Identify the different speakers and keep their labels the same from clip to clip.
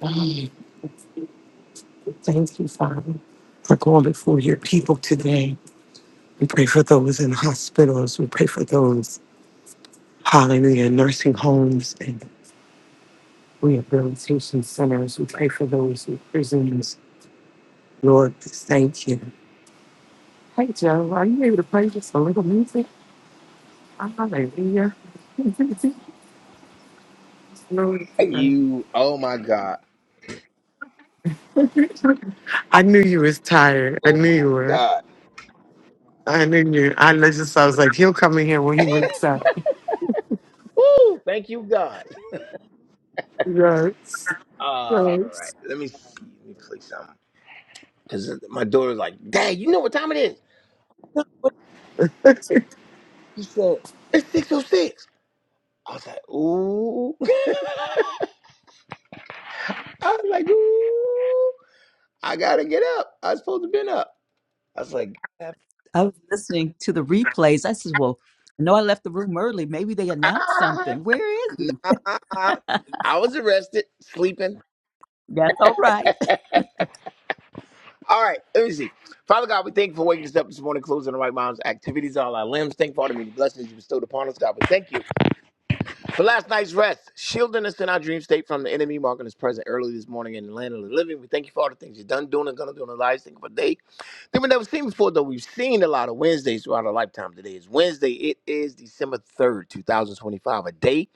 Speaker 1: God, Thank you, Father, for going before your people today. We pray for those in hospitals. We pray for those, hallelujah, in nursing homes and rehabilitation centers. We pray for those in prisons. Lord, thank you. Hey, Joe, are you able to play just a little music? Hallelujah. Glory to
Speaker 2: You, oh my God.
Speaker 1: God. I knew you was tired. I
Speaker 2: Oh
Speaker 1: knew
Speaker 2: my
Speaker 1: you were.
Speaker 2: God.
Speaker 1: I knew you. I just, I was like, he'll come in here when he wakes up.
Speaker 2: Woo! Thank you, God.
Speaker 1: Yes.
Speaker 2: All right.
Speaker 1: Yes.
Speaker 2: Let me see. Let me play something. Because my daughter's like, Dad, you know what time it is?
Speaker 1: I
Speaker 2: She said, It's 606. I was like, Ooh. I was like, Ooh. I got to get up. I was supposed to been up. I was like,
Speaker 3: I was listening to the replays. I said, Well, I know I left the room early. Maybe they announced
Speaker 2: ah,
Speaker 3: something. Where is
Speaker 2: Nah. I was arrested, sleeping.
Speaker 3: that's all right.
Speaker 2: All right, let me see. Father God, we thank you for waking us up this morning, closing the right minds, activities, all our limbs. Thank you for all the many blessings you bestowed upon us, God. We thank you for last night's rest, shielding us in our dream state from the enemy, marking us present early this morning in the land of the living. We thank you for all the things you've done, doing, and going to do in our lives. Thank you for today that we never seen before, though. We've seen a lot of Wednesdays throughout our lifetime. Today is Wednesday. It is December 3rd, 2025, a day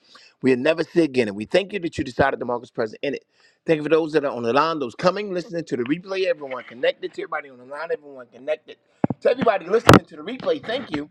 Speaker 2: we'll never see again. And we thank you that you decided to mark us present in it. Thank you for those that are on the line, those coming, listening to the replay, everyone connected to everybody on the line, everyone connected to everybody listening to the replay. Thank you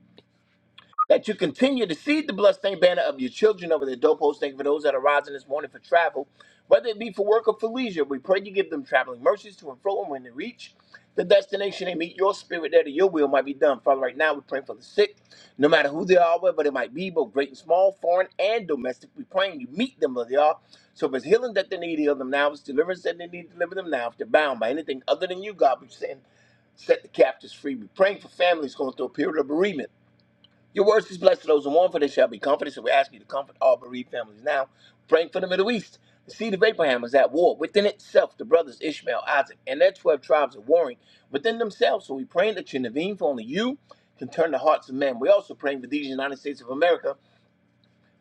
Speaker 2: that you continue to see the bloodstained banner of your children over the doorpost. Thank you for those that are rising this morning for travel, whether it be for work or for leisure. We pray you give them traveling mercies to and fro, and when they reach the destination, they meet your spirit there, that your will might be done. Father, right now we pray for the sick, no matter who they are, whether it might be, both great and small, foreign and domestic. We praying you meet them where they are. So if it's healing that they need, heal them now. If it's deliverance that they need, deliver them now. If they're bound by anything other than you, God, we send, set the captives free. We praying for families going through a period of bereavement. Your words is blessed to those who mourn, for they shall be comforted. So we ask you to comfort all bereaved families now. Praying for the Middle East. The seed of Abraham is at war within itself. The brothers Ishmael, Isaac, and their 12 tribes are warring within themselves. So we praying that you intervene, for only you can turn the hearts of men. We also praying for these United States of America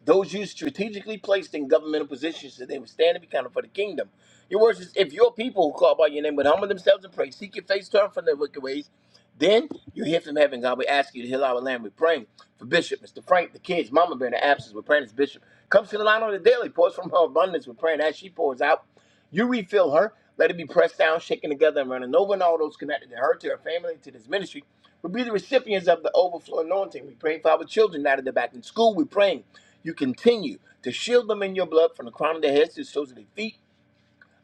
Speaker 2: those you strategically placed in governmental positions that they would stand and be counted for the kingdom. Your words is if your people who call by your name would humble themselves and pray, seek your face, turn from their wicked ways, then you hear from heaven. God, we ask you to heal our land. We're praying for Bishop, Mr. Frank, the kids, Mama Bear in the absence. We're praying as Bishop. Comes to the line on the daily, pours from her abundance. We're praying as she pours out. You refill her. Let it be pressed down, shaken together, and running over, and all those connected to her, to her family, to this ministry. will be the recipients of the overflow anointing. We pray for our children now that they're back in school. We're praying you continue to shield them in your blood from the crown of their heads to the soles of their feet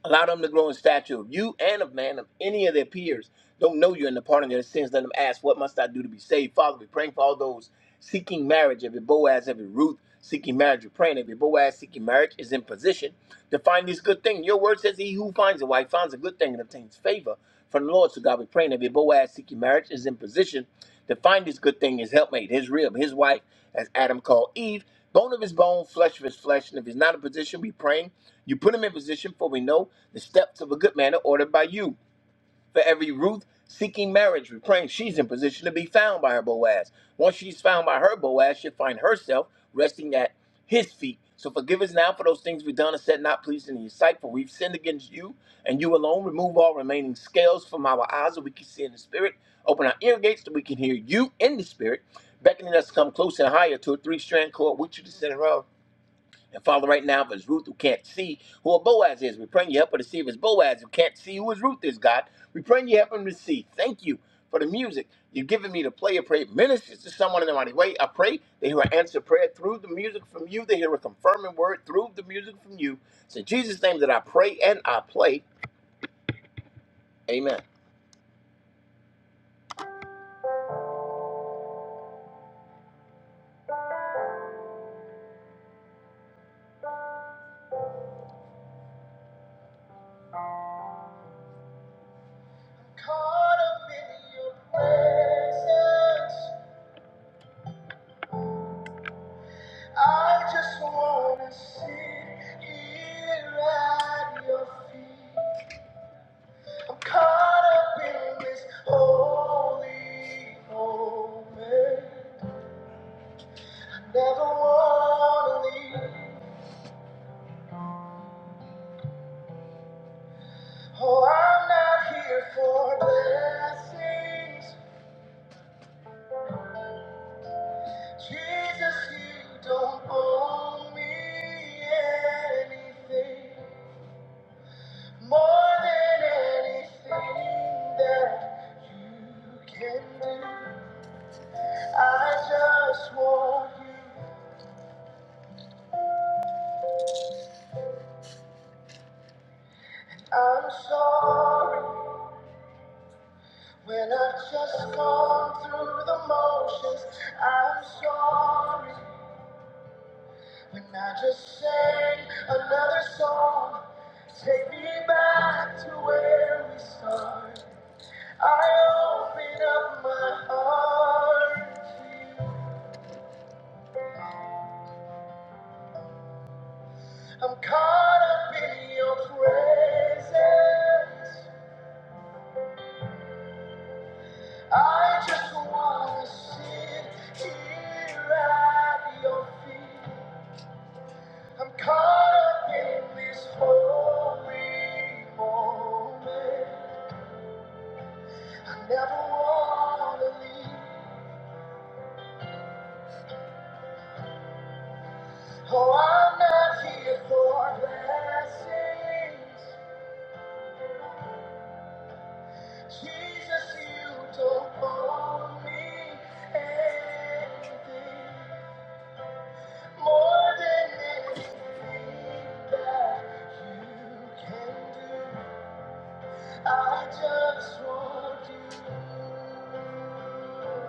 Speaker 2: Allow them to grow in stature of you and of man, of any of their peers. Don't know you in the pardon of their sins. Let them ask, What must I do to be saved? Father, we're praying for all those seeking marriage, every Boaz, every Ruth seeking marriage. We're praying every Boaz seeking marriage is in position to find this good thing. Your word says, He who finds a wife finds a good thing and obtains favor from the Lord. So God, we praying that your Boaz seeking marriage is in position to find this good thing, his helpmate, his rib, his wife, as Adam called Eve, bone of his bone, flesh of his flesh. And if he's not in position, we praying you put him in position, for we know the steps of a good man are ordered by you. For every Ruth seeking marriage, we're praying she's in position to be found by her Boaz. Once she's found by her Boaz, she'll find herself resting at his feet. So forgive us now for those things we've done and said not pleasing in your sight, for we've sinned against you and you alone. Remove all remaining scales from our eyes that we can see in the spirit. Open our ear gates that we can hear you in the spirit, beckoning us to come close and higher to a three strand cord with you to center of. And Father, right now, if it's Ruth who can't see who a Boaz is, we pray you help her to see if it's Boaz who can't see who his Ruth is, God. We pray you help him to see. Thank you for the music you've given me to play. I pray it ministers to someone in the mighty way. I pray they hear an answer prayer through the music from you. They hear a confirming word through the music from you. It's in Jesus' name that I pray and I play. Amen. Caught up in your presence, I just wanna sit here at your feet. I'm caught up in this holy moment. Never wanna leave. Oh, I'm not here for blessings. Jesus, you don't owe me anything more than anything that you can do. I just want you. I'm sorry. When I've just gone through the motions, I'm sorry. When I just sang another song, take me back to where we started. I open up my heart. to you. I'm caught up in your presence. I just wanna sit here at your feet. I'm caught up in this holy moment. I never want to leave. Oh, I'm not here for blessings. Jesus, you don't owe me anything more than anything that you can do. I just want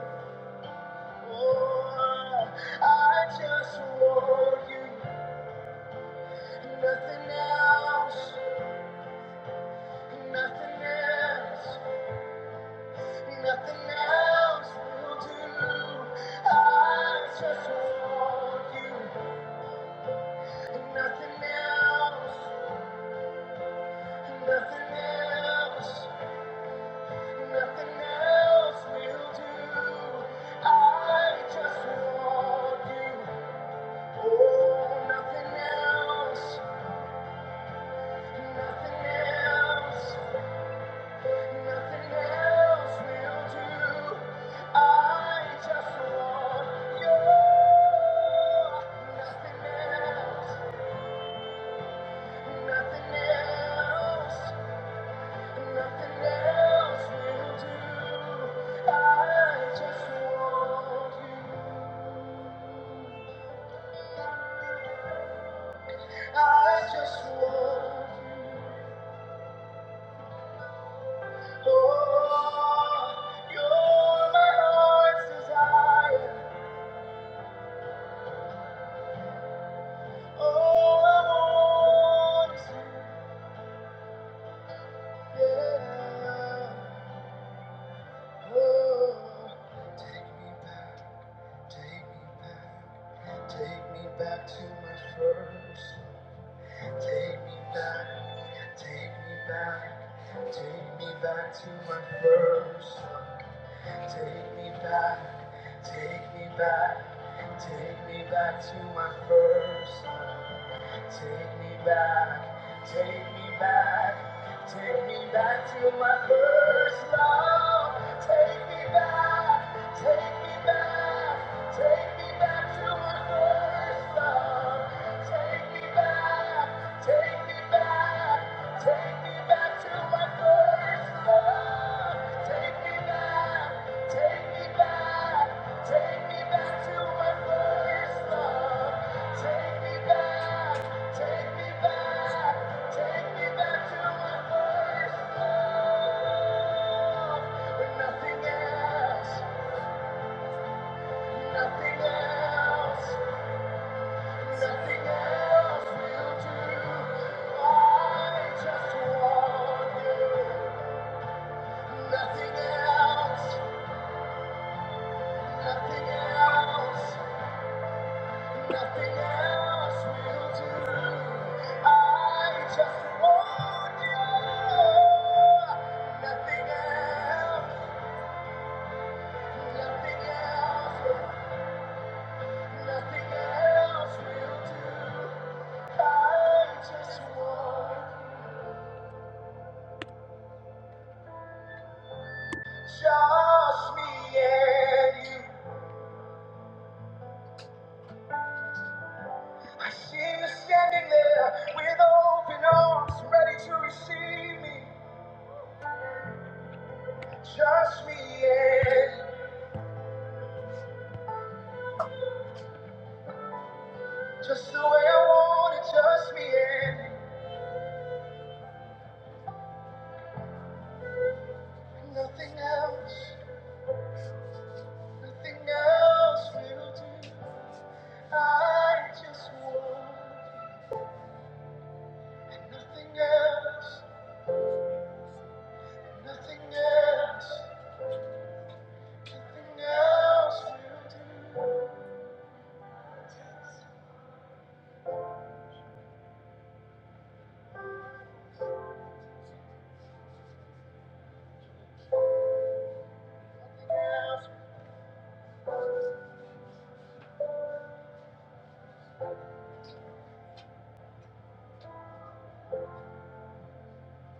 Speaker 2: you. I just want you, nothing else, nothing else, nothing else will do. I just want you, nothing else, nothing else, nothing else will do. I just want you, oh, nothing else, nothing else. Nothing else will do. I just want you. Nothing else. Nothing else. Nothing else will do. I just want you. I just want you. Oh, you're my heart's desire. Oh, I want you. Take me back to my first love. Take me back, take me back, take me back to my first love. Take me back, take me back, take me back to my first love. Take me back, take me back, take me back to my first love. Take me back, take me back, take me back to my first love. Take me back, take me back, take me back to my first love. Take me back, take me back, take me back to my first love. Take me back, take me back, take me back to my first love. Nothing else, nothing else. Nothing else will do. I just want you. Nothing else, nothing else, nothing else will do. I just want you. Nothing else, nothing else, nothing else will do. I just want Just me and you. I see you standing there with open arms, ready to receive me. Just me and you. Just the way I want it, just me and you. Nothing else, nothing else will do. I just want and nothing else, nothing else, nothing else will do. Nothing else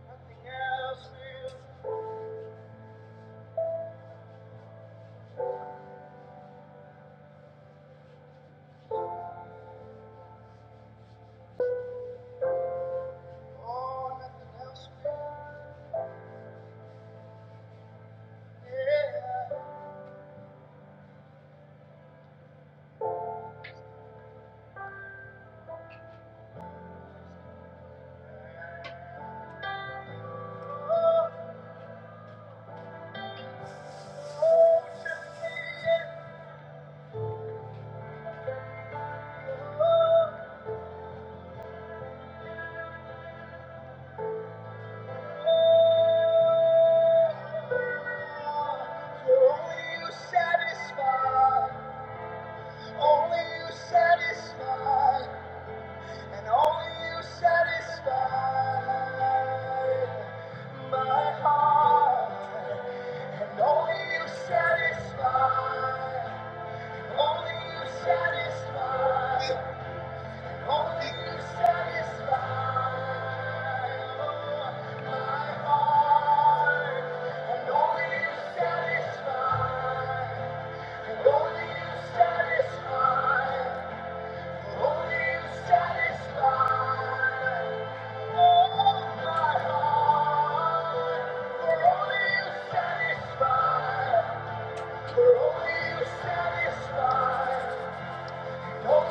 Speaker 2: Nothing else will. Oh, nothing else will. Yeah. For only you satisfy. Only you satisfy. And only you satisfy my heart. And only you satisfy. Only you satisfy. For Only you Satisfy. I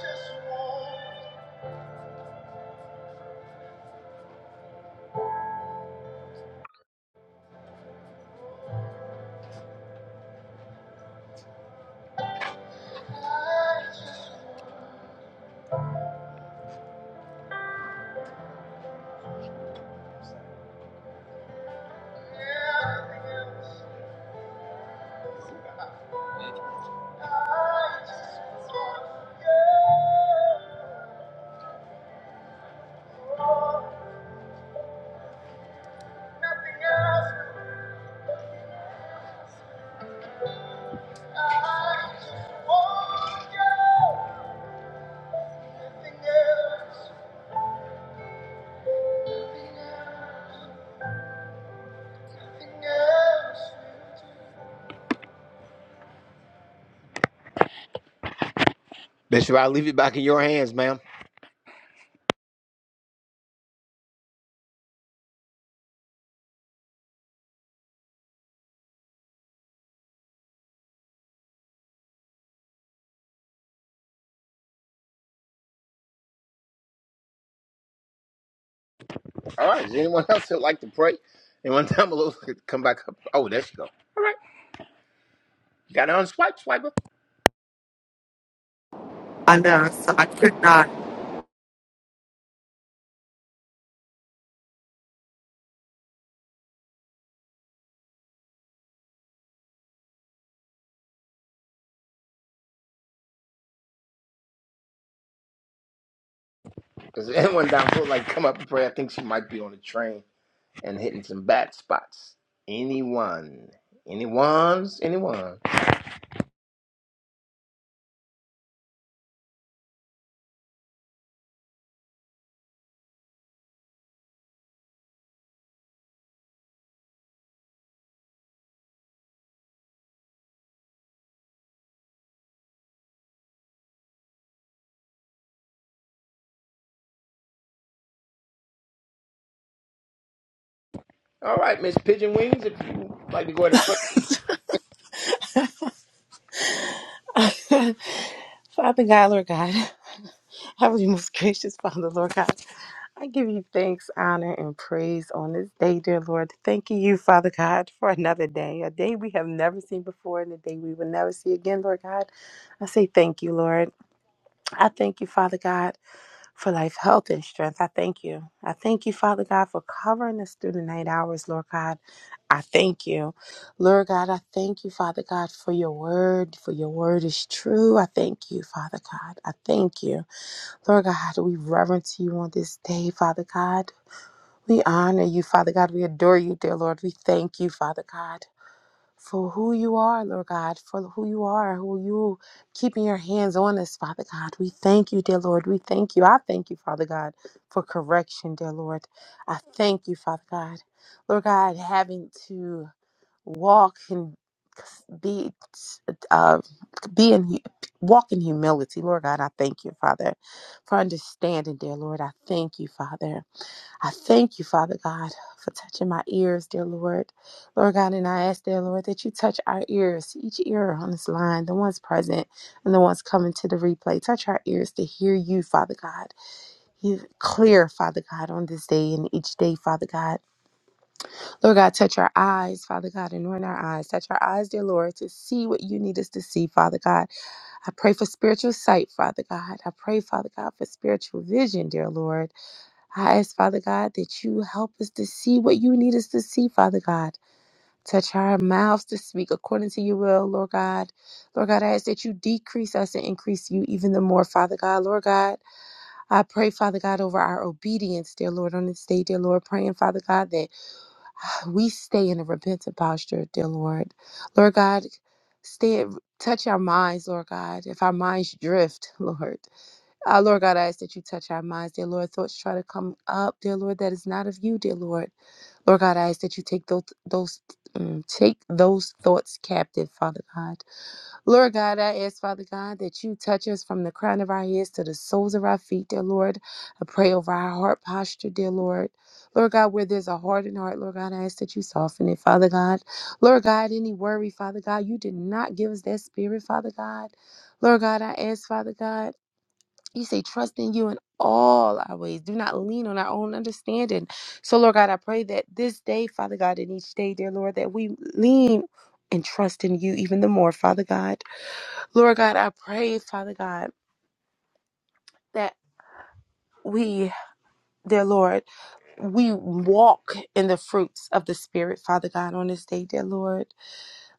Speaker 2: just want you. Bishop, I'll leave it back in your hands, ma'am. All right. Is anyone else that would like to pray? Anyone down below could come back up? Oh, there she go. You got to unswipe, swiper.
Speaker 1: know, so I could not.
Speaker 2: Is anyone down below like come up and pray? I think she might be on the train and hitting some bad spots. Anyone? Anyone's? Anyone? All right, Miss Pigeon Wings, if you would like to go ahead and pray.
Speaker 4: Father God, Lord God, Heavenly most gracious Father, Lord God, I give you thanks, honor, and praise on this day, dear Lord. Thanking you, Father God, for another day, a day we have never seen before and a day we will never see again, Lord God. I say thank you, Lord. I thank you, Father God for life, health, and strength. I thank you. I thank you, Father God, for covering us through the night hours, Lord God. I thank you. Lord God, I thank you, Father God, for your word, for your word is true. I thank you, Father God. I thank you. Lord God, we reverence you on this day, Father God. We honor you, Father God. We adore you, dear Lord. We thank you, Father God for who you are, Lord God, for who you are, who you keeping your hands on us, Father God. We thank you, dear Lord. We thank you. I thank you, Father God, for correction, dear Lord. I thank you, Father God. Lord God, having to walk and be uh, be in walk in humility, Lord God. I thank you, Father, for understanding, dear Lord. I thank you, Father. I thank you, Father God, for touching my ears, dear Lord. Lord God, and I ask, dear Lord, that you touch our ears, each ear on this line, the ones present and the ones coming to the replay. Touch our ears to hear you, Father God. You clear, Father God, on this day and each day, Father God. Lord God, touch our eyes, Father God, anoint our eyes. Touch our eyes, dear Lord, to see what you need us to see, Father God. I pray for spiritual sight, Father God. I pray, Father God, for spiritual vision, dear Lord. I ask, Father God, that you help us to see what you need us to see, Father God. Touch our mouths to speak according to your will, Lord God. Lord God, I ask that you decrease us and increase you even the more, Father God. Lord God, I pray, Father God, over our obedience, dear Lord, on this day, dear Lord, praying, Father God, that ah, we stay in a repentant posture, dear Lord. Lord God, stay touch our minds, Lord God. If our minds drift, Lord. Uh, Lord God, I ask that you touch our minds, dear Lord. Thoughts try to come up, dear Lord, that is not of you, dear Lord. Lord God, I ask that you take those those mm, take those thoughts captive, Father God. Lord God, I ask, Father God, that you touch us from the crown of our heads to the soles of our feet, dear Lord. I pray over our heart posture, dear Lord. Lord God, where there's a hardened heart, Lord God, I ask that you soften it, Father God. Lord God, any worry, Father God, you did not give us that spirit, Father God. Lord God, I ask, Father God. You say, trust in you in all our ways. Do not lean on our own understanding. So, Lord God, I pray that this day, Father God, and each day, dear Lord, that we lean and trust in you even the more, Father God. Lord God, I pray, Father God, that we, dear Lord, we walk in the fruits of the Spirit, Father God, on this day, dear Lord.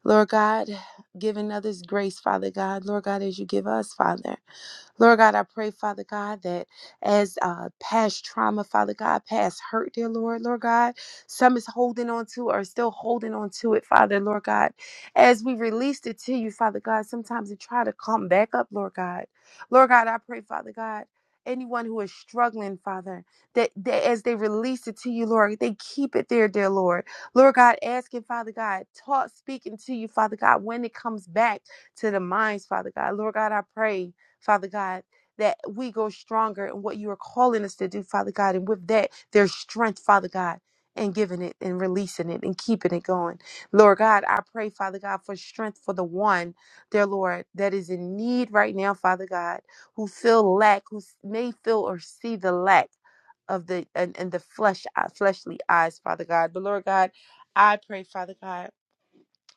Speaker 4: Lord God, giving others grace, Father God. Lord God, as you give us, Father. Lord God, I pray, Father God, that as uh, past trauma, Father God, past hurt, dear Lord, Lord God, some is holding on to or still holding on to it, Father, Lord God. As we released it to you, Father God, sometimes it try to come back up, Lord God. Lord God, I pray, Father God, anyone who is struggling, Father, that, that as they release it to you, Lord, they keep it there, dear Lord. Lord God, asking, Father God, taught speaking to you, Father God, when it comes back to the minds, Father God. Lord God, I pray. Father God, that we go stronger in what you are calling us to do, Father God. And with that, there's strength, Father God. And giving it and releasing it and keeping it going. Lord God, I pray, Father God, for strength for the one, dear Lord, that is in need right now, Father God, who feel lack, who s- may feel or see the lack of the and, and the flesh uh, fleshly eyes, Father God. But Lord God, I pray, Father God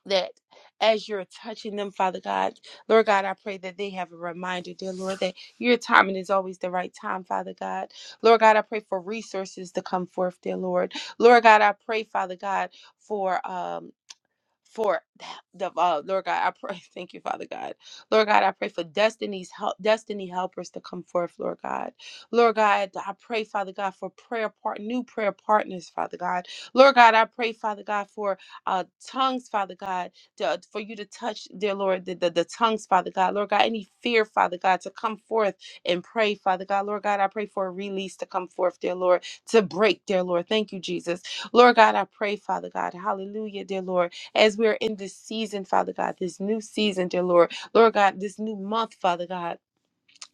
Speaker 4: that as you're touching them, Father God, Lord God, I pray that they have a reminder, dear Lord, that your timing is always the right time, Father God. Lord God, I pray for resources to come forth, dear Lord. Lord God, I pray, Father God, for um for the uh, Lord God. I pray, thank you, Father God. Lord God, I pray for destiny's help, destiny helpers to come forth, Lord God. Lord God, I pray, Father God, for prayer part, new prayer partners, Father God. Lord God, I pray, Father God, for uh, tongues, Father God, to, for you to touch, dear Lord, the, the, the tongues, Father God. Lord God, any fear, Father God, to come forth and pray, Father God. Lord God, I pray for a release to come forth, dear Lord, to break, dear Lord. Thank you, Jesus. Lord God, I pray, Father God. Hallelujah, dear Lord as we're in this season, Father God, this new season, dear Lord. Lord God, this new month, Father God.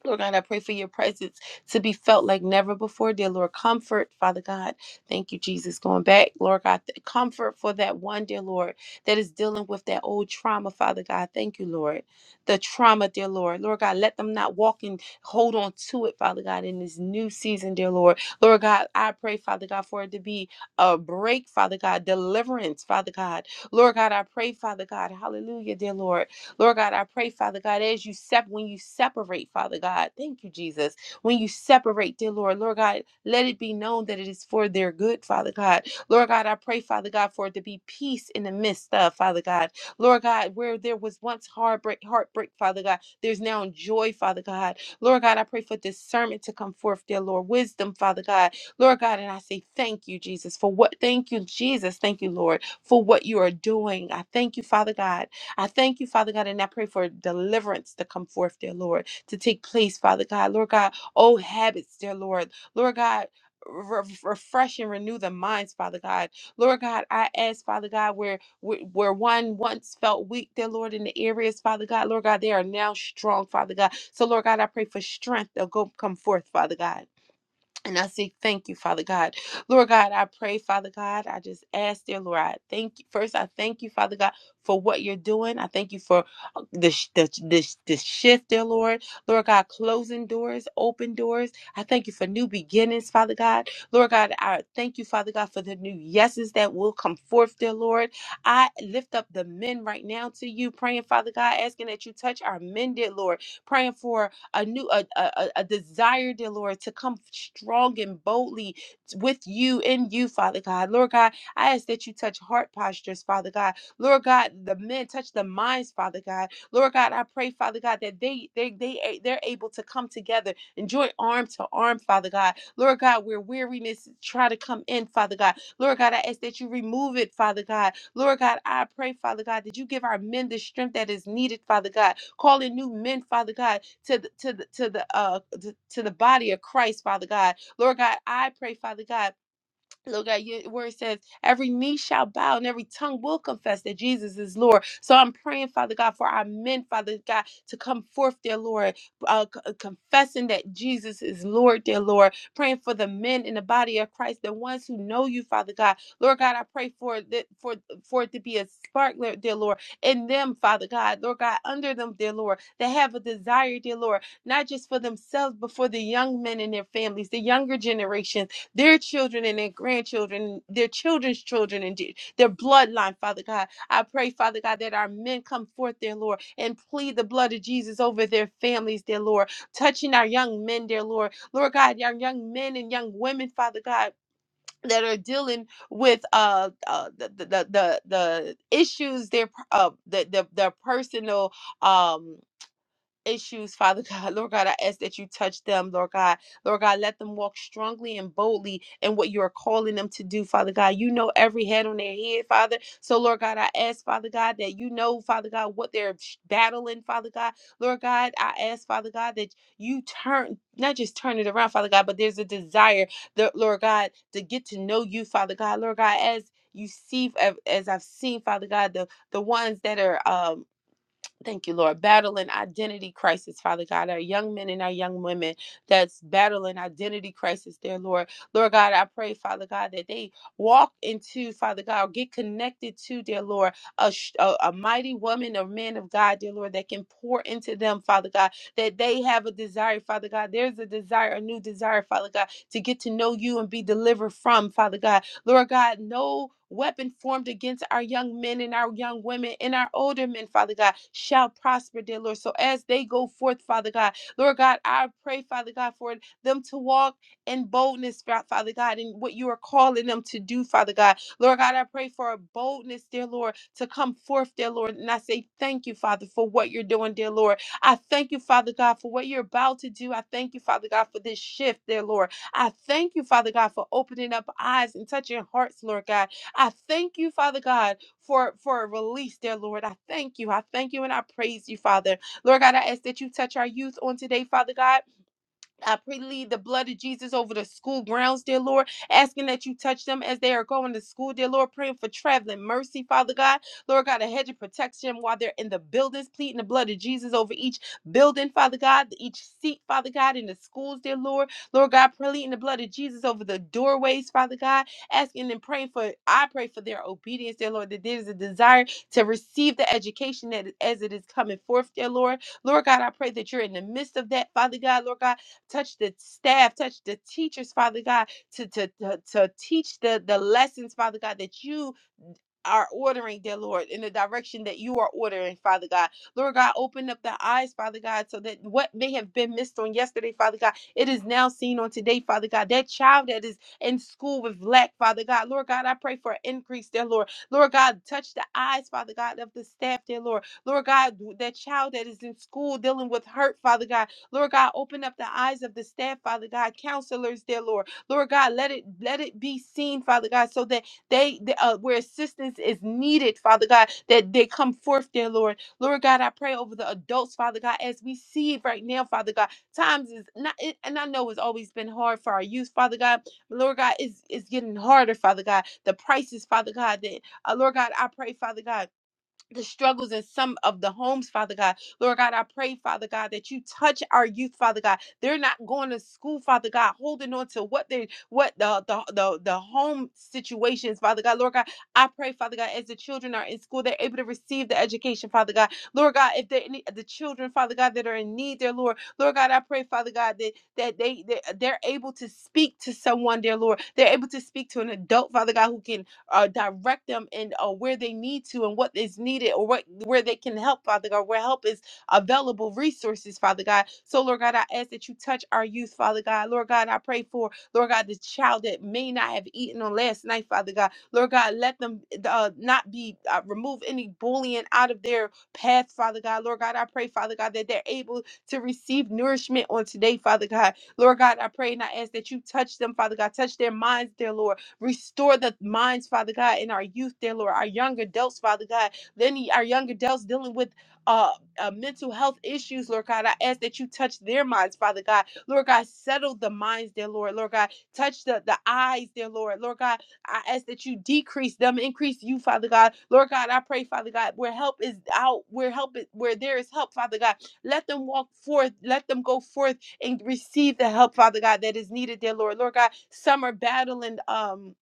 Speaker 4: Lord God, I pray for your presence to be felt like never before, dear Lord. Comfort, Father God. Thank you, Jesus. Going back, Lord God, th- comfort for that one, dear Lord, that is dealing with that old trauma, Father God. Thank you, Lord. The trauma, dear Lord. Lord God, let them not walk and hold on to it, Father God, in this new season, dear Lord. Lord God, I pray, Father God, for it to be a break, Father God, deliverance, Father God. Lord God, I pray, Father God, hallelujah, dear Lord Lord God, I pray, Father God, as you sep when you separate, Father God, thank you, Jesus. When you separate, dear Lord, Lord God, let it be known that it is for their good, Father God. Lord God, I pray, Father God, for it to be peace in the midst of, Father God. Lord God, where there was once heartbreak, heartbreak, Father God, there's now joy, Father God. Lord God, I pray for discernment to come forth, dear Lord, wisdom, Father God. Lord God, and I say thank you, Jesus, for what, thank you, Jesus, thank you, Lord, for what you are doing. I thank you, Father God. I thank you, Father God, and I pray for deliverance to come forth, dear Lord, to take place, Father God. Lord God, old habits, dear Lord. Lord God, re- refresh and renew the minds, Father God. Lord God, I ask, Father God, where where where one once felt weak, dear Lord, in the areas, Father God, Lord God, they are now strong, Father God. So, Lord God, I pray for strength. They'll go come forth, Father God. And I say, thank you, Father God. Lord God, I pray, Father God. I just ask, dear Lord, I thank you. First, I thank you, Father God, for what you're doing. I thank you for uh, the, sh- the, the, the shift, dear Lord. Lord God, closing doors, open doors. I thank you for new beginnings, Father God. Lord God, I thank you, Father God, for the new yeses that will come forth, dear Lord. I lift up the men right now to you, praying, Father God, asking that you touch our men, dear Lord. Praying for a new a, a, a desire, dear Lord, to come strong and boldly with you in you, Father God. Lord God, I ask that you touch heart postures, Father God. Lord God, the men touch the minds, Father God. Lord God, I pray, Father God, that they they they they're able to come together and join arm to arm, Father God. Lord God, where weariness try to come in, Father God. Lord God, I ask that you remove it, Father God. Lord God, I pray, Father God, that you give our men the strength that is needed, Father God. Call in new men, Father God, to the to the to the uh to, to the body of Christ, Father God. Lord God, I pray, Father God Look at you where it says, every knee shall bow and every tongue will confess that Jesus is Lord. So I'm praying, Father God, for our men, Father God, to come forth, dear Lord, uh, c- uh, confessing that Jesus is Lord, dear Lord. Praying for the men in the body of Christ, the ones who know you, Father God. Lord God, I pray for that for for it to be a spark, Lord- dear Lord, in them, Father God, Lord God, under them, dear Lord, that have a desire, dear Lord, not just for themselves, but for the young men and their families, the younger generation, their children and their grandchildren, their children's children, and de- their bloodline, Father God. I pray, Father God, that our men come forth, dear Lord, and plead the blood of Jesus over their families, dear Lord, touching our young men, dear Lord. Lord God, our young men and young women, Father God. That are dealing with uh, uh the, the the the the issues their uh the the their personal um issues, Father God. Lord God, I ask that you touch them, Lord God. Lord God, let them walk strongly and boldly in what you are calling them to do, Father God. You know every head on their head, Father. So, Lord God, I ask, Father God, that you know, Father God, what they're battling, Father God. Lord God, I ask, Father God, that you turn, not just turn it around, Father God, but there's a desire, the, Lord God, to get to know you, Father God. Lord God, as you see, as I've seen, Father God, the the ones that are um Thank you, Lord. Battling identity crisis, Father God. Our young men and our young women that's battling identity crisis there, Lord. Lord God, I pray, Father God, that they walk into, Father God, get connected to, dear Lord, a, sh- a, a mighty woman or man of God, dear Lord, that can pour into them, Father God, that they have a desire, Father God. There's a desire, a new desire, Father God, to get to know you and be delivered from, Father God. Lord God, no weapon formed against our young men and our young women and our older men, Father God, shall prosper, dear Lord. So as they go forth, Father God, Lord God, I pray, Father God, for them to walk in boldness, Fa- Father God, in what you are calling them to do, Father God. Lord God, I pray for a boldness, dear Lord, to come forth, dear Lord. And I say thank you, Father, for what you're doing, dear Lord. I thank you, Father God, for what you're about to do. I thank you, Father God, for this shift, dear Lord. I thank you, Father God, for opening up eyes and touching hearts, Lord God. I thank you, Father God, for, for a release, dear Lord. I thank you. I thank you and I praise you, Father. Lord God, I ask that you touch our youth on today, Father God. I plead the blood of Jesus over the school grounds, dear Lord, asking that you touch them as they are going to school, dear Lord, praying for traveling mercy, Father God. Lord God, a hedge of protection while they're in the buildings, pleading the blood of Jesus over each building, Father God, each seat, Father God, in the schools, dear Lord. Lord God, pleading the blood of Jesus over the doorways, Father God, asking and praying for, I pray for their obedience, dear Lord, that there's a desire to receive the education that as it is coming forth, dear Lord. Lord God, I pray that you're in the midst of that, Father God, Lord God Touch the staff, touch the teachers, Father God, to, to, to, to teach the, the lessons, Father God, that you are ordering, dear Lord, in the direction that you are ordering, Father God. Lord God, open up the eyes, Father God, so that what may have been missed on yesterday, Father God, it is now seen on today, Father God. That child that is in school with lack, Father God, Lord God, I pray for increase, dear Lord. Lord God, touch the eyes, Father God, of the staff, dear Lord. Lord God, that child that is in school dealing with hurt, Father God. Lord God, open up the eyes of the staff, Father God, counselors, dear Lord. Lord God, let it let it be seen, Father God, so that they, they uh, where assistance is needed, Father God, that they come forth, dear Lord. Lord God, I pray over the adults, Father God, as we see it right now, Father God. Times is not, it, and I know it's always been hard for our youth, Father God. But Lord God, it's, it's getting harder, Father God. The prices, Father God, that uh, Lord God, I pray, Father God the struggles in some of the homes, Father God. Lord God, I pray, Father God, that you touch our youth, Father God. They're not going to school, Father God, holding on to what they what the the the, the home situations, Father God. Lord God, I pray, Father God, as the children are in school, they're able to receive the education, Father God. Lord God, if they any the children, Father God, that are in need, dear Lord, Lord God, I pray, Father God, that that they, they they're able to speak to someone, dear Lord. They're able to speak to an adult, Father God, who can uh, direct them in uh, where they need to and what is needed or what where they can help, Father God, where help is available, resources, Father God. So, Lord God, I ask that you touch our youth, Father God. Lord God, I pray for, Lord God, the child that may not have eaten on last night, Father God. Lord God, let them uh, not be, uh, remove any bullying out of their path, Father God. Lord God, I pray, Father God, that they're able to receive nourishment on today, Father God. Lord God, I pray and I ask that you touch them, Father God. Touch their minds, dear Lord. Restore the minds, Father God, in our youth, dear Lord, our young adults, Father God. Then our young adults dealing with uh, uh, mental health issues, Lord God. I ask that you touch their minds, Father God. Lord God, settle the minds, dear Lord. Lord God, touch the, the eyes, dear Lord. Lord God, I ask that you decrease them, increase you, Father God. Lord God, I pray, Father God, where help is out, where help is, where there is help, Father God. Let them walk forth. Let them go forth and receive the help, Father God, that is needed, dear Lord. Lord God, some are battling um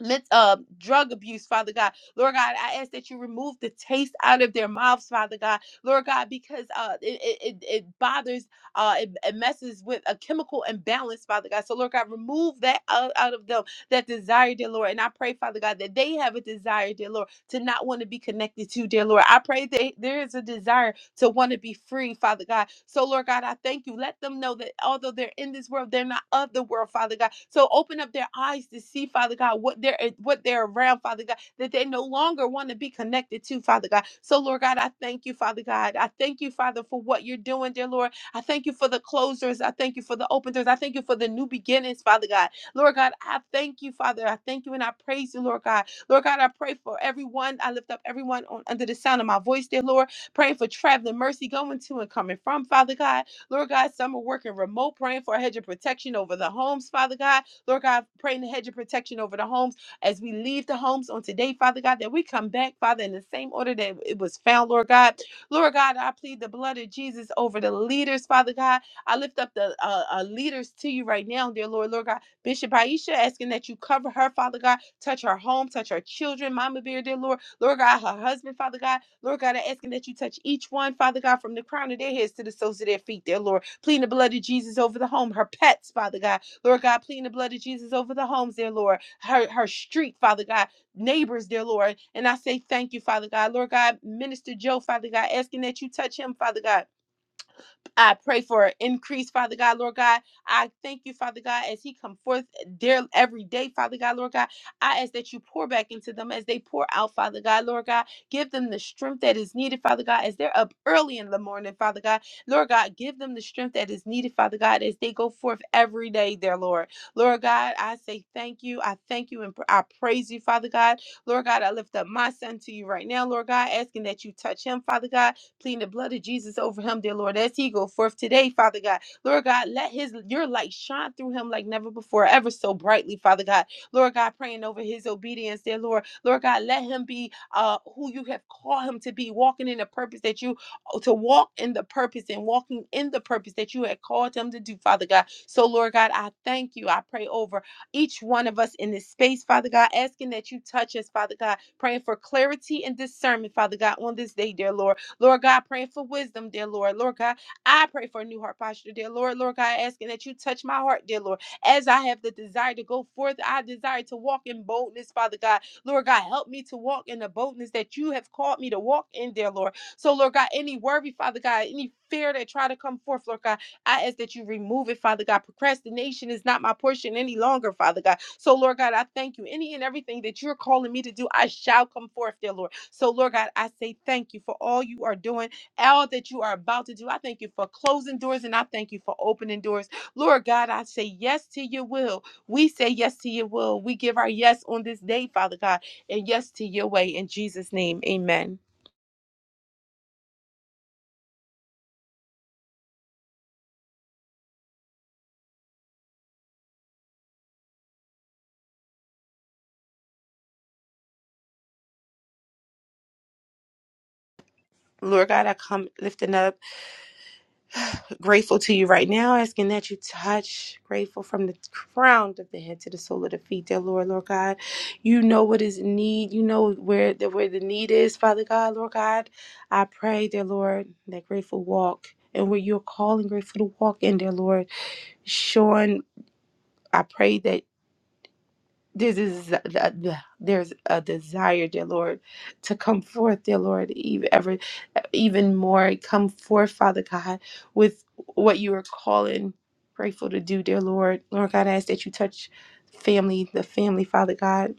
Speaker 4: lit- uh, drug abuse, Father God. Lord God, I ask that you remove the taste out of their mouths, Father God. Lord God, because uh, it, it, it it bothers, uh, it, it messes with a chemical imbalance, Father God. So, Lord God, remove that out, out of them that desire, dear Lord. And I pray, Father God, that they have a desire, dear Lord, to not want to be connected to, you, dear Lord. I pray that there is a desire to want to be free, Father God. So, Lord God, I thank you. Let them know that although they're in this world, they're not of the world, Father God. So open up their eyes to see, Father God, what they're eh, what they're around, Father God, that they no longer want to be connected to, Father God. So, Lord God, I thank you, Father God. I thank you, Father, for what you're doing, dear Lord. I thank you for the closers. I thank you for the open doors. I thank you for the new beginnings, Father God. Lord God, I thank you, Father. I thank you and I praise you, Lord God. Lord God, I pray for everyone. I lift up everyone on, under the sound of my voice, dear Lord. Praying for traveling mercy going to and coming from, Father God. Lord God, some are working remote, praying for a hedge of protection over the homes, Father God. Lord God, praying the hedge of protection over the homes as we leave the homes on today, Father God, that we come back, Father, in the same order that it was found, Lord God. Lord God, I plead the blood of Jesus over the leaders, Father God. I lift up the uh, uh, leaders to you right now, dear Lord. Lord God. Bishop Aisha, asking that you cover her, Father God. Touch her home, touch her children, Mama Bear, dear Lord. Lord God, her husband, Father God. Lord God, I asking that you touch each one, Father God, from the crown of their heads to the soles of their feet, dear Lord. Pleading the blood of Jesus over the home, her pets, Father God. Lord God, pleading the blood of Jesus over the homes, dear Lord. Her, her street, Father God. Neighbors, dear Lord. And I say thank you, Father God. Lord God, Minister Joe, Father God, asking that you touch him, Father God I pray for an increase, Father God, Lord God. I thank you, Father God, as he come forth eh, there every day, Father God, Lord God. I ask that you pour back into them as they pour out, Father God, Lord God. Give them the strength that is needed, Father God, as they're up early in the morning, Father God. Lord God, give them the strength that is needed, Father God, as they go forth every day, there, Lord. Lord God, I say thank you. I thank you and pr- I praise you, Father God. Lord God, I lift up my son to you right now, Lord God, asking that you touch him, Father God pleading the blood of Jesus over him, dear Lord, as he go forth today, Father God. Lord God, let his your light shine through him like never before, ever so brightly, Father God. Lord God, praying over his obedience, dear Lord. Lord God, let him be uh who you have called him to be, walking in the purpose that you oh, to walk in the purpose and walking in the purpose that you had called him to do, Father God. So, Lord God, I thank you. I pray over each one of us in this space, Father God, asking that you touch us, Father God, praying for clarity and discernment, Father God, on this day, dear Lord. Lord God, praying for wisdom, dear Lord. Lord God, I pray for a new heart posture, dear Lord. Lord God, asking that you touch my heart, dear Lord. As I have the desire to go forth, I desire to walk in boldness, Father God. Lord God, help me to walk in the boldness that you have called me to walk in, dear Lord. So, Lord God, any worry, Father God, any fear that try to come forth, Lord God. I ask that you remove it, Father God. Procrastination is not my portion any longer, Father God. So, Lord God, I thank you. Any and everything that you're calling me to do, I shall come forth, dear Lord. So, Lord God, I say thank you for all you are doing, all that you are about to do. I thank you for closing doors and I thank you for opening doors. Lord God, I say yes to your will. We say yes to your will. We give our yes on this day, Father God, and yes to your way. In Jesus' name, amen. Lord God, I come lifting up. grateful to you right now, asking that you touch, grateful from the crown of the head to the sole of the feet, dear Lord, Lord God. You know what is in need. You know where the where the need is, Father God, Lord God. I pray, dear Lord, that grateful walk and where you're calling grateful to walk in, dear Lord. Sean, I pray that. This is there's a desire, dear Lord, to come forth, dear Lord, even ever, e-, even more. Come forth, Father God, with what you are calling, grateful to do, dear Lord. Lord God, I ask that you touch family, the family, Father God.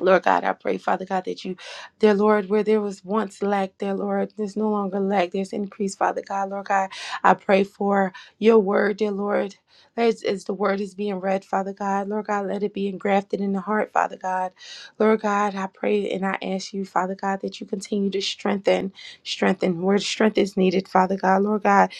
Speaker 4: Lord God, I pray, Father God, that you, dear Lord, where there was once lack, dear Lord, there's no longer lack. There's increase, Father God, Lord God. I pray for your word, dear Lord. As, as the word is being read, Father God, Lord God, let it be engrafted in the heart, Father God. Lord God, I pray and I ask you, Father God, that you continue to strengthen, strengthen where strength is needed, Father God. Lord God,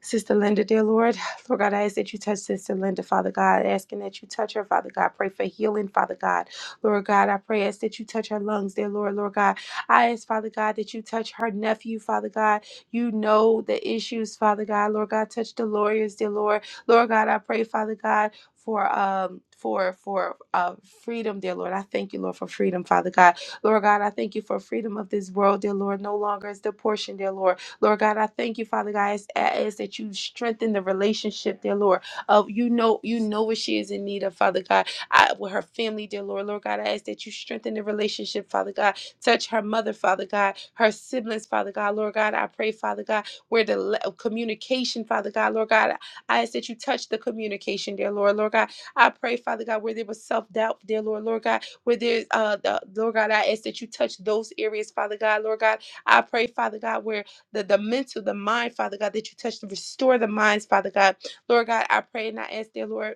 Speaker 4: Sister Linda, dear Lord. Lord God, I ask that you touch Sister Linda, Father God, asking that you touch her, Father God. Pray for healing, Father God. Lord God, I pray as that you touch her lungs, dear Lord, Lord God. I ask, Father God, that you touch her nephew, Father God. You know the issues, Father God. Lord God, touch the lawyers, dear Lord. Lord God, I pray, Father God, for um for for uh freedom, dear Lord. I thank you, Lord, for freedom, Father God. Lord God, I thank you for freedom of this world, dear Lord. No longer is the portion, dear Lord. Lord God, I thank you, Father God, as, as that you strengthen the relationship, dear Lord. Of you know you know what she is in need of, Father God. I, with her family, dear Lord. Lord God, I ask that you strengthen the relationship, Father God. Touch her mother, Father God, her siblings, Father God. Lord God, I pray, Father God, where the le- communication, Father God, Lord God, I ask that you touch the communication, dear Lord. Lord God, I pray, Father God, where there was self doubt, dear Lord. Lord God, where there's, uh, the, Lord God, I ask that you touch those areas, Father God. Lord God, I pray, Father God, where the, the mental, the mind, Father God, that you touch to restore the minds, Father God. Lord God, I pray and I ask, dear Lord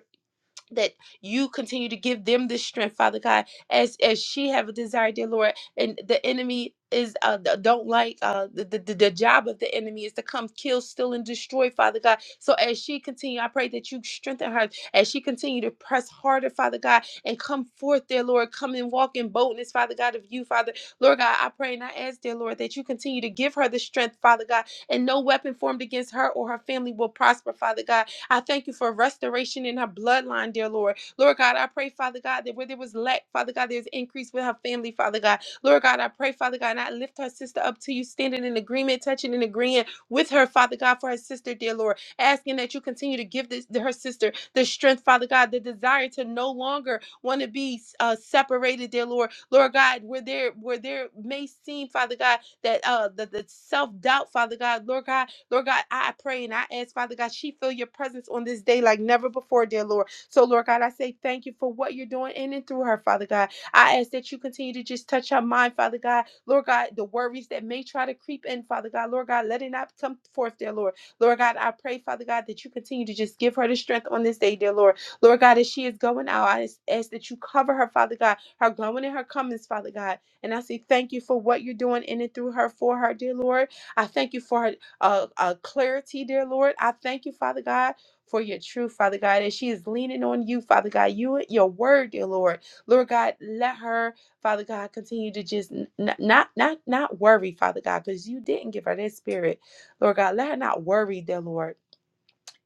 Speaker 4: that you continue to give them this strength father god as as she have a desire dear lord and the enemy is uh th- don't like uh the, the the job of the enemy is to come kill steal and destroy father god so as she continue i pray that you strengthen her as she continue to press harder father god and come forth dear lord come and walk in boldness father god of you father lord god i pray and i ask dear lord that you continue to give her the strength father god and no weapon formed against her or her family will prosper father god I thank you for restoration in her bloodline, dear Lord. Lord God, I pray, Father God, that where there was lack, Father God, there's increase with her family, Father God. Lord God, I pray, Father God, and I lift her sister up to you, standing in agreement, touching and agreeing with her, Father God, for her sister, dear Lord, asking that you continue to give this her sister the strength, Father God, the desire to no longer want to be uh, separated, dear Lord. Lord God, where there where there may seem, Father God, that uh the, the self doubt, Father God, Lord God. Lord God, I pray and I ask, Father God, she feel your presence on this day like never before, dear Lord. So, Lord God, I say thank you for what you're doing in and through her, Father God. I ask that you continue to just touch her mind, Father God. Lord God, the worries that may try to creep in, Father God, Lord God, let it not come forth, dear Lord. Lord God, I pray, Father God, that you continue to just give her the strength on this day, dear Lord. Lord God, as she is going out, I just ask that you cover her, Father God, her going and her comings, Father God. And I say thank you for what you're doing in and through her for her, dear Lord. I thank you for her uh, uh, clarity, dear Lord. I thank you, Father God, for your truth, Father God, as she is leaning on you, Father God, you your word, dear Lord. Lord God, let her, Father God, continue to just n- not not not worry, Father God, because you didn't give her that spirit. Lord God, let her not worry, dear Lord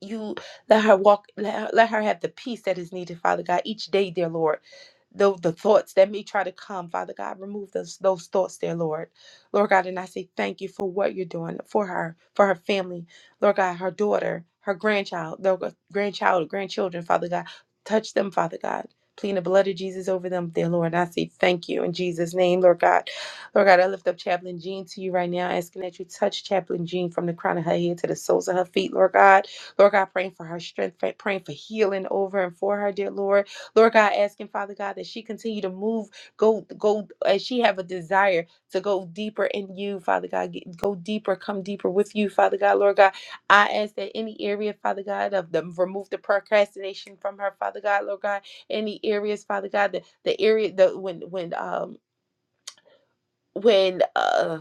Speaker 4: you let her walk let her, let her have the peace that is needed father god each day dear lord though the thoughts that may try to come father god remove those those thoughts dear lord lord god and i say thank you for what you're doing for her for her family lord god her daughter her grandchild their grandchild grandchildren father god touch them father god Plead the blood of Jesus over them, dear Lord. And I say thank you in Jesus' name, Lord God. Lord God, I lift up Chaplain Jean to you right now, asking that you touch Chaplain Jean from the crown of her head to the soles of her feet, Lord God. Lord God, praying for her strength, praying for healing over and for her, dear Lord. Lord God, asking Father God that she continue to move, go, go, as she have a desire to go deeper in you, Father God, get, go deeper, come deeper with you, Father God, Lord God. I ask that any area, Father God, of the remove the procrastination from her, Father God, Lord God, any areas, Father God, the, the area, the when, when, um, when uh,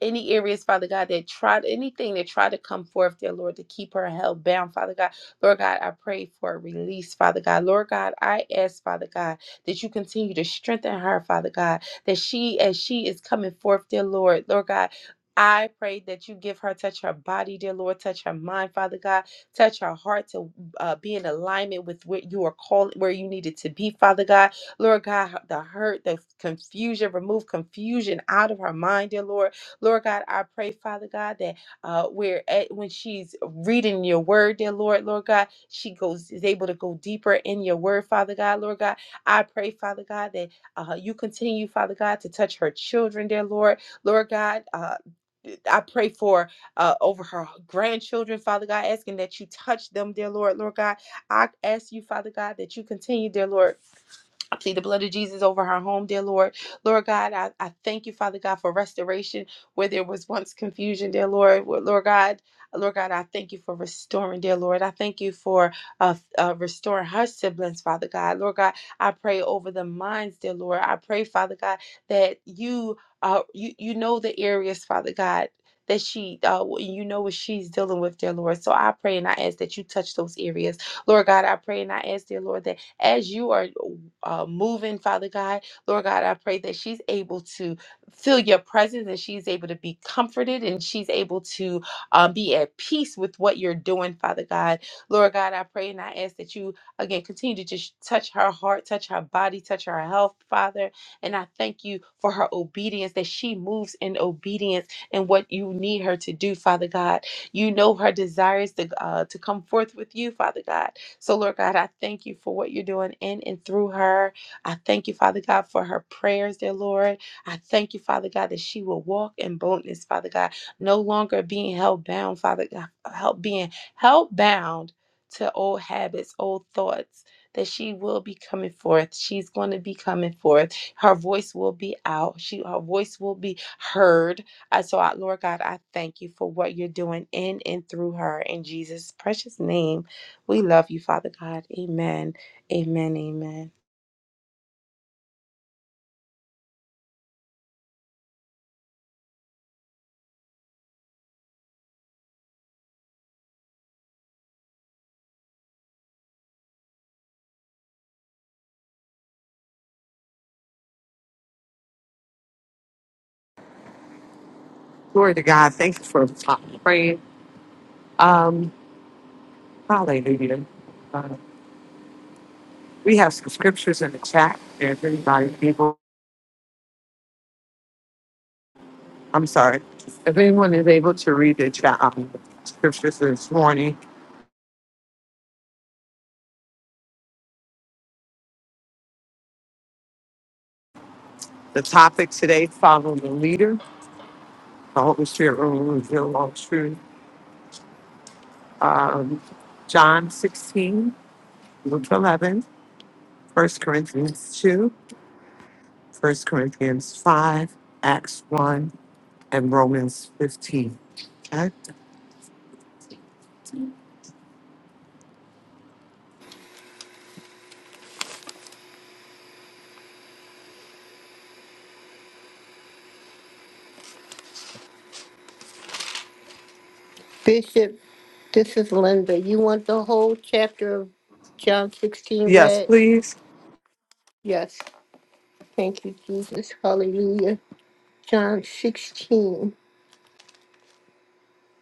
Speaker 4: any areas, Father God, that tried anything that tried to come forth, dear Lord, to keep her held bound, Father God, Lord God, I pray for a release, Father God, Lord God, I ask, Father God, that you continue to strengthen her, Father God, that she, as she is coming forth, dear Lord, Lord God. I pray that you give her, touch her body, dear Lord, touch her mind, Father God, touch her heart to uh, be in alignment with what you are calling, where you needed to be, Father God. Lord God, the hurt, the confusion, remove confusion out of her mind, dear Lord. Lord God, I pray, Father God, that uh, where at, when she's reading your word, dear Lord, Lord God, she goes is able to go deeper in your word, Father God, Lord God. I pray, Father God, that uh, you continue, Father God, to touch her children, dear Lord, Lord God. Uh, I pray for uh, over her grandchildren, Father God, asking that you touch them, dear Lord, Lord God. I ask you, Father God, that you continue, dear Lord I plead the blood of Jesus over her home, dear Lord. Lord God, I, I thank you, Father God, for restoration where there was once confusion, dear Lord. Where- Lord God, Lord God, I thank you for restoring, dear Lord. I thank you for uh, uh, restoring her siblings, Father God. Lord God, I pray over the minds, dear Lord. I pray, Father God, that you uh, you you know the areas, Father God. That she, uh, you know what she's dealing with, dear Lord. So I pray and I ask that you touch those areas, Lord God. I pray and I ask, dear Lord, that as you are uh, moving, Father God. Lord God, I pray that she's able to feel your presence and she's able to be comforted and she's able to um, be at peace with what you're doing, Father God. Lord God, I pray and I ask that you, again, continue to just touch her heart, touch her body, touch her health, Father. And I thank you for her obedience, that she moves in obedience and what you need her to do, Father God. You know her desires to, uh, to come forth with you, Father God. So, Lord God, I thank you for what you're doing in and through her. I thank you, Father God, for her prayers, dear Lord. I thank you, Father God, that she will walk in boldness, Father God, no longer being held bound, Father God, help being held bound to old habits, old thoughts. That she will be coming forth. She's going to be coming forth. Her voice will be out. She, her voice will be heard. Uh, so, I, Lord God, I thank you for what you're doing in and through her. In Jesus' precious name. We love you, Father God. Amen. Amen. Amen.
Speaker 1: Glory to God. Thank you for praying. Um, hallelujah. Uh, we have some scriptures in the chat. If anybody able, I'm sorry, if anyone is able to read the chat um, scriptures this morning, the topic today: follow the leader. The Holy Spirit will reveal all truth. Um, John 16, Luke 11, 1 Corinthians 2, 1 Corinthians 5, Acts 1. and Romans 15. Okay?
Speaker 5: Bishop, this is Linda. You want the whole chapter of John 16
Speaker 1: Yes,
Speaker 5: read?
Speaker 1: please.
Speaker 5: Yes. Thank you, Jesus. Hallelujah. John 16.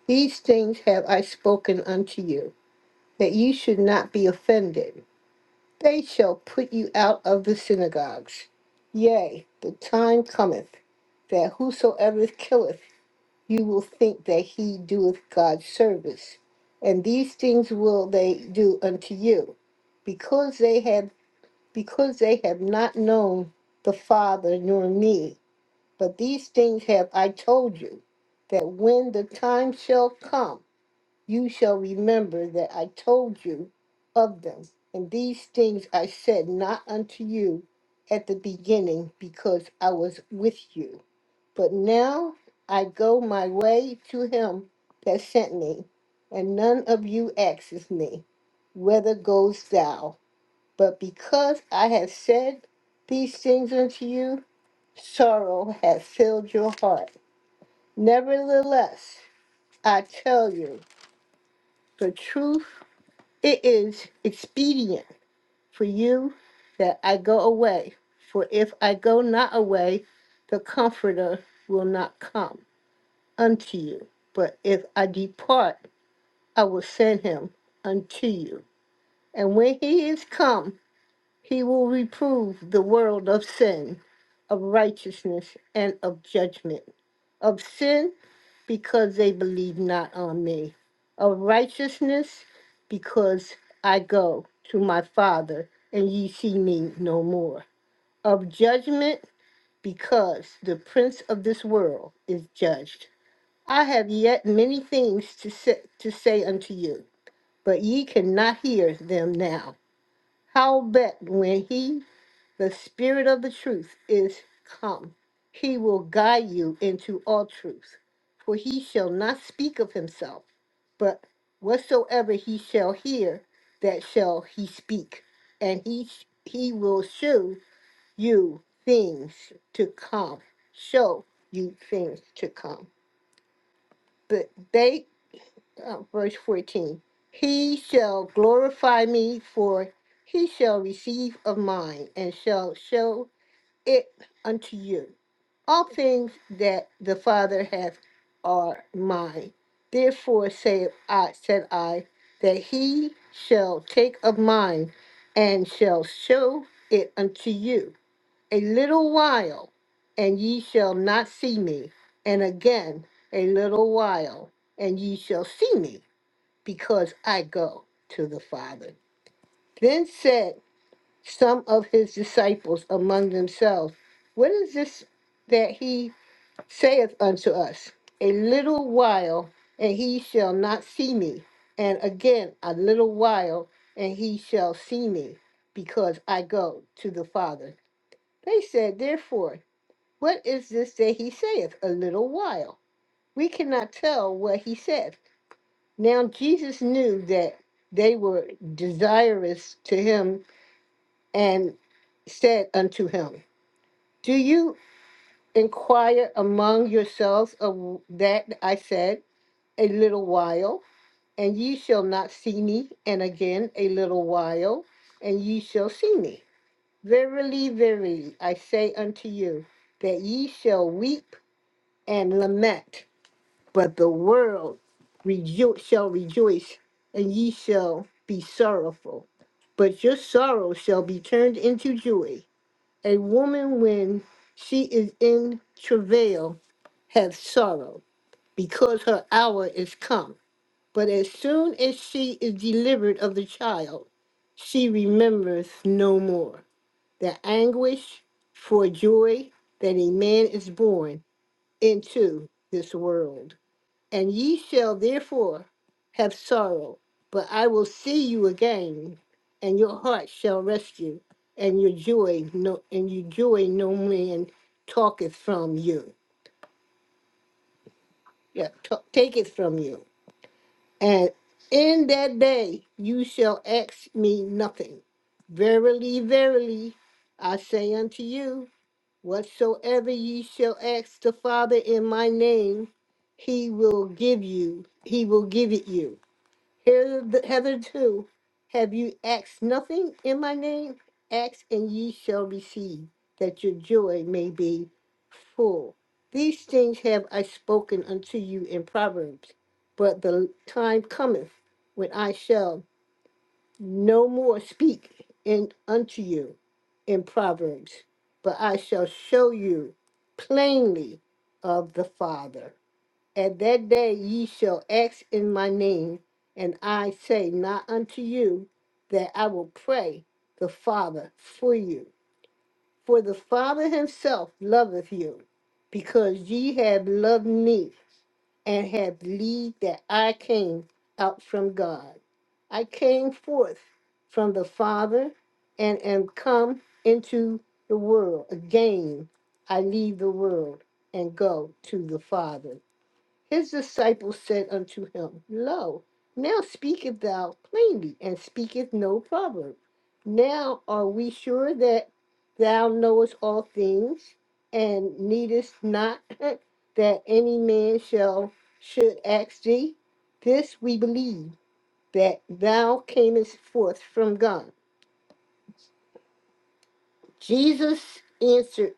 Speaker 5: These things have I spoken unto you, that you should not be offended. They shall put you out of the synagogues. Yea, the time cometh that whosoever killeth you will think that he doeth God service. And these things will they do unto you, because they have because they have not known the Father nor me. But these things have I told you, that when the time shall come, you shall remember that I told you of them. And these things I said not unto you at the beginning, because I was with you. But now I go my way to him that sent me, and none of you asks me, Whether goes thou? But because I have said these things unto you, sorrow hath filled your heart. Nevertheless, I tell you the truth, it is expedient for you that I go away. For if I go not away, the Comforter will not come unto you. But if I depart, I will send him unto you. And when he is come, He will reprove the world of sin, of righteousness, and of judgment. Of sin, because they believe not on me. Of righteousness, because I go to my Father, and ye see me no more. Of judgment, because the prince of this world is judged. I have yet many things to say, to say unto you, but ye cannot hear them now. Howbeit, when he the Spirit of the truth is come. He will guide you into all truth. For he shall not speak of himself, but whatsoever he shall hear, that shall he speak. And he, he will show you things to come. Show you things to come. But they, uh, verse 14, he shall glorify me, for he shall receive of mine, and shall show it unto you. All things that the Father hath are mine. Therefore said I, said I, that he shall take of mine, and shall show it unto you. A little while, and ye shall not see me, and again a little while, and ye shall see me, because I go to the Father. Then said some of his disciples among themselves, What is this that he saith unto us? A little while, and he shall not see me. And again, a little while, and he shall see me, because I go to the Father. They said, Therefore, what is this that he saith? A little while. We cannot tell what he saith. Now Jesus knew that they were desirous to him and said unto him, Do you inquire among yourselves of that I said a little while, and ye shall not see me, and again a little while, and ye shall see me? Verily, verily, I say unto you, that ye shall weep and lament, but the world rejo- shall rejoice, and ye shall be sorrowful. But your sorrow shall be turned into joy. A woman, when she is in travail, have sorrow, because her hour is come. But as soon as she is delivered of the child, she remembers no more the anguish for joy that a man is born into this world. And ye shall therefore have sorrow, but I will see you again, and your heart shall rest you, and your joy no and your joy no man talketh from you. Yeah, ta- take it from you. And in that day you shall ask me nothing. Verily, verily, I say unto you, whatsoever ye shall ask the Father in my name, he will give you, he will give it you. Here- Hitherto have you asked nothing in my name? Ask and ye shall receive, that your joy may be full. These things have I spoken unto you in Proverbs, but the time cometh when I shall no more speak in, unto you in Proverbs, but I shall show you plainly of the Father. At that day ye shall ask in my name, and I say not unto you that I will pray the Father for you. For the Father himself loveth you, because ye have loved me, and have believed that I came out from God. I came forth from the Father, and am come into the world. Again I leave the world and go to the Father. His disciples said unto him, Lo, now speaketh thou plainly, and speaketh no proverb. Now are we sure that thou knowest all things, and needest not that any man shall should ask thee? This we believe that thou camest forth from God. Jesus answered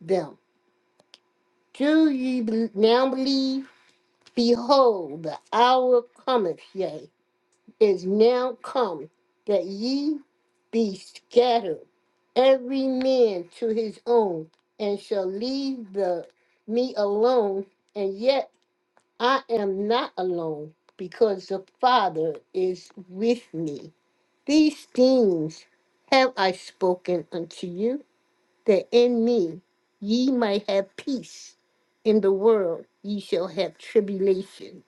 Speaker 5: them, Do ye be- now believe? Behold, the hour cometh, yea is now come, that ye be scattered, every man to his own, and shall leave the me alone, and yet I am not alone, because the Father is with me. These things have I spoken unto you, that in me ye might have peace. In the world ye shall have tribulation,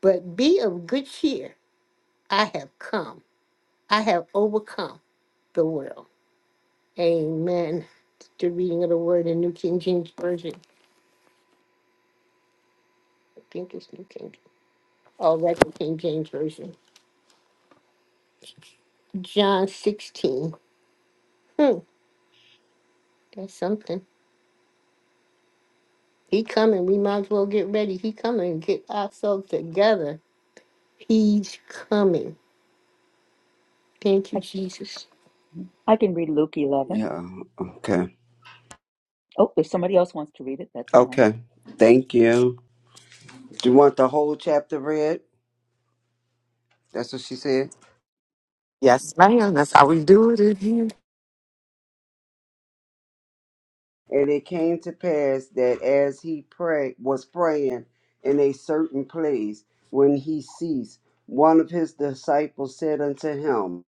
Speaker 5: but be of good cheer, I have come. I have overcome the world. Amen. The reading of the word in New King James Version. I think it's New King. Oh, that's the King James Version. John 16. Hmm, that's something. He coming. We might as well get ready. He coming. Get ourselves together. He's coming. Thank you,
Speaker 3: I,
Speaker 5: Jesus.
Speaker 3: I can read Luke 11.
Speaker 6: Yeah. Okay.
Speaker 3: Oh, if somebody else wants to read it, that's fine.
Speaker 6: Okay. Thank you. Do you want the whole chapter read? That's what she said.
Speaker 1: Yes, ma'am. That's how we do it in here.
Speaker 6: And it came to pass that as he pray was praying in a certain place, when he ceased, one of his disciples said unto him,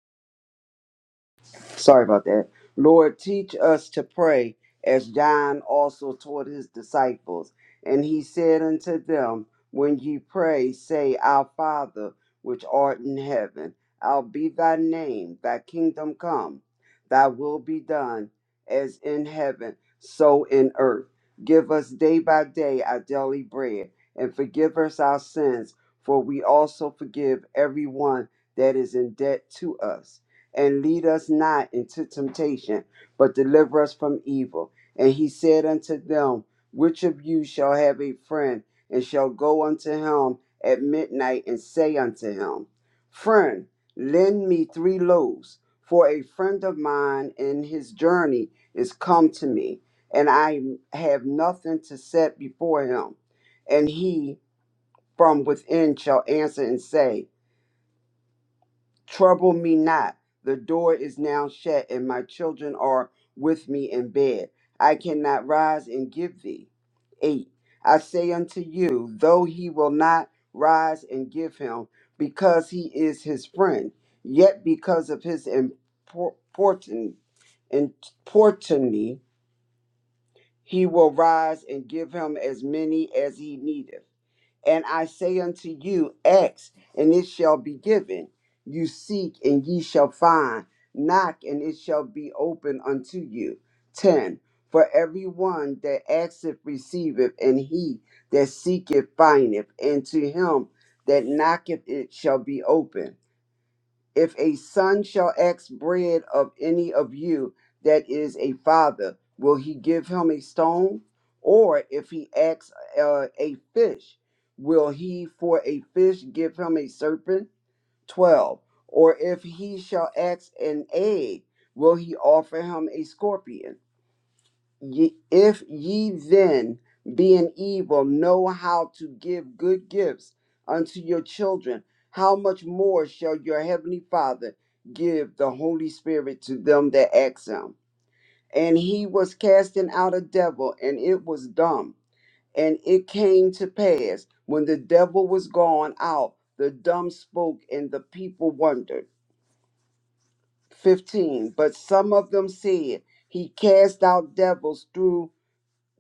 Speaker 6: Sorry about that. Lord, teach us to pray as John also taught his disciples. And he said unto them, When ye pray, say, Our Father, which art in heaven, hallowed be thy name, thy kingdom come, thy will be done, as in heaven, so in earth. Give us day by day our daily bread, and forgive us our sins, for we also forgive everyone that is in debt to us and lead us not into temptation, but deliver us from evil. And he said unto them, Which of you shall have a friend, and shall go unto him at midnight, and say unto him, Friend, lend me three loaves, for a friend of mine in his journey is come to me, and I have nothing to set before him. And he from within shall answer and say, Trouble me not. The door is now shut, and my children are with me in bed. I cannot rise and give thee. 8. I say unto you, though he will not rise and give him, because he is his friend, yet because of his importun- importunity, he will rise and give him as many as he needeth. And I say unto you, ask, and it shall be given. You seek, and ye shall find. Knock, and it shall be opened unto you. 10. For everyone that asketh receiveth, and he that seeketh findeth, and to him that knocketh it shall be open. If a son shall ask bread of any of you that is a father, will he give him a stone? Or if he asks uh, a fish, will he for a fish give him a serpent? 12. Or if he shall ask an egg, will he offer him a scorpion? Ye, if ye then, being evil, know how to give good gifts unto your children, how much more shall your heavenly Father give the Holy Spirit to them that ask him? And he was casting out a devil, and it was dumb. And it came to pass, when the devil was gone out, the dumb spoke, and the people wondered. 15. But some of them said, He cast out devils through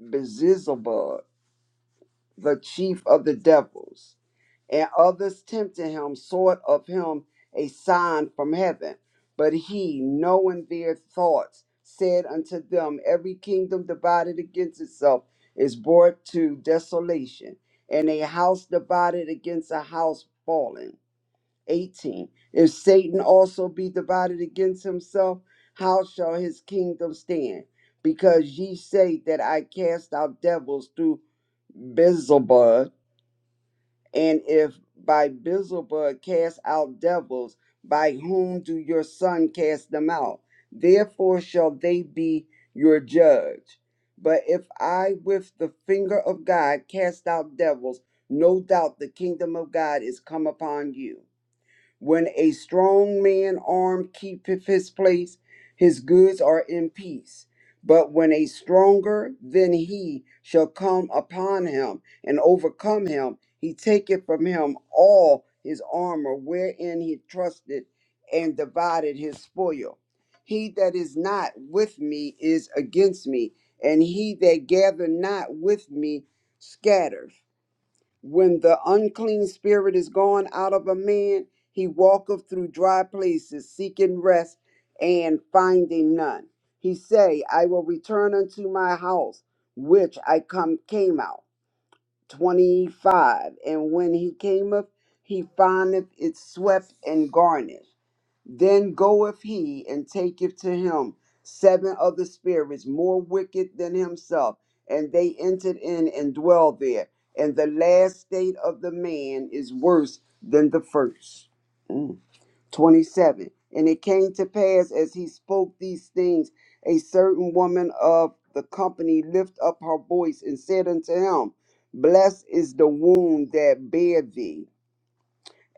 Speaker 6: Beelzebub, the chief of the devils. And others tempted him, sought of him a sign from heaven. But he, knowing their thoughts, said unto them, Every kingdom divided against itself is brought to desolation, and a house divided against a house fallen. 18. If Satan also be divided against himself, how shall his kingdom stand? Because ye say that I cast out devils through Beelzebub, and if by Beelzebub cast out devils, by whom do your son cast them out? Therefore shall they be your judge. But if I with the finger of God cast out devils, no doubt the kingdom of God is come upon you. When a strong man armed keepeth his place, his goods are in peace. But when a stronger than he shall come upon him and overcome him, he taketh from him all his armor wherein he trusted and divided his spoil. He that is not with me is against me, and he that gather not with me scatters. When the unclean spirit is gone out of a man, he walketh through dry places, seeking rest and finding none. He say, I will return unto my house, which I come came out. 25. And when he came up, he findeth it swept and garnished. Then goeth he and taketh to him seven other spirits more wicked than himself, and they entered in and dwell there. And the last state of the man is worse than the first. Mm. 27. And it came to pass as he spoke these things, a certain woman of the company lift up her voice and said unto him, Blessed is the womb that bare thee,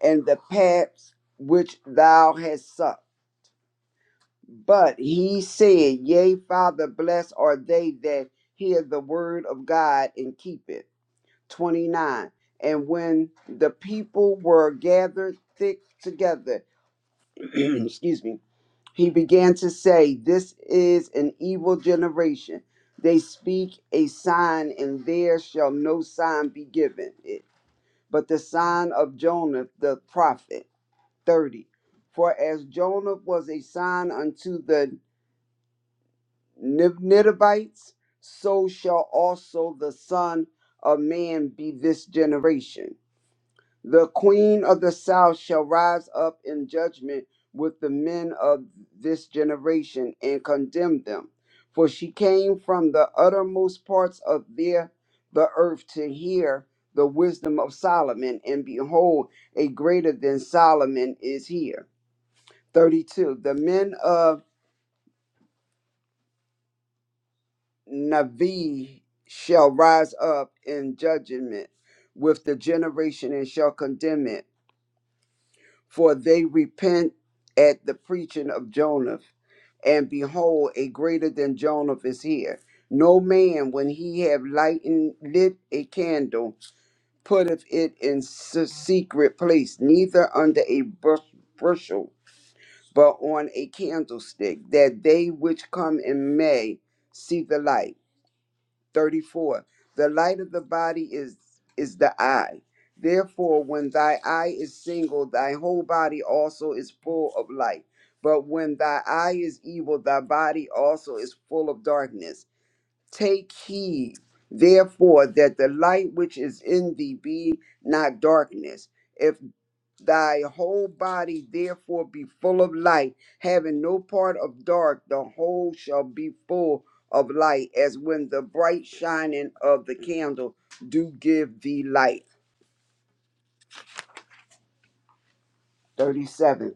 Speaker 6: and the paps which thou hast sucked. But he said, Yea, Father, blessed are they that hear the word of God and keep it. 29. And when the people were gathered thick together, excuse me He began to say, This is an evil generation. They speak a sign, and there shall no sign be given it, but the sign of Jonah the prophet. 30. For as Jonah was a sign unto the Nib- Ninevites, so shall also the Son of Man be this generation. The queen of the south shall rise up in judgment with the men of this generation and condemn them. For she came from the uttermost parts of their, the earth to hear the wisdom of Solomon, and behold, a greater than Solomon is here. 32. The men of Navi shall rise up in judgment with the generation and shall condemn it for they repent at the preaching of Jonah. And behold, a greater than Jonah is here. No man, when he have lightened, lit a candle, putteth it in s- secret place, neither under a bus- bushel, but on a candlestick, that they which come in may see the light. 34 the light of the body is is the eye therefore when thy eye is single thy whole body also is full of light but when thy eye is evil thy body also is full of darkness take heed therefore that the light which is in thee be not darkness If Thy whole body therefore be full of light, having no part of dark, the whole shall be full of light, as when the bright shining of the candle do give thee light. 37.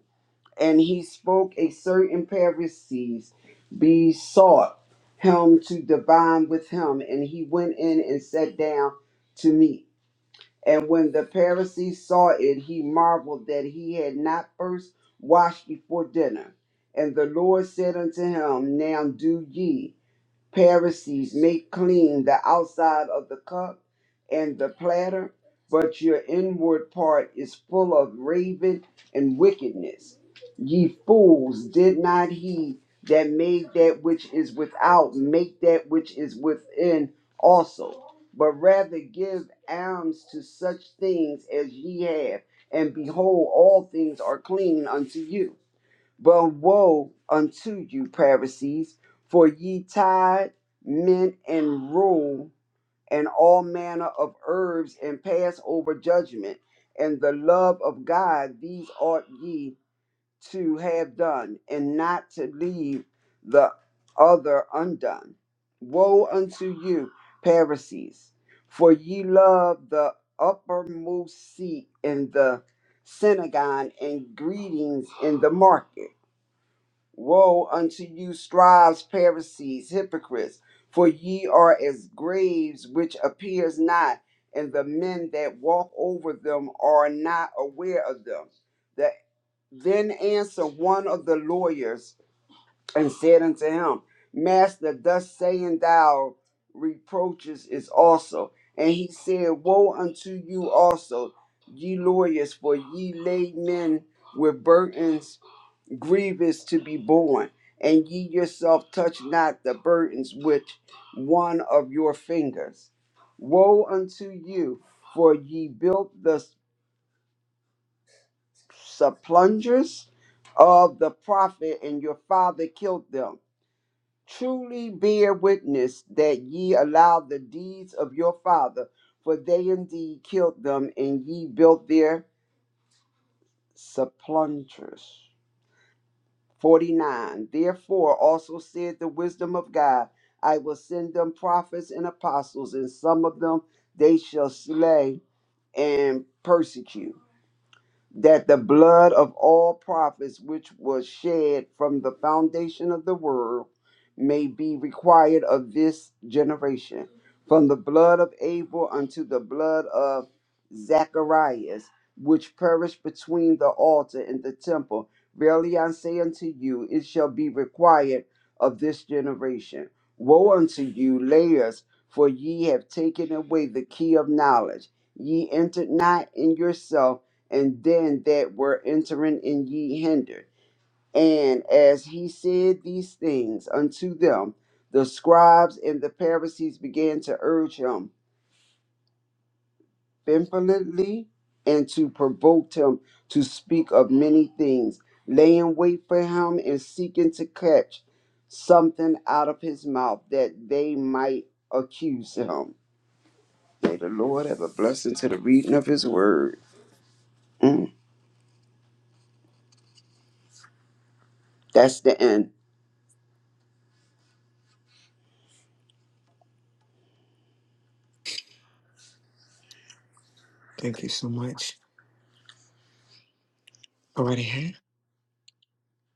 Speaker 6: And he spoke a certain Pharisees, besought him to divine with him, and he went in and sat down to meat. And when the Pharisee saw it, he marveled that he had not first washed before dinner. And the Lord said unto him, Now do ye. Pharisees make clean the outside of the cup and the platter, but your inward part is full of raven and wickedness. Ye fools, did not he that made that which is without make that which is within also? But rather give alms to such things as ye have, and behold, all things are clean unto you. But woe unto you, Pharisees, for ye tithe mint and rule and all manner of herbs and pass over judgment and the love of God, these ought ye to have done, and not to leave the other undone. Woe unto you, Pharisees, for ye love the uppermost seat in the synagogue and greetings in the market Woe unto you, scribes, Pharisees, hypocrites! For ye are as graves which appears not, and the men that walk over them are not aware of them. The, then answered one of the lawyers and said unto him, Master, thus saying thou reproaches is also. And he said, Woe unto you also, ye lawyers, for ye lay men with burdens grievous to be borne, and ye yourself touch not the burdens which one of your fingers. Woe unto you, for ye built the supplungers of the prophet, and your father killed them. Truly bear witness that ye allowed the deeds of your father, for they indeed killed them, and ye built their supplungers. 49 Therefore also said the wisdom of God, I will send them prophets and apostles, and some of them they shall slay and persecute that the blood of all prophets which was shed from the foundation of the world may be required of this generation, from the blood of Abel unto the blood of Zacharias, which perished between the altar and the temple. Verily I say unto you, it shall be required of this generation. Woe unto you, layers, for ye have taken away the key of knowledge. Ye entered not in yourself and them that were entering and ye hindered. And as he said these things unto them, the scribes and the Pharisees began to urge him vehemently and to provoke him to speak of many things, laying wait for him and seeking to catch something out of his mouth that they might accuse him. May the Lord have a blessing to the reading of his word. Mm, that's the end.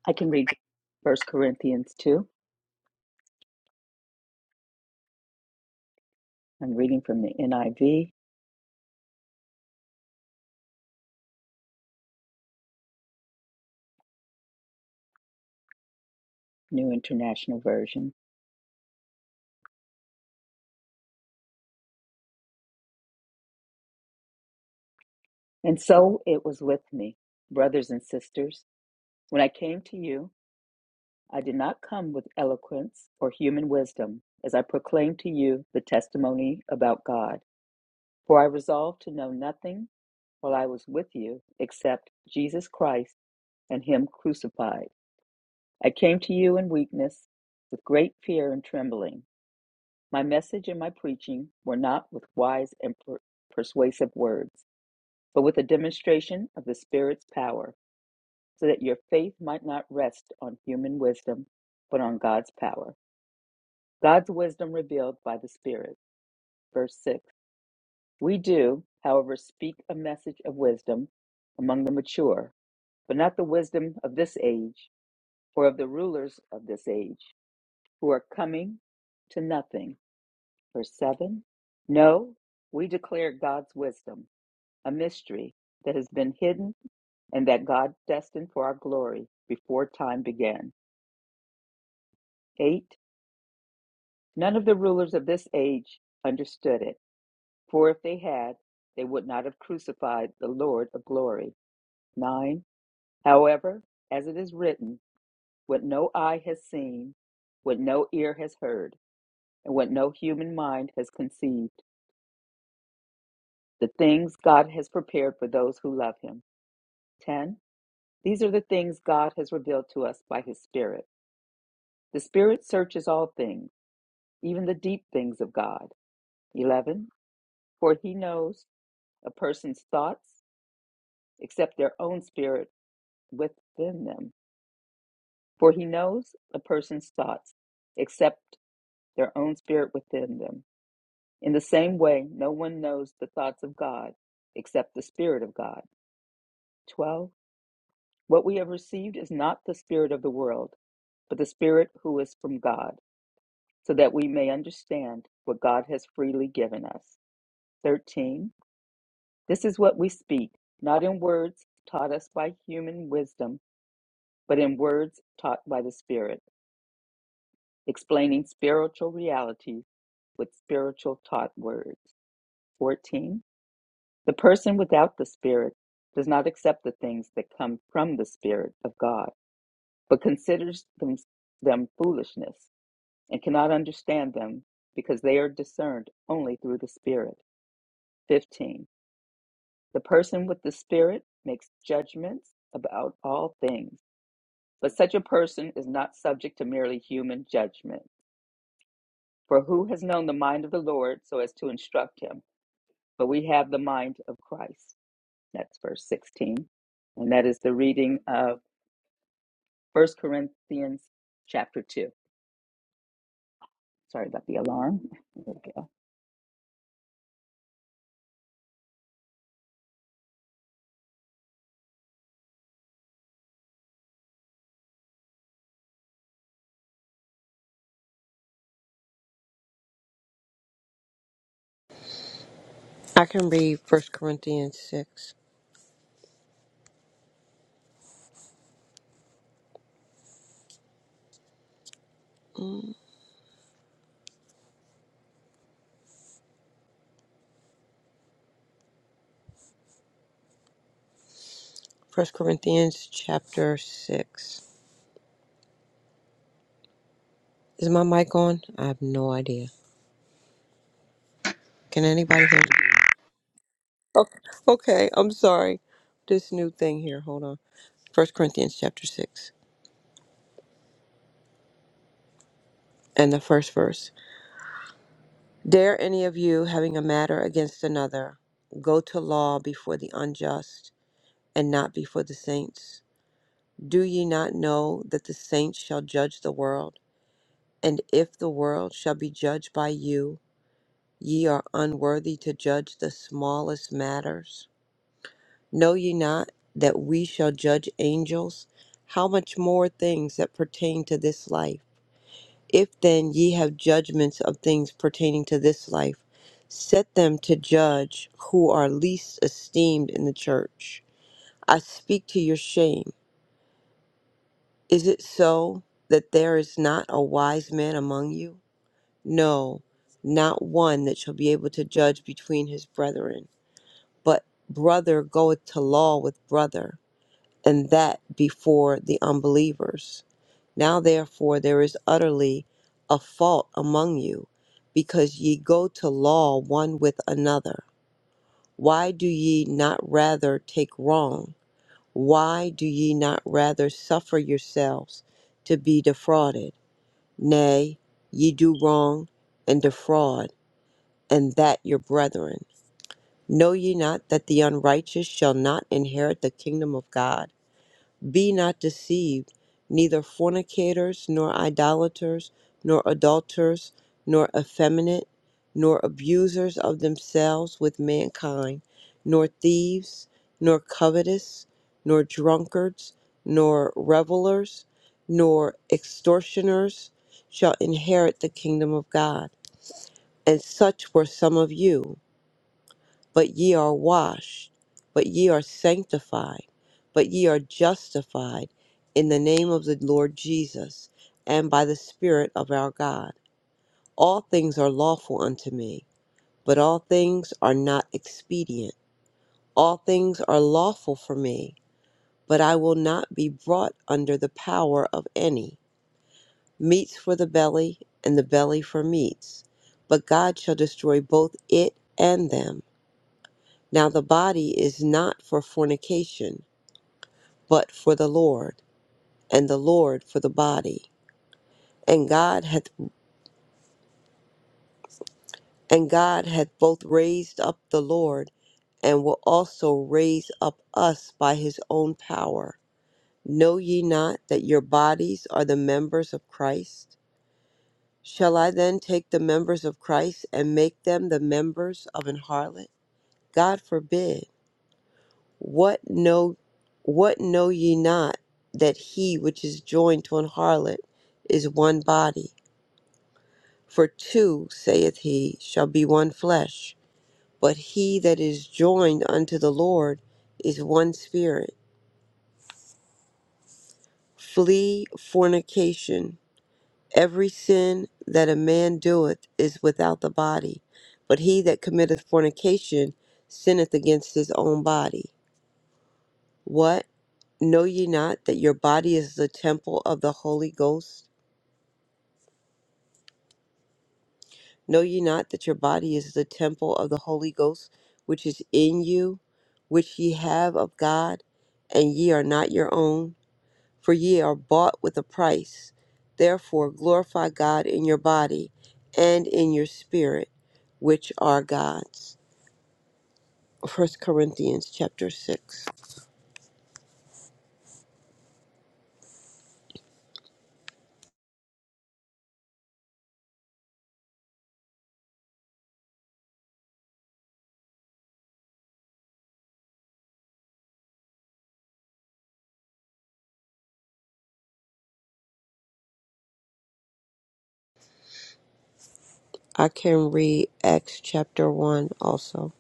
Speaker 3: I can read First Corinthians 2. I'm reading from the NIV, New International Version. And so it was with me, brothers and sisters. When I came to you, I did not come with eloquence or human wisdom, as I proclaimed to you the testimony about God. For I resolved to know nothing while I was with you except Jesus Christ and Him crucified. I came to you in weakness, with great fear and trembling. My message and my preaching were not with wise and per- persuasive words, but with a demonstration of the Spirit's power, so that your faith might not rest on human wisdom, but on God's power. God's wisdom revealed by the Spirit. Verse 6 We do, however, speak a message of wisdom among the mature, but not the wisdom of this age or of the rulers of this age who are coming to nothing. Verse 7 No, we declare God's wisdom, a mystery that has been hidden and that God destined for our glory before time began. 8 None of the rulers of this age understood it, for if they had, they would not have crucified the Lord of glory. 9 However, as it is written, what no eye has seen, what no ear has heard, and what no human mind has conceived, the things God has prepared for those who love him. 10. These are the things God has revealed to us by his Spirit. The Spirit searches all things, even the deep things of God. 11. For he knows a person's thoughts except their own spirit within them. For he knows a person's thoughts except. their own spirit within them. In the same way, no one knows the thoughts of God except the Spirit of God. 12. What we have received is not the Spirit of the world, but the Spirit who is from God, so that we may understand what God has freely given us. 13. This is what we speak, not in words taught us by human wisdom, but in words taught by the Spirit, explaining spiritual realities with spiritual taught words. 14. The person without the Spirit does not accept the things that come from the Spirit of God, but considers them, them foolishness and cannot understand them because they are discerned only through the Spirit. 15. The person with the Spirit makes judgments about all things, but such a person is not subject to merely human judgment. For who has known the mind of the Lord so as to instruct him? But we have the mind of Christ. That's verse 16. And that is the reading of First Corinthians chapter 2. Sorry about the alarm. Okay.
Speaker 7: I can read First Corinthians 6. First Corinthians chapter 6. Is my mic on? I have no idea. Can anybody hear me? Okay, okay, I'm sorry. This new thing here. Hold on. First Corinthians chapter 6 and the first verse. Dare any of you, having a matter against another, go to law before the unjust and not before the saints? Do ye not know that the saints shall judge the world? And if the world shall be judged by you, Ye are unworthy to judge the smallest matters. Know ye not that we shall judge angels? How much more things that pertain to this life? If then ye have judgments of things pertaining to this life, set them to judge who are least esteemed in the church. I speak to your shame. Is it so that there is not a wise man among you? No, not one that shall be able to judge between his brethren. but brother goeth to law with brother, and that before the unbelievers. Now therefore there is utterly a fault among you, because ye go to law one with another. Why do ye not rather take wrong? Why do ye not rather suffer yourselves to be defrauded? Nay, ye do wrong and defraud, and that your brethren. Know ye not that the unrighteous shall not inherit the kingdom of God? Be not deceived, neither fornicators, nor idolaters, nor adulterers, nor effeminate, nor abusers of themselves with mankind, nor thieves, nor covetous, nor drunkards, nor revelers, nor extortioners shall inherit the kingdom of God. And such were some of you. But ye are washed, but ye are sanctified, but ye are justified in the name of the Lord Jesus and by the Spirit of our God. All things are lawful unto me, but all things are not expedient. All things are lawful for me, but I will not be brought under the power of any. Meats for the belly, and the belly for meats, but God shall destroy both it and them. Now the body is not for fornication, but for the Lord, and the Lord for the body. And God hath and God hath both raised up the Lord, and will also raise up us by his own power. Know ye not that your bodies are the members of Christ? Shall I then take the members of Christ and make them the members of an harlot? God forbid. What know what know ye not that he which is joined to an harlot is one body? For two, saith he, shall be one flesh. But he that is joined unto the Lord is one spirit. Flee fornication. Every sin that a man doeth is without the body, but he that committeth fornication sinneth against his own body. What? Know ye not that your body is the temple of the Holy Ghost? Know ye not that your body is the temple of the Holy Ghost, which is in you, which ye have of God, and ye are not your own? For ye are bought with a price. Therefore glorify God in your body and in your spirit, which are God's. First Corinthians chapter 6. I can read Acts chapter 1 also,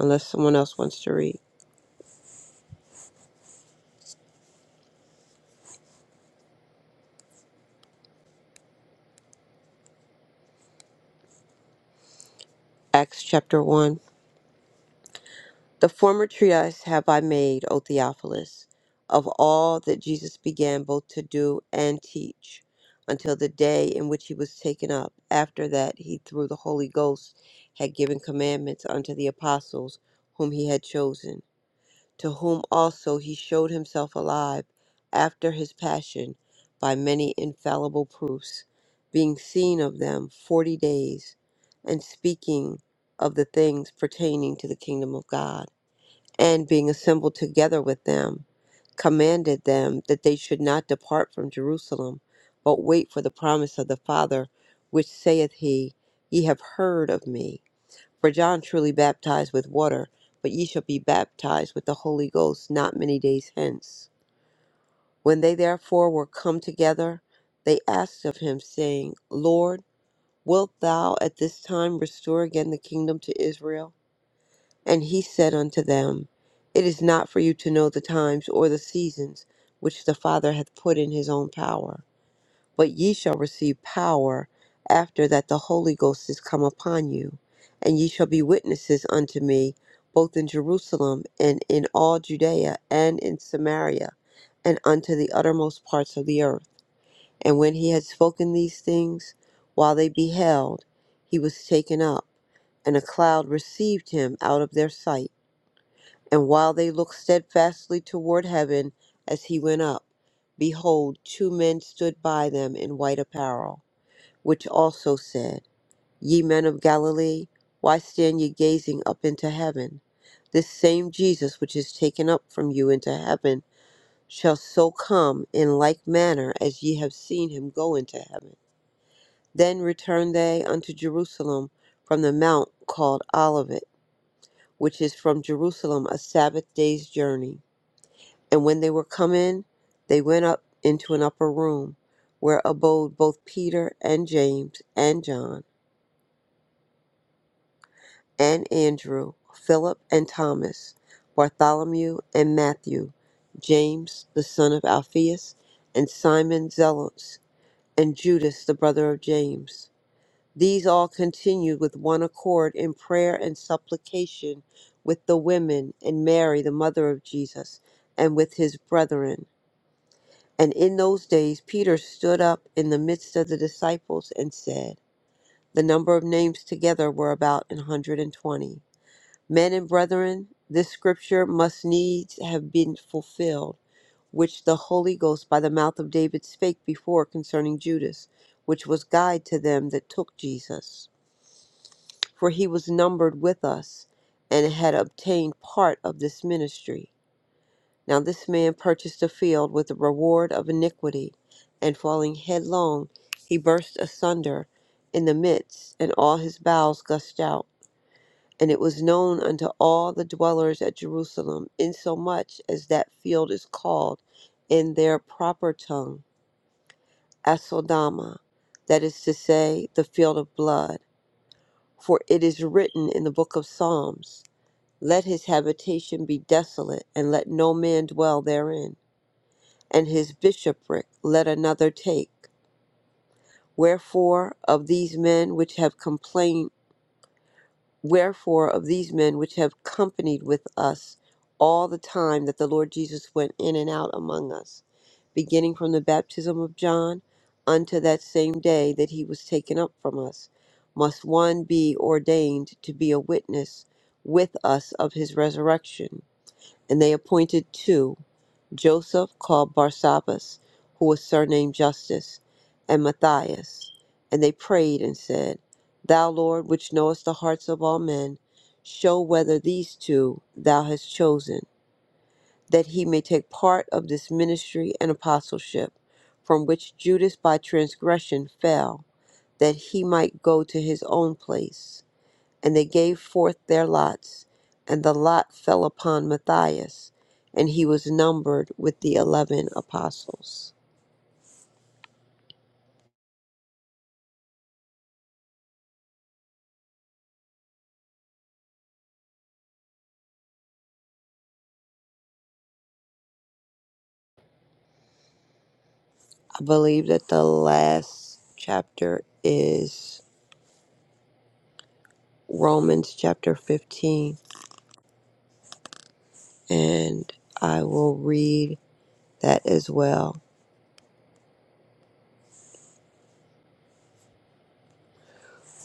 Speaker 7: unless someone else wants to read. Acts chapter 1. The former treatise have I made, O Theophilus, of all that Jesus began both to do and teach, until the day in which he was taken up. After that, he, through the Holy Ghost, had given commandments unto the apostles whom he had chosen, to whom also he showed himself alive after his passion by many infallible proofs, being seen of them forty days, and speaking of the things pertaining to the kingdom of God and being assembled together with them, commanded them that they should not depart from Jerusalem, but wait for the promise of the Father, which saith he, Ye have heard of me. For John truly baptized with water, but ye shall be baptized with the Holy Ghost not many days hence. When they therefore were come together, they asked of him, saying, Lord, wilt thou at this time restore again the kingdom to Israel? And he said unto them, It is not for you to know the times or the seasons which the Father hath put in his own power. But ye shall receive power after that the Holy Ghost is come upon you, and ye shall be witnesses unto me both in Jerusalem and in all Judea and in Samaria and unto the uttermost parts of the earth. And when he had spoken these things, while they beheld, he was taken up, and a cloud received him out of their sight and while they looked steadfastly toward heaven as he went up, behold, two men stood by them in white apparel, which also said, Ye men of Galilee, why stand ye gazing up into heaven? This same Jesus which is taken up from you into heaven shall so come in like manner as ye have seen him go into heaven. Then returned they unto Jerusalem from the mount called Olivet, which is from Jerusalem a Sabbath day's journey. And when they were come in, they went up into an upper room, where abode both Peter and James and John and Andrew, Philip and Thomas, Bartholomew and Matthew, James the son of Alphaeus, and Simon Zealots, and Judas the brother of James. These all continued with one accord in prayer and supplication with the women and Mary the mother of Jesus, and with his brethren. And in those days, Peter stood up in the midst of the disciples and said, The number of names together were about an hundred and twenty. Men and brethren, this scripture must needs have been fulfilled, which the Holy Ghost by the mouth of David spake before concerning Judas, which was guide to them that took Jesus. For he was numbered with us, and had obtained part of this ministry. Now this man purchased a field with the reward of iniquity, and falling headlong, he burst asunder in the midst, and all his bowels gushed out. And it was known unto all the dwellers at Jerusalem, insomuch as that field is called in their proper tongue Asodama, that is to say, the field of blood. For it is written in the book of Psalms, Let his habitation be desolate, and let no man dwell therein and his bishopric let another take. Wherefore of these men which have complained, wherefore of these men which have companied with us all the time that the Lord Jesus went in and out among us, beginning from the baptism of John unto that same day that he was taken up from us, must one be ordained to be a witness with us of his resurrection. And they appointed two Joseph called Barsabbas, who was surnamed Justus, and Matthias. And they prayed and said, Thou, Lord, which knowest the hearts of all men, show whether these two thou hast chosen, that he may take part of this ministry and apostleship, from which Judas by transgression fell, that he might go to his own place. And they gave forth their lots, and the lot fell upon Matthias, and he was numbered with the eleven apostles. I believe that the last chapter is Romans chapter 15, and I will read that as well.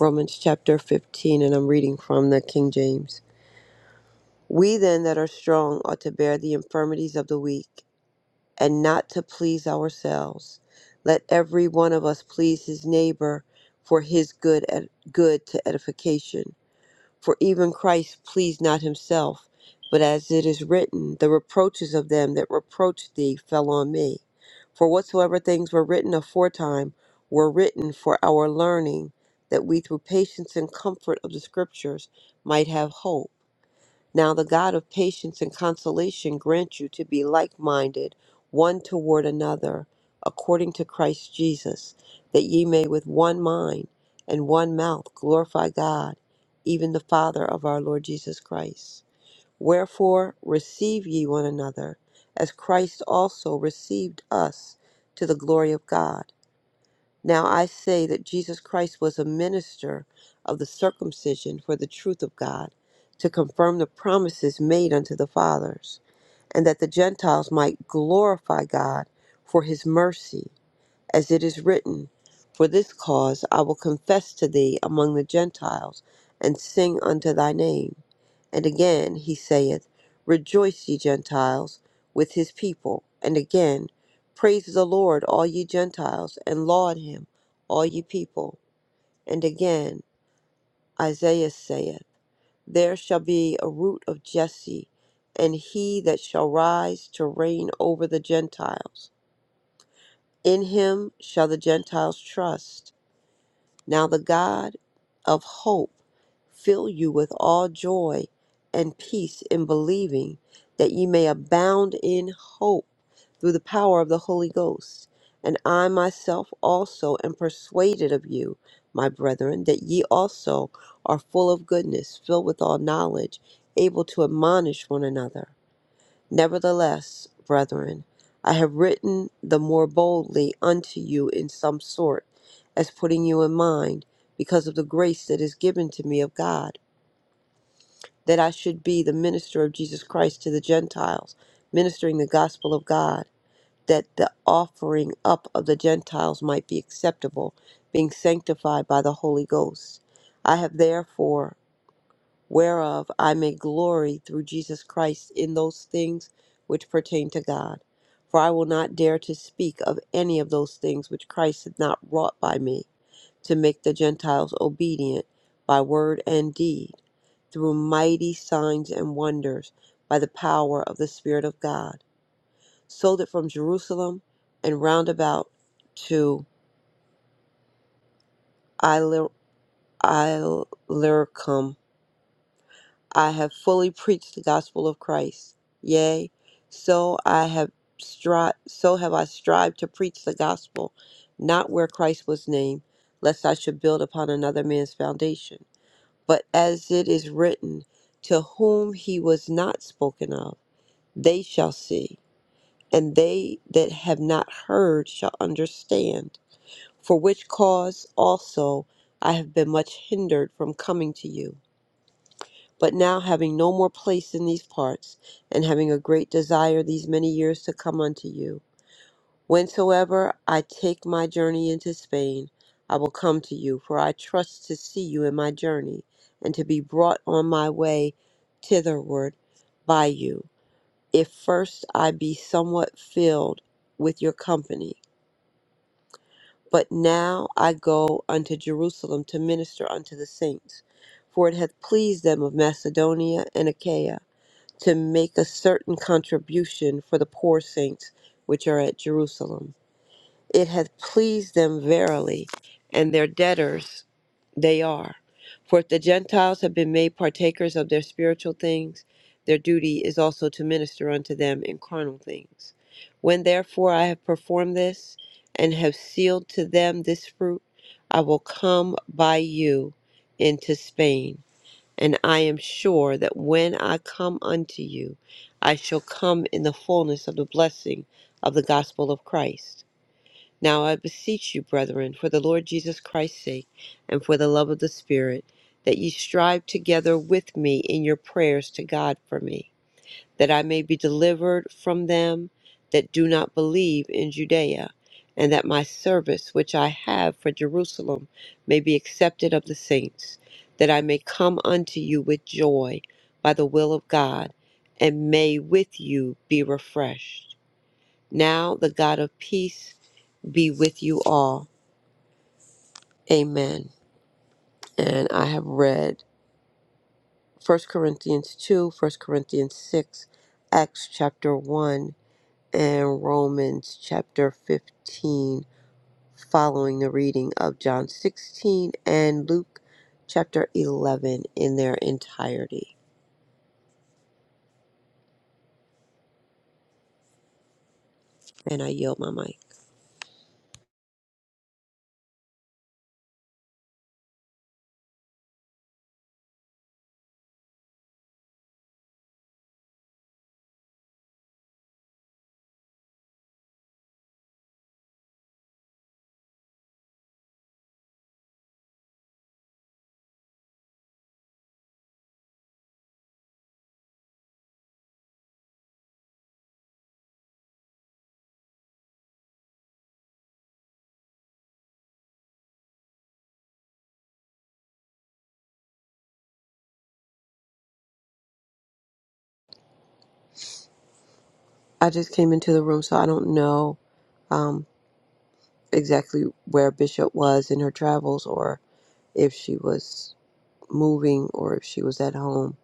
Speaker 7: Romans chapter 15, and I'm reading from the King James. We then that are strong ought to bear the infirmities of the weak and not to please ourselves. Let every one of us please his neighbor for his good ed- good to edification. For even Christ pleased not himself, but as it is written, the reproaches of them that reproached thee fell on me. For whatsoever things were written aforetime were written for our learning, that we through patience and comfort of the scriptures might have hope. Now the God of patience and consolation grant you to be like minded one toward another, according to Christ Jesus, that ye may with one mind and one mouth glorify God, even the Father of our Lord Jesus Christ. Wherefore receive ye one another, as Christ also received us to the glory of God. Now I say that Jesus Christ was a minister of the circumcision for the truth of God, to confirm the promises made unto the fathers, and that the Gentiles might glorify God for his mercy, as it is written, For this cause I will confess to thee among the Gentiles, and sing unto thy name. And again he saith, Rejoice, ye Gentiles, with his people. And again, Praise the Lord, all ye Gentiles, and laud him, all ye people. And again, Isaiah saith, There shall be a root of Jesse, and he that shall rise to reign over the Gentiles. In him shall the Gentiles trust. Now the God of hope fill you with all joy and peace in believing that ye may abound in hope through the power of the Holy Ghost. And I myself also am persuaded of you, my brethren, that ye also are full of goodness, filled with all knowledge, able to admonish one another. Nevertheless, brethren, I have written the more boldly unto you in some sort, as putting you in mind, because of the grace that is given to me of God, that I should be the minister of Jesus Christ to the Gentiles, ministering the gospel of God, that the offering up of the Gentiles might be acceptable, being sanctified by the Holy Ghost. I have therefore whereof I may glory through Jesus Christ in those things which pertain to God. For I will not dare to speak of any of those things which Christ hath not wrought by me, to make the Gentiles obedient by word and deed, through mighty signs and wonders, by the power of the Spirit of God, so that from Jerusalem and round about to Illyricum I have fully preached the gospel of Christ. Yea, so I have stri- so have I strived to preach the gospel, not where Christ was named, lest I should build upon another man's foundation. But as it is written, to whom he was not spoken of, they shall see, and they that have not heard shall understand. For which cause also I have been much hindered from coming to you. But now, having no more place in these parts, and having a great desire these many years to come unto you, whensoever I take my journey into Spain, I will come to you, for I trust to see you in my journey, and to be brought on my way thitherward by you, if first I be somewhat filled with your company. But now I go unto Jerusalem to minister unto the saints, for it hath pleased them of Macedonia and Achaia to make a certain contribution for the poor saints which are at Jerusalem. It hath pleased them verily, and their debtors they are. For if the Gentiles have been made partakers of their spiritual things, their duty is also to minister unto them in carnal things. When therefore I have performed this, and have sealed to them this fruit, I will come by you into Spain. And I am sure that when I come unto you, I shall come in the fullness of the blessing of the gospel of Christ. Now I beseech you, brethren, for the Lord Jesus Christ's sake, and for the love of the Spirit, that ye strive together with me in your prayers to God for me that I may be delivered from them that do not believe in Judea, and that my service which I have for Jerusalem may be accepted of the saints, that I may come unto you with joy by the will of God, and may with you be refreshed. Now the God of peace be with you all. Amen. And I have read First Corinthians 2, First Corinthians 6, Acts chapter 1. and Romans chapter 15 following the reading of John 16 and Luke chapter 11 in their entirety. And I yield my mic. I just came into the room, so I don't know um, exactly where Bishop was in her travels or if she was moving or if she was at home.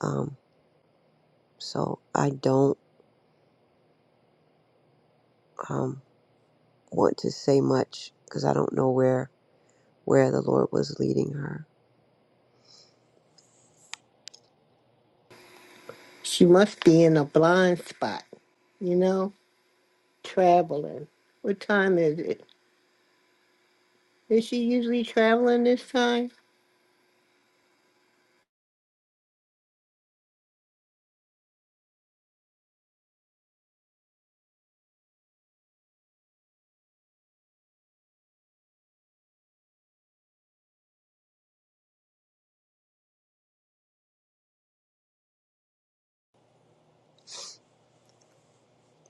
Speaker 7: Um, so I don't um, want to say much because I don't know where where the Lord was leading her.
Speaker 5: She must be in a blind spot, you know, traveling. What time is it? Is she usually traveling this time?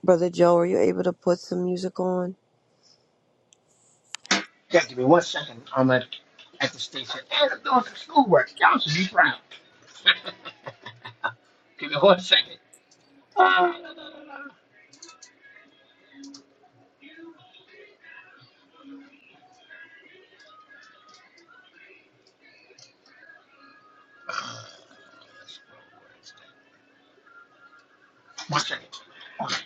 Speaker 7: Brother Joe, are you able to put some music on?
Speaker 8: Okay, give me one second. I'm at, at the station and I'm doing some schoolwork. Y'all should be proud. give me one second. Uh, one second. Right.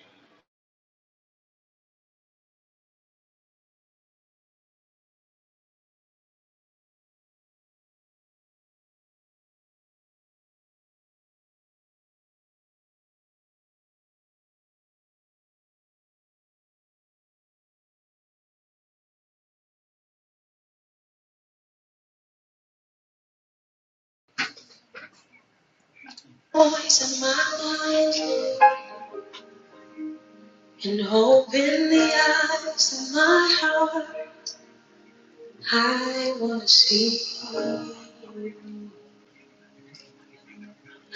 Speaker 8: Always in my mind and hope in the eyes of my heart. I want to see you.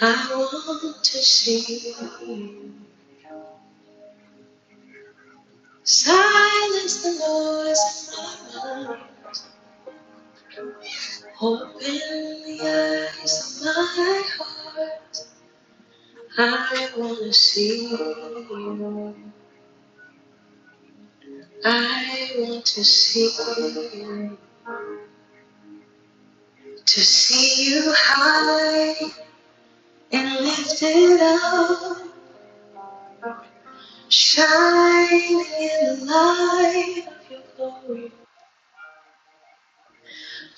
Speaker 8: I want to see you. Silence the noise in my mind. Hope in the eyes of my heart. I want to see you. I want to see you. To see you high and lifted up, shining in the light of your glory.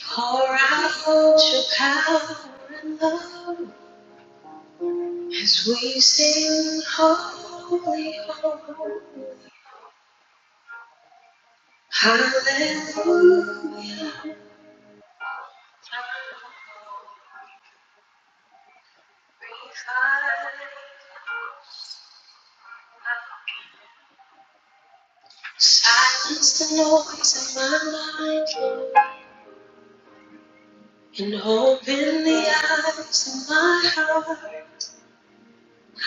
Speaker 8: Pour out your power and love as we sing, Holy, Holy, Hallelujah. Silence the noise in my mind and open the eyes of my heart.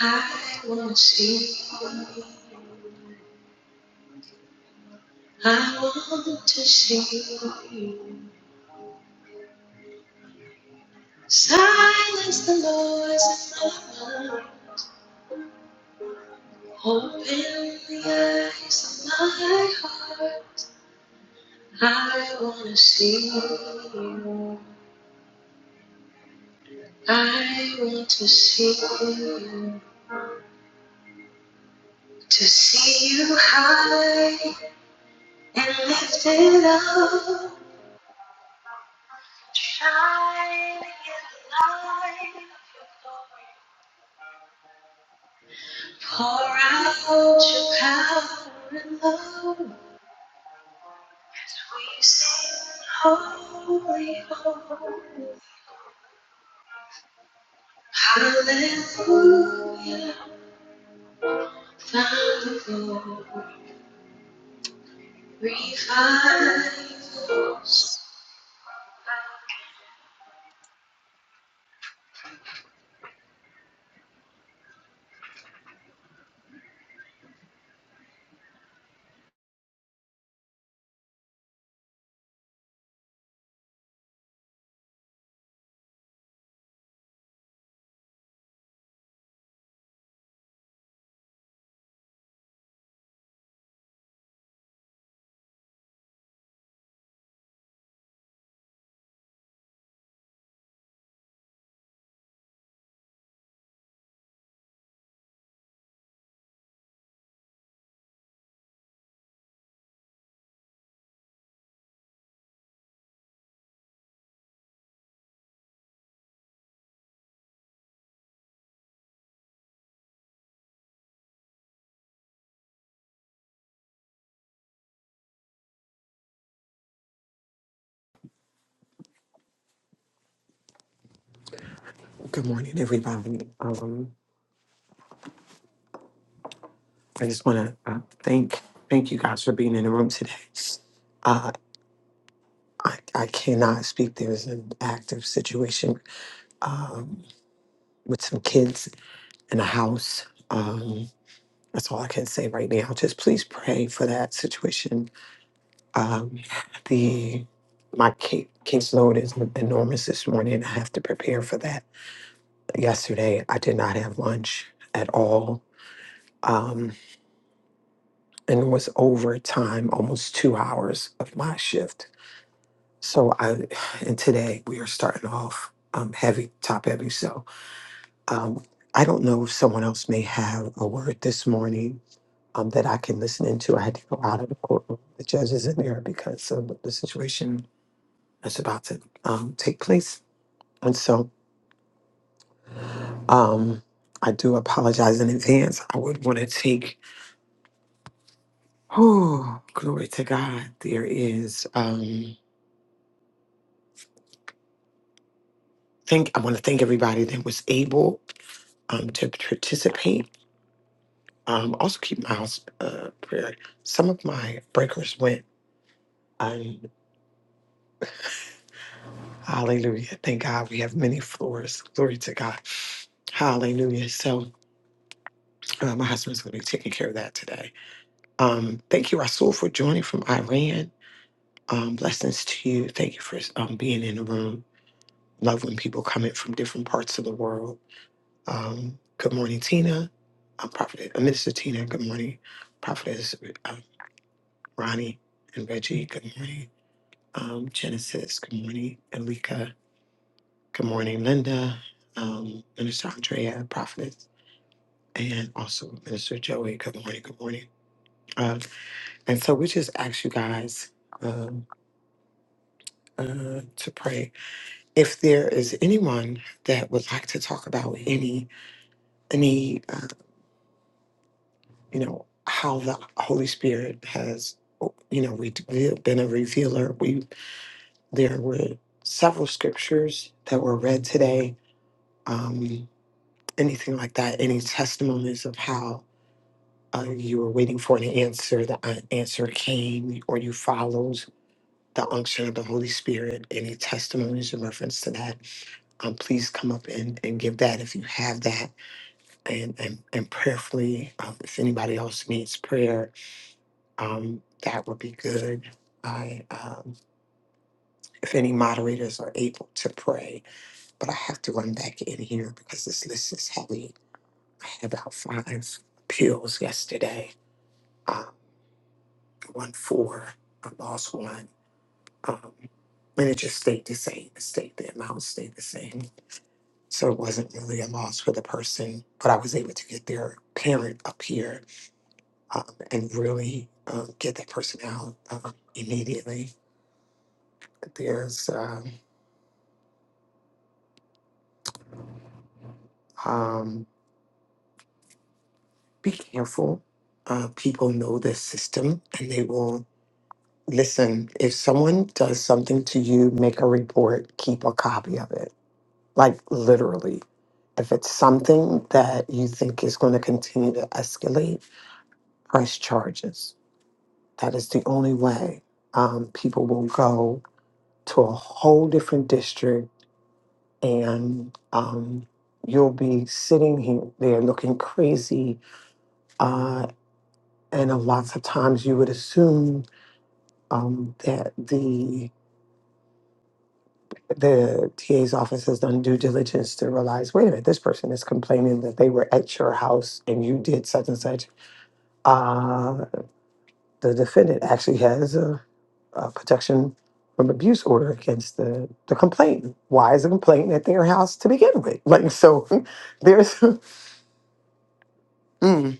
Speaker 8: I want to see you. I want to see you. Silence the noise in my mind. Open the eyes of my heart. I want to see you. I want to see you. To see you high. and lift it up. Shining in the light of your glory. Pour out your power and love. As we sing, holy, holy. Hallelujah. Thankful. Revive us.
Speaker 1: Good morning, everybody. Um, I just want to uh, thank thank you guys for being in the room today. Uh, I, I cannot speak. There's an active situation um, with some kids in a house. Um, that's all I can say right now. Just please pray for that situation. Um, the my ca- caseload is enormous this morning. I have to prepare for that Yesterday, I did not have lunch at all. Um, and it was overtime, almost two hours of my shift. So I, and today we are starting off um, heavy, top heavy. So um, I don't know if someone else may have a word this morning um, that I can listen into. I had to go out of the courtroom. The judge is in there because of the situation that's about to um, take place. And so um, I do apologize in advance. I would want to take Glory to God. There is. Um, thank. I want to thank everybody that was able um, to participate. Um, also keep my house uh, prayer. Some of my breakers went. Um, hallelujah. Thank God we have many floors. Glory to God. Hallelujah. So uh, my husband's going to be taking care of that today. Um, thank you, Rasul, for joining from Iran. Um, blessings to you. Thank you for um, being in the room. Love when people come in from different parts of the world Um, good morning, Tina. I'm Prophet, uh, Minister Tina. Good morning, Prophetess uh, Ronnie and Reggie. Good morning, um, Genesis. Good morning, Elika. Good morning, Linda. Um, Minister Andrea, Prophetess, and also Minister Joey. Good morning. Good morning. Uh, and so we just ask you guys um, uh, to pray. If there is anyone that would like to talk about any any. uh, you know, how the Holy Spirit has, you know, we, have been a revealer. We there were several scriptures that were read today. Um, anything like that? Any testimonies of how uh, you were waiting for an answer, the uh, answer came, or you followed the unction of the Holy Spirit? Any testimonies in reference to that? Um, please come up and, and give that if you have that, and and, and prayerfully, uh, if anybody else needs prayer Um, that would be good. I, um, if any moderators are able to pray, but I have to run back in here because this list is heavy. I had about five appeals yesterday. Um, one for, I lost one. Um, and it just stayed the same. It stayed the amount stayed the same. So it wasn't really a loss for the person, but I was able to get their parent up here um, and really um, get that person out um, immediately. There's um, Um, be careful. Uh, people know the system and they will listen. If someone does something to you, make a report, keep a copy of it. Like literally. If it's something that you think is going to continue to escalate, press charges. That is the only way um, people will go to a whole different district and um, you'll be sitting here there looking crazy uh, and a lots of times you would assume um, that the the TA's office has done due diligence to realize, wait a minute, this person is complaining that they were at your house and you did such and such. Uh, the defendant actually has a, a protection from abuse order against the, the complainant. Why is the complainant at their house to begin with? Like so, there's mm,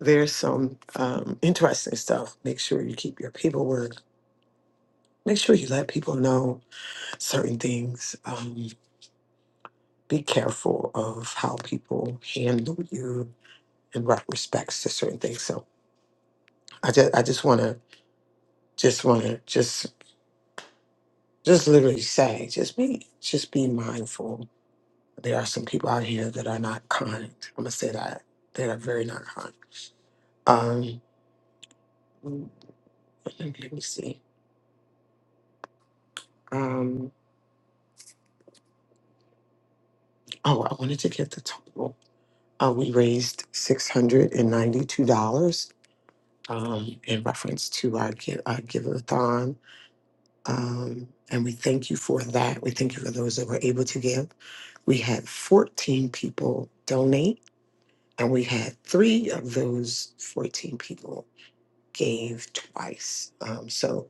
Speaker 1: there's some um, interesting stuff. Make sure you keep your paperwork. Make sure you let people know certain things. Um, be careful of how people handle you in re- respects to certain things. So I just I just wanna just wanna just just literally say, just be just be mindful. There are some people out here that are not kind. I'm gonna say that. That are very not kind. Um let me see. Um oh I wanted to get the total. Uh, we raised six hundred and ninety two dollars um in reference to our give our give a thon. Um, and we thank you for that. We thank you for those that were able to give. We had 14 people donate, and we had three of those 14 people gave twice. Um, so,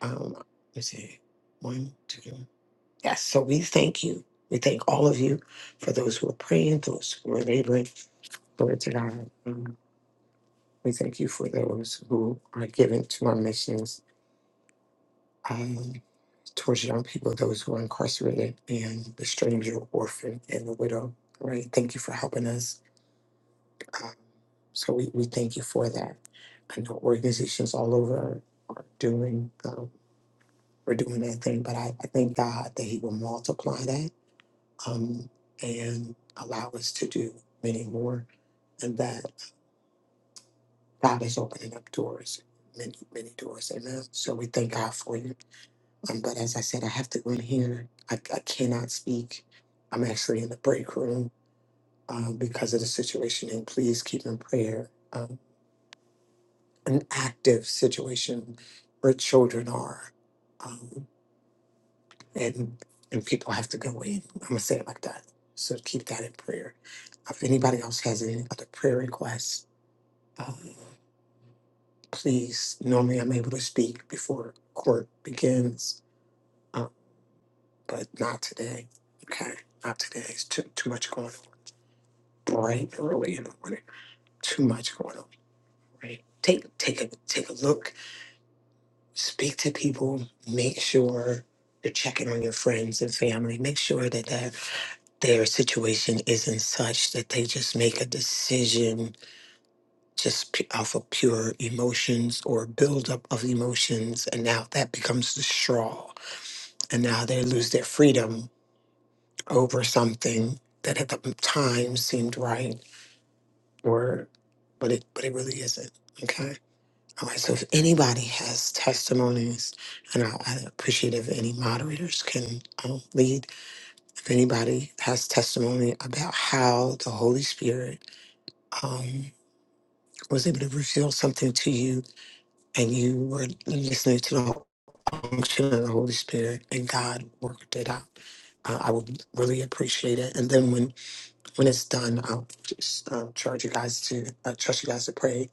Speaker 1: um, let's see, one, two. Yes, so we thank you. We thank all of you for those who are praying, those who are laboring. Glory to God. Um, we thank you for those who are giving to our missions. Um, towards young people, those who are incarcerated, and the stranger, orphan, and the widow. Right? Thank you for helping us. Um, so we, we thank you for that. I know organizations all over are doing um, are doing that thing, but I, I thank God that He will multiply that um, and allow us to do many more, and that God is opening up doors, many many doors. Amen. So we thank God for you. Um, but as I said, I have to go in here. I, I cannot speak. I'm actually in the break room um, because of the situation. And please keep in prayer um, an active situation where children are, um, and and people have to go in. I'm gonna say it like that. So keep that in prayer. If anybody else has any other prayer requests, um, please. Normally, I'm able to speak before court begins. Um, but not today. Okay, not today. It's too too much going on. Bright early in the morning. Too much going on. Right. Take take a take a look. Speak to people. Make sure you're checking on your friends and family. Make sure that their their situation isn't such that they just make a decision just pu- off of pure emotions or buildup of emotions, and now that becomes the straw, and now they lose their freedom over something that at the time seemed right or but it but it really isn't okay all right so if anybody has testimonies and i, I appreciate if any moderators can um, lead if anybody has testimony about how the holy spirit um, was able to reveal something to you and you were listening to the function of the holy spirit and god worked it out uh, i would really appreciate it and then when When it's done, I'll just um, charge you guys to uh, trust you guys to pray,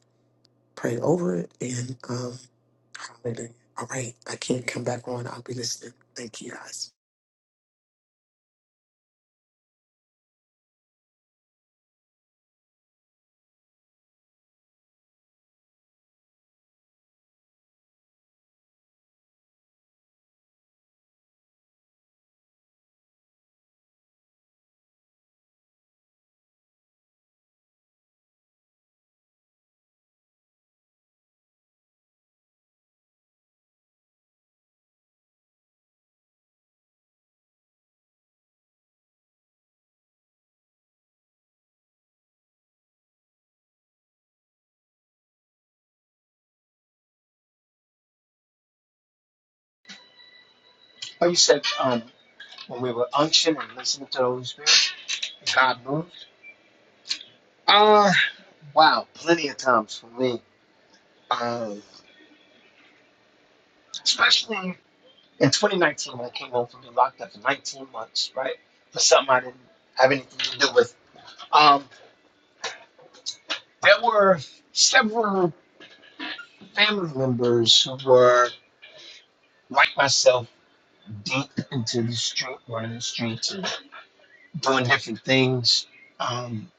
Speaker 1: pray over it, and um, hallelujah. All right, I can't come back on. I'll be listening. Thank you guys.
Speaker 8: Oh, you said um, when we were unction and listening to the Holy Spirit, God moved? Uh, wow, plenty of times for me. Um. especially in 2019 when I came home from being locked up for 19 months, right? For something I didn't have anything to do with. Um, there were several family members who were, like myself, deep into the street, running the streets, and doing different things. Um,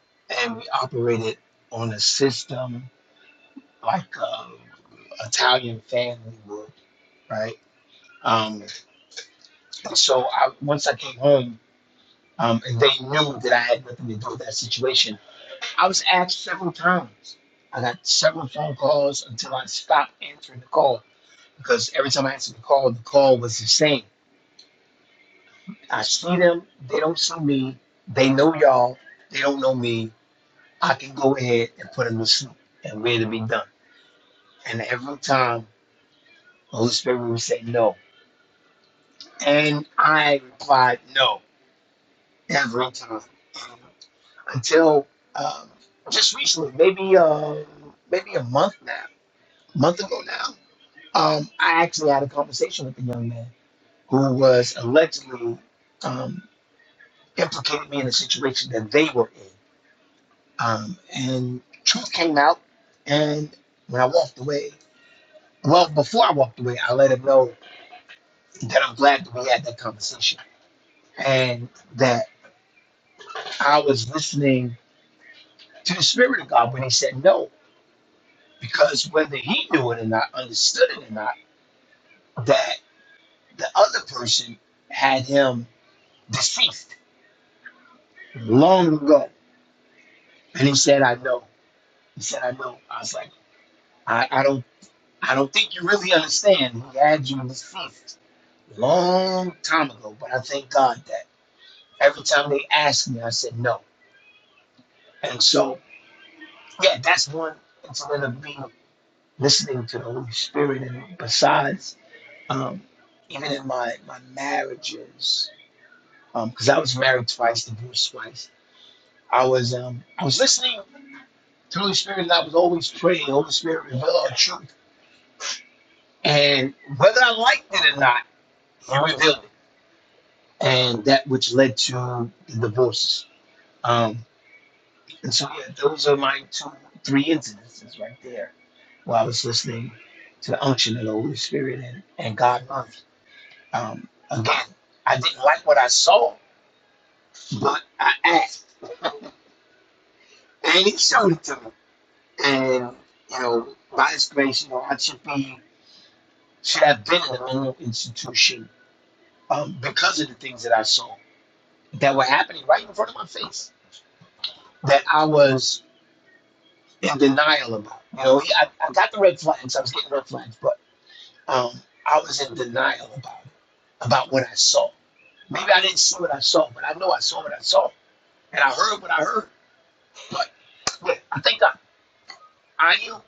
Speaker 8: and we operated on a system like um, Italian family would, right? Um, so I, once I came home, um, and they knew that I had nothing to do with that situation. I was asked several times. I got several phone calls until I stopped answering the call because every time I answered the call, the call was the same. I see them, they don't see me, they know y'all, they don't know me. I can go ahead and put them to sleep and we're to be done. And every time, the Holy Spirit would say no. And I replied no every time. And until um, just recently, maybe um, maybe a month now, month ago now. Um, I actually had a conversation with a young man who was allegedly um, implicated me in a situation that they were in, um, and truth came out. And when I walked away, well, before I walked away, I let him know that I'm glad that we had that conversation and that I was listening to the spirit of God when he said no. because whether he knew it or not, understood it or not, that the other person had him deceased long ago. And he said, I know. He said, I know. I was like, I, I don't I don't think you really understand. He had you deceased long time ago. But I thank God that every time they asked me, I said no. And so yeah, that's one incident of me listening to the Holy Spirit and besides, um, even in my, my marriages Um, because I was married twice, divorced twice. I was um, I was listening to the Holy Spirit, and I was always praying. Holy Spirit, reveal our truth, and whether I liked it or not, He revealed it, and that which led to the divorces. Um, and so, yeah, those are my two, three incidences right there, While I was listening to the unction of the Holy Spirit and and God moved. Um, again, I didn't like what I saw, but I asked, and He showed it to me. And, you know, by His grace, you know, I should be, should have been in a mental institution um, because of the things that I saw that were happening right in front of my face that I was in denial about. You know, I, I got the red flags, I was getting red flags, but um, I was in denial about it, about what I saw. Maybe I didn't see what I saw, but I know I saw what I saw, and I heard what I heard. But yeah, I think I, I am.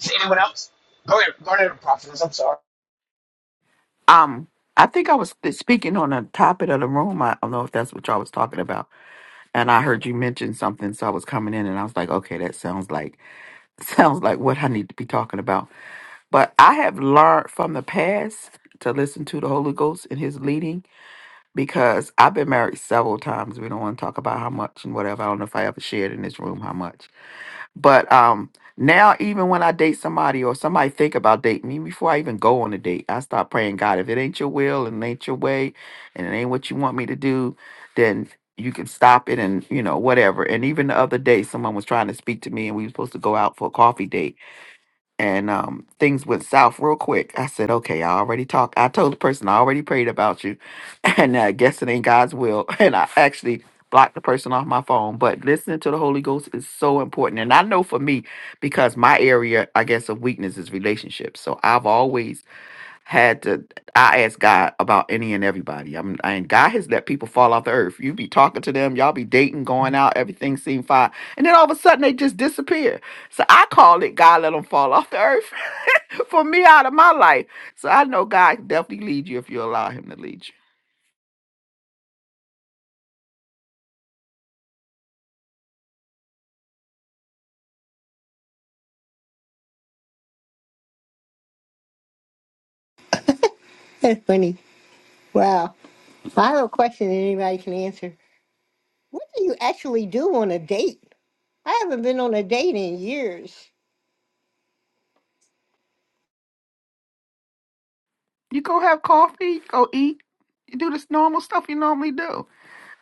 Speaker 8: Is anyone else? Go ahead, go ahead, prophetess. I'm sorry.
Speaker 9: Um, I think I was speaking on a topic of the room. I don't know if that's what y'all was talking about, and I heard you mention something, so I was coming in, and I was like, okay, that sounds like sounds like what I need to be talking about. But I have learned from the past to listen to the Holy Ghost and His leading because I've been married several times. We don't want to talk about how much and whatever. I don't know if I ever shared in this room how much, but um now even when I date somebody or somebody think about dating me before I even go on a date, I start praying, God, if it ain't your will and it ain't your way and it ain't what you want me to do, then you can stop it and you know whatever and even the other day someone was trying to speak to me and we were supposed to go out for a coffee date and um, things went south real quick. I said, okay, I already talked. I told the person I already prayed about you, and I guess it ain't God's will. And I actually blocked the person off my phone. But listening to the Holy Ghost is so important. And I know for me, because my area, I guess, of weakness is relationships. So I've always had to I ask God about any and everybody. I'm and God has let people fall off the earth. You be talking to them, y'all be dating, going out, everything seemed fine. And then all of a sudden they just disappear. So I call it God let them fall off the earth for me out of my life. So I know God can definitely lead you if you allow him to lead you.
Speaker 5: That's funny. Wow. Final question that anybody can answer. What do you actually do on a date? I haven't been on a date in years.
Speaker 9: You go have coffee, go eat, you do this normal stuff you normally do.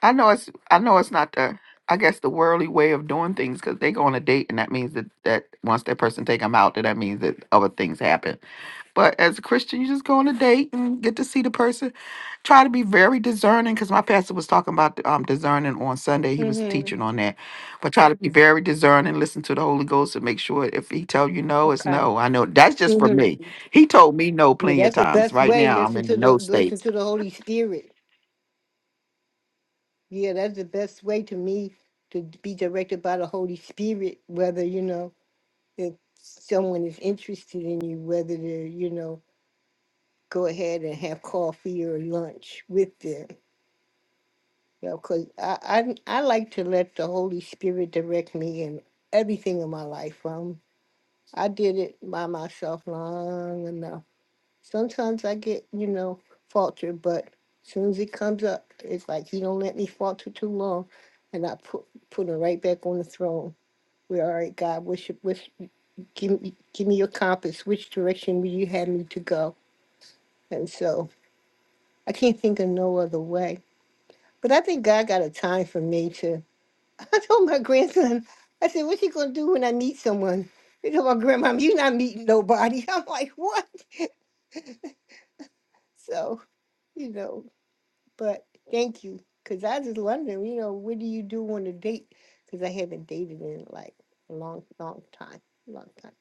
Speaker 9: I know it's I know it's not the I guess the worldly way of doing things because they go on a date and that means that that once that person take them out, that that means that other things happen. But as a Christian, you just go on a date and get to see the person. Try to be very discerning because my pastor was talking about um, discerning on Sunday. He was
Speaker 5: Mm-hmm.
Speaker 9: teaching on that, but try to be very discerning. Listen to the Holy Ghost and make sure if he tell you no, it's
Speaker 5: Okay.
Speaker 9: no. I know that's just for
Speaker 5: Mm-hmm.
Speaker 9: me. He told me no
Speaker 5: Yeah,
Speaker 9: plenty of
Speaker 5: that's the
Speaker 9: times.
Speaker 5: best
Speaker 9: Right
Speaker 5: way.
Speaker 9: now, I'm
Speaker 5: Listen
Speaker 9: in the
Speaker 5: to the
Speaker 9: no state.
Speaker 5: listen to the Holy Spirit. Yeah, that's the best way to me to be directed by the Holy Spirit. Whether you know if someone is interested in you, whether to you know go ahead and have coffee or lunch with them. Yeah, because I, I I like to let the Holy Spirit direct me in everything in my life. Um, I did it by myself long enough. Sometimes I get you know faltered, but as soon as it comes up, it's like He don't let me falter too long, and I put put it right back on the throne. We're all right, God. Which which give me give me your compass. Which direction will you have me to go? And so I can't think of no other way. But I think God got a time for me I told my grandson, I said, "What you gonna do when I meet someone?" He told my grandma, "You not meeting nobody." I'm like, "What?" So you know, but thank you, cause I just wondering, you know, what do you do on a date? Cause I haven't dated in like a long, long time, long time.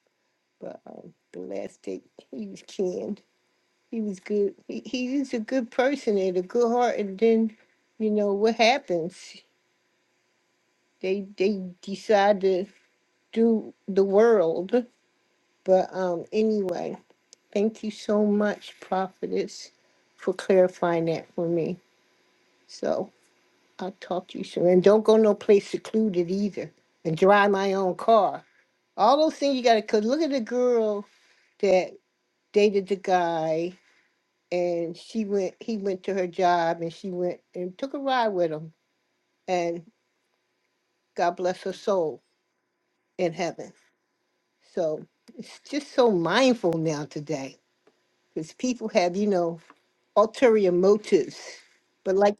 Speaker 5: But um, the last date, he was canned. He was good. He, he was a good person and a good heart. And then, you know, what happens? They they decide to do the world. But um, anyway, thank you so much, Prophetess, for clarifying that for me. So I'll talk to you soon. And don't go no place secluded either. And drive my own car. All those things you gotta cause look at the girl that dated the guy and she went he went to her job and she went and took a ride with him and God bless her soul in heaven. So it's just so mindful now today. Because people have, you know, ulterior motives. But like,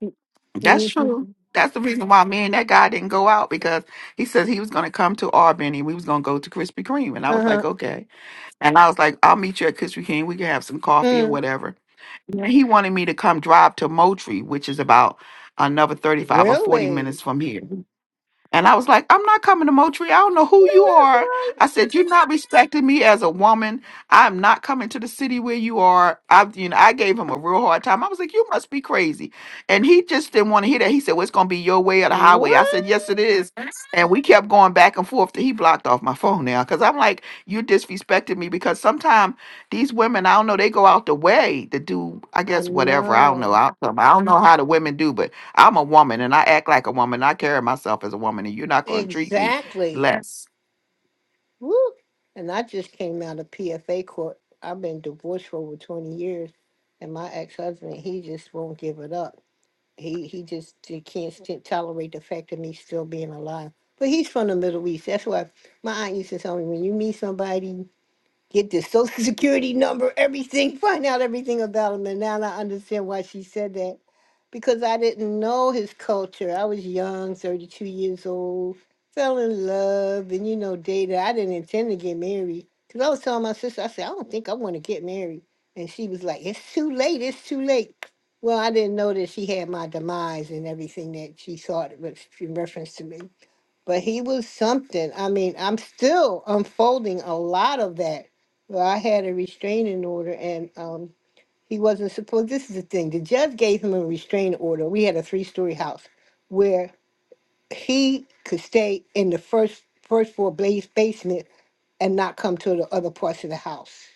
Speaker 9: That's
Speaker 5: mm-hmm,
Speaker 9: true. That's the reason why me and that guy didn't go out because he says he was going to come to Albany. We was going to go to Krispy Kreme, and I
Speaker 5: uh
Speaker 9: was
Speaker 5: huh.
Speaker 9: like, okay. And I was like, I'll meet you at Krispy Kreme. We can have some coffee or
Speaker 5: Mm.
Speaker 9: whatever. And he wanted me to come drive to Moultrie, which is about another thirty-five or forty
Speaker 5: Really?
Speaker 9: minutes from here. And I was like, I'm not coming to Moultrie. I don't know who you
Speaker 5: No, that's
Speaker 9: are. I
Speaker 5: right.
Speaker 9: said, You're not respecting me as a woman. I'm not coming to the city where you are. I, you know, I gave him a real hard time. I was like, You must be crazy. And he just didn't want to hear that. He said, Well, it's gonna be your way or the highway. I
Speaker 5: What?
Speaker 9: said, Yes, it is. And we kept going back and forth. He blocked off my phone now. Cause I'm like, You disrespected me because sometimes these women, I don't know, they go out the way to do, I
Speaker 5: I
Speaker 9: guess, whatever. I don't know.
Speaker 5: know.
Speaker 9: I don't I don't know how the women do, but I'm a woman and I act like a woman. I carry myself as a woman and you're not going to treat me
Speaker 5: Exactly.
Speaker 9: less.
Speaker 5: Woo. And I just came out of PFA court. I've been divorced for over 20 years. And my ex husband, he just won't give it up. He he just he can't st- tolerate the fact of me still being alive. But he's from the Middle East. That's why my aunt used to tell me when you meet somebody get their social security number, everything, find out everything about him. And now I understand why she said that because I didn't know his culture. I was young, 32 years old, fell in love, and you know, dated. I didn't intend to get married because I was telling my sister, I said, I don't think I want to get married. And she was like, It's too late, it's too late. Well, I didn't know that she had my demise and everything that she thought was in reference to me but he was something. I mean, I'm still unfolding a lot of that. Well, I had a restraining order and um he wasn't supposed this is the thing. The judge gave him a restraining order. We had a three story house where he could stay in the first first floor blaze basement and not come to the other parts of the house.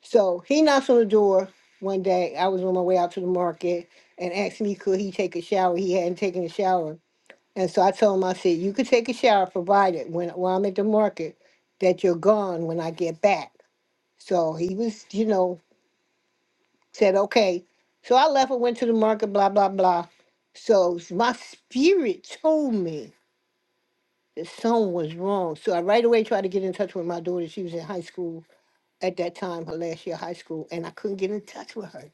Speaker 5: So he knocks on the door one day. I was on my way out to the market and asked me could he take a shower. He hadn't taken a shower and so I told him, I said, you could take a shower provided when while I'm at the market that you're gone when I get back. So he was, you know, said, okay. So I left and went to the market, blah, blah, blah. So s- my spirit told me that something was wrong. So I right away tried to get in touch with my daughter. She was in high school at that time, her last year of high school, and I couldn't get in touch with her.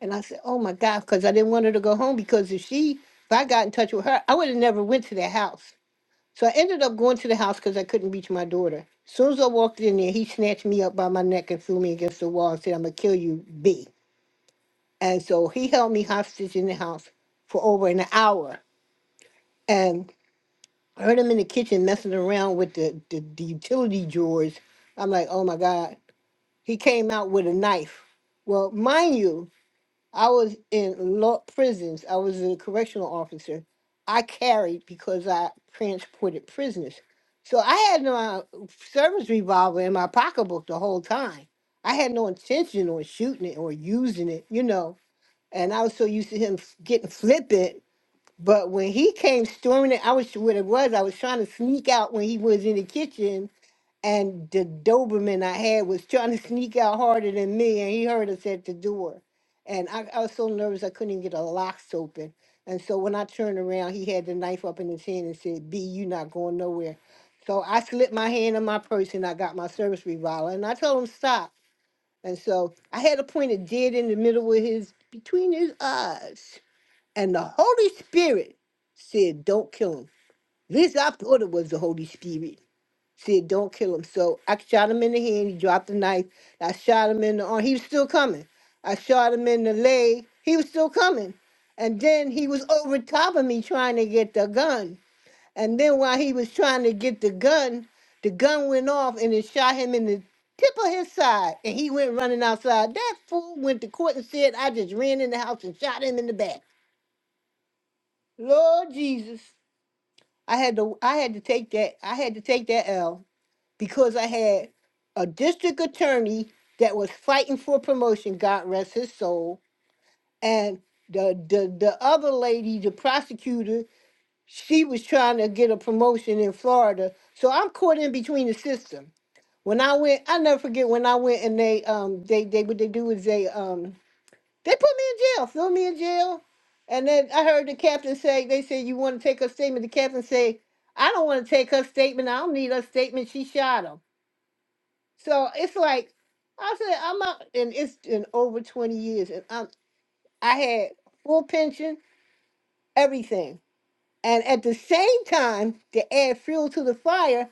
Speaker 5: And I said, oh my God, because I didn't want her to go home because if she, if I got in touch with her, I would have never went to that house So I ended up going to the house because I couldn't reach my daughter. As Soon as I walked in there, he snatched me up by my neck and threw me against the wall and said, I'm going to kill you, B. And so he held me hostage in the house for over an hour. And I heard him in the kitchen messing around with the, the, the utility drawers. I'm like, oh my God. He came out with a knife. Well, mind you, I was in law prisons. I was a correctional officer. I carried because I transported prisoners. So I had my service revolver in my pocketbook the whole time. I had no intention on shooting it or using it, you know. And I was so used to him f- getting flippant. But when he came storming it, I was what it was. I was trying to sneak out when he was in the kitchen and the Doberman I had was trying to sneak out harder than me, and he heard us at the door. And I, I was so nervous I couldn't even get a locks open. And so when I turned around, he had the knife up in his hand and said, B, you not going nowhere. So I slipped my hand in my purse and I got my service revolver and I told him stop. And so I had a pointed dead in the middle of his between his eyes. And the Holy Spirit said, Don't kill him. This I thought it was the Holy Spirit. Said, don't kill him. So I shot him in the hand. He dropped the knife. I shot him in the arm. He was still coming. I shot him in the leg. He was still coming. And then he was over top of me trying to get the gun. And then while he was trying to get the gun, the gun went off and it shot him in the tip of his side. And he went running outside. That fool went to court and said, I just ran in the house and shot him in the back. Lord Jesus. I had to I had to take that I had to take that L because I had a district attorney that was fighting for promotion, God rest his soul, and the the the other lady, the prosecutor, she was trying to get a promotion in Florida. So I'm caught in between the system. When I went, I never forget when I went and they um they they what they do is they um they put me in jail, threw me in jail. And then I heard the captain say, they said, you want to take her statement? The captain say, I don't want to take her statement. I don't need her statement. She shot him. So it's like I said, I'm not, and it's been over 20 years, and I'm I had full pension, everything, and at the same time to add fuel to the fire,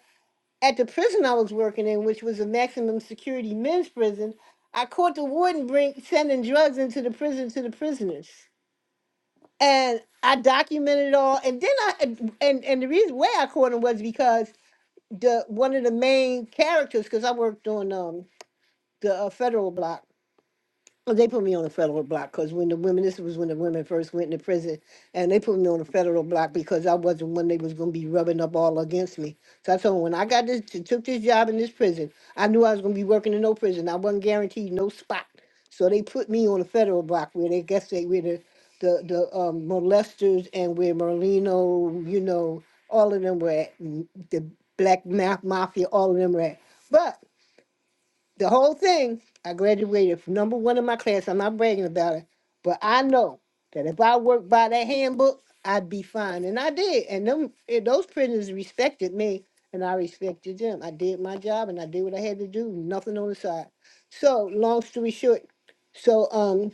Speaker 5: at the prison I was working in, which was a maximum security men's prison, I caught the warden bring sending drugs into the prison to the prisoners, and I documented it all. And then I and and, and the reason why I caught him was because the one of the main characters, because I worked on um the uh, federal block Well, they put me on a federal block because when the women, this was when the women first went into prison, and they put me on a federal block because I wasn't one they was gonna be rubbing up all against me. So I told them when I got this, took this job in this prison, I knew I was gonna be working in no prison. I wasn't guaranteed no spot. So they put me on a federal block where they guess they where the the, the um, molesters and where Merlino, you know, all of them were at, m- the black ma- mafia, all of them were at. But the whole thing. I graduated from number one in my class. I'm not bragging about it, but I know that if I worked by that handbook, I'd be fine, and I did. And them eh, those prisoners respected me, and I respected them. I did my job, and I did what I had to do. Nothing on the side. So, long story short, so um,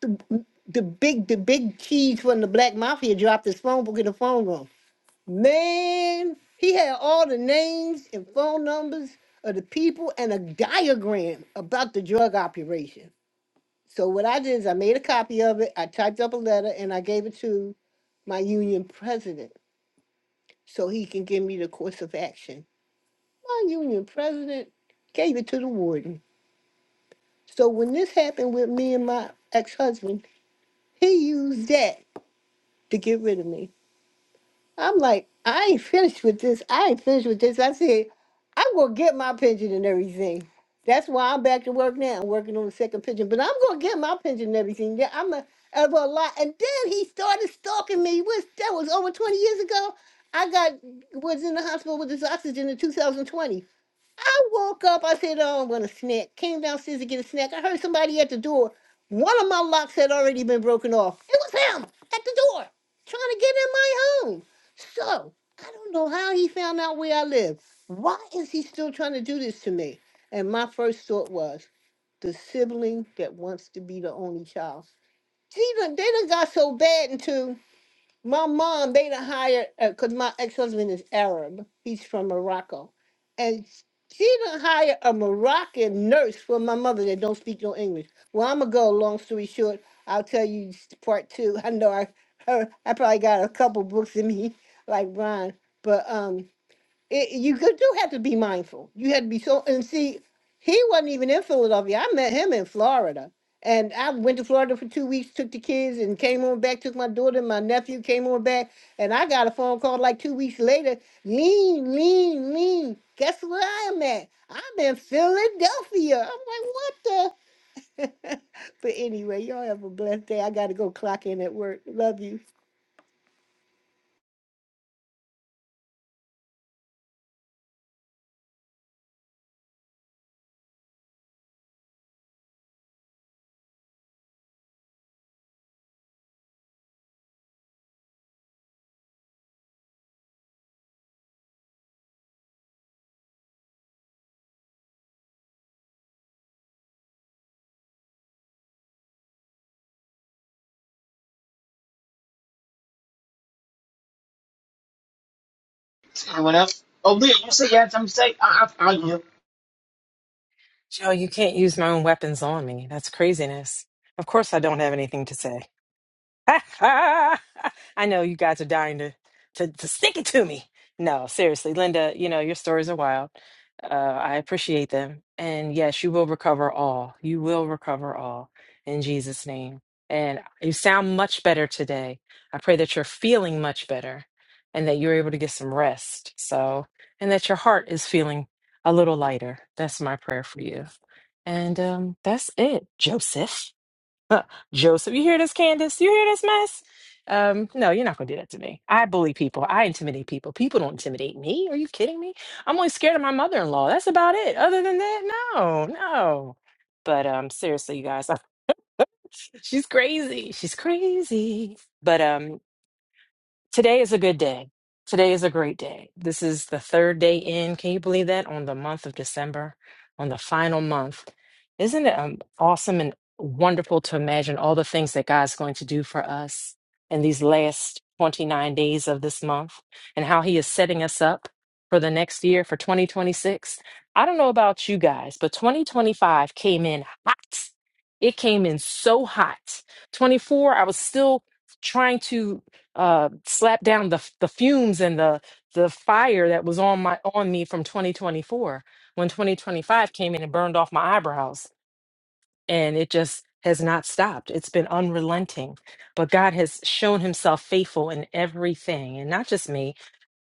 Speaker 5: the, the big the big cheese from the black mafia dropped his phone book in the phone room. Man, he had all the names and phone numbers of the people and a diagram about the drug operation. So what I did is I made a copy of it, I typed up a letter, and I gave it to my union president so he can give me the course of action. My union president gave it to the warden. So when this happened with me and my ex-husband, he used that to get rid of me. I'm like, I ain't finished with this. I ain't finished with this. I said, I'm gonna get my pension and everything. That's why I'm back to work now. I'm working on the second pension, but I'm gonna get my pension and everything. Yeah, I'm a, of a lot. And then he started stalking me. Was that was over 20 years ago. I got was in the hospital with this oxygen in 2020. I woke up. I said, "Oh, I'm gonna snack." Came downstairs to get a snack. I heard somebody at the door. One of my locks had already been broken off. It was him at the door, trying to get in my home. So I don't know how he found out where I live. Why is he still trying to do this to me? And my first thought was, the sibling that wants to be the only child. She done, they done got so bad into. My mom, they done hired because my ex husband is Arab. He's from Morocco, and she done hired a Moroccan nurse for my mother that don't speak no English. Well, I'm gonna go. Long story short, I'll tell you s- part two. I know I, I probably got a couple books in me like Ron, but um it, you could do have to be mindful. You had to be so and see, he wasn't even in Philadelphia. I met him in Florida. And I went to Florida for two weeks, took the kids and came on back, took my daughter and my nephew came on back. And I got a phone call like two weeks later. Lean, lean, lean. Guess where I am at? I'm in Philadelphia. I'm like, what the? but anyway, y'all have a blessed day. I gotta go clock in at work. Love you.
Speaker 8: Anyone else? Oh, Leah, you say you had something to say? I, I, I, you.
Speaker 10: Joe, you can't use my own weapons on me. That's craziness. Of course, I don't have anything to say. I know you guys are dying to, to to stick it to me. No, seriously, Linda, you know, your stories are wild. Uh, I appreciate them. And yes, you will recover all. You will recover all in Jesus' name. And you sound much better today. I pray that you're feeling much better and that you're able to get some rest. So, and that your heart is feeling a little lighter. That's my prayer for you. And um, that's it, Joseph. Huh, Joseph, you hear this, Candace? You hear this mess? Um, no, you're not gonna do that to me. I bully people. I intimidate people. People don't intimidate me. Are you kidding me? I'm only scared of my mother-in-law. That's about it. Other than that, no, no. But um, seriously, you guys, she's crazy. She's crazy. But um, Today is a good day. Today is a great day. This is the third day in. Can you believe that? On the month of December, on the final month. Isn't it um, awesome and wonderful to imagine all the things that God's going to do for us in these last 29 days of this month and how He is setting us up for the next year, for 2026? I don't know about you guys, but 2025 came in hot. It came in so hot. 24, I was still trying to uh, slap down the the fumes and the the fire that was on my on me from 2024 when 2025 came in and burned off my eyebrows and it just has not stopped it's been unrelenting but god has shown himself faithful in everything and not just me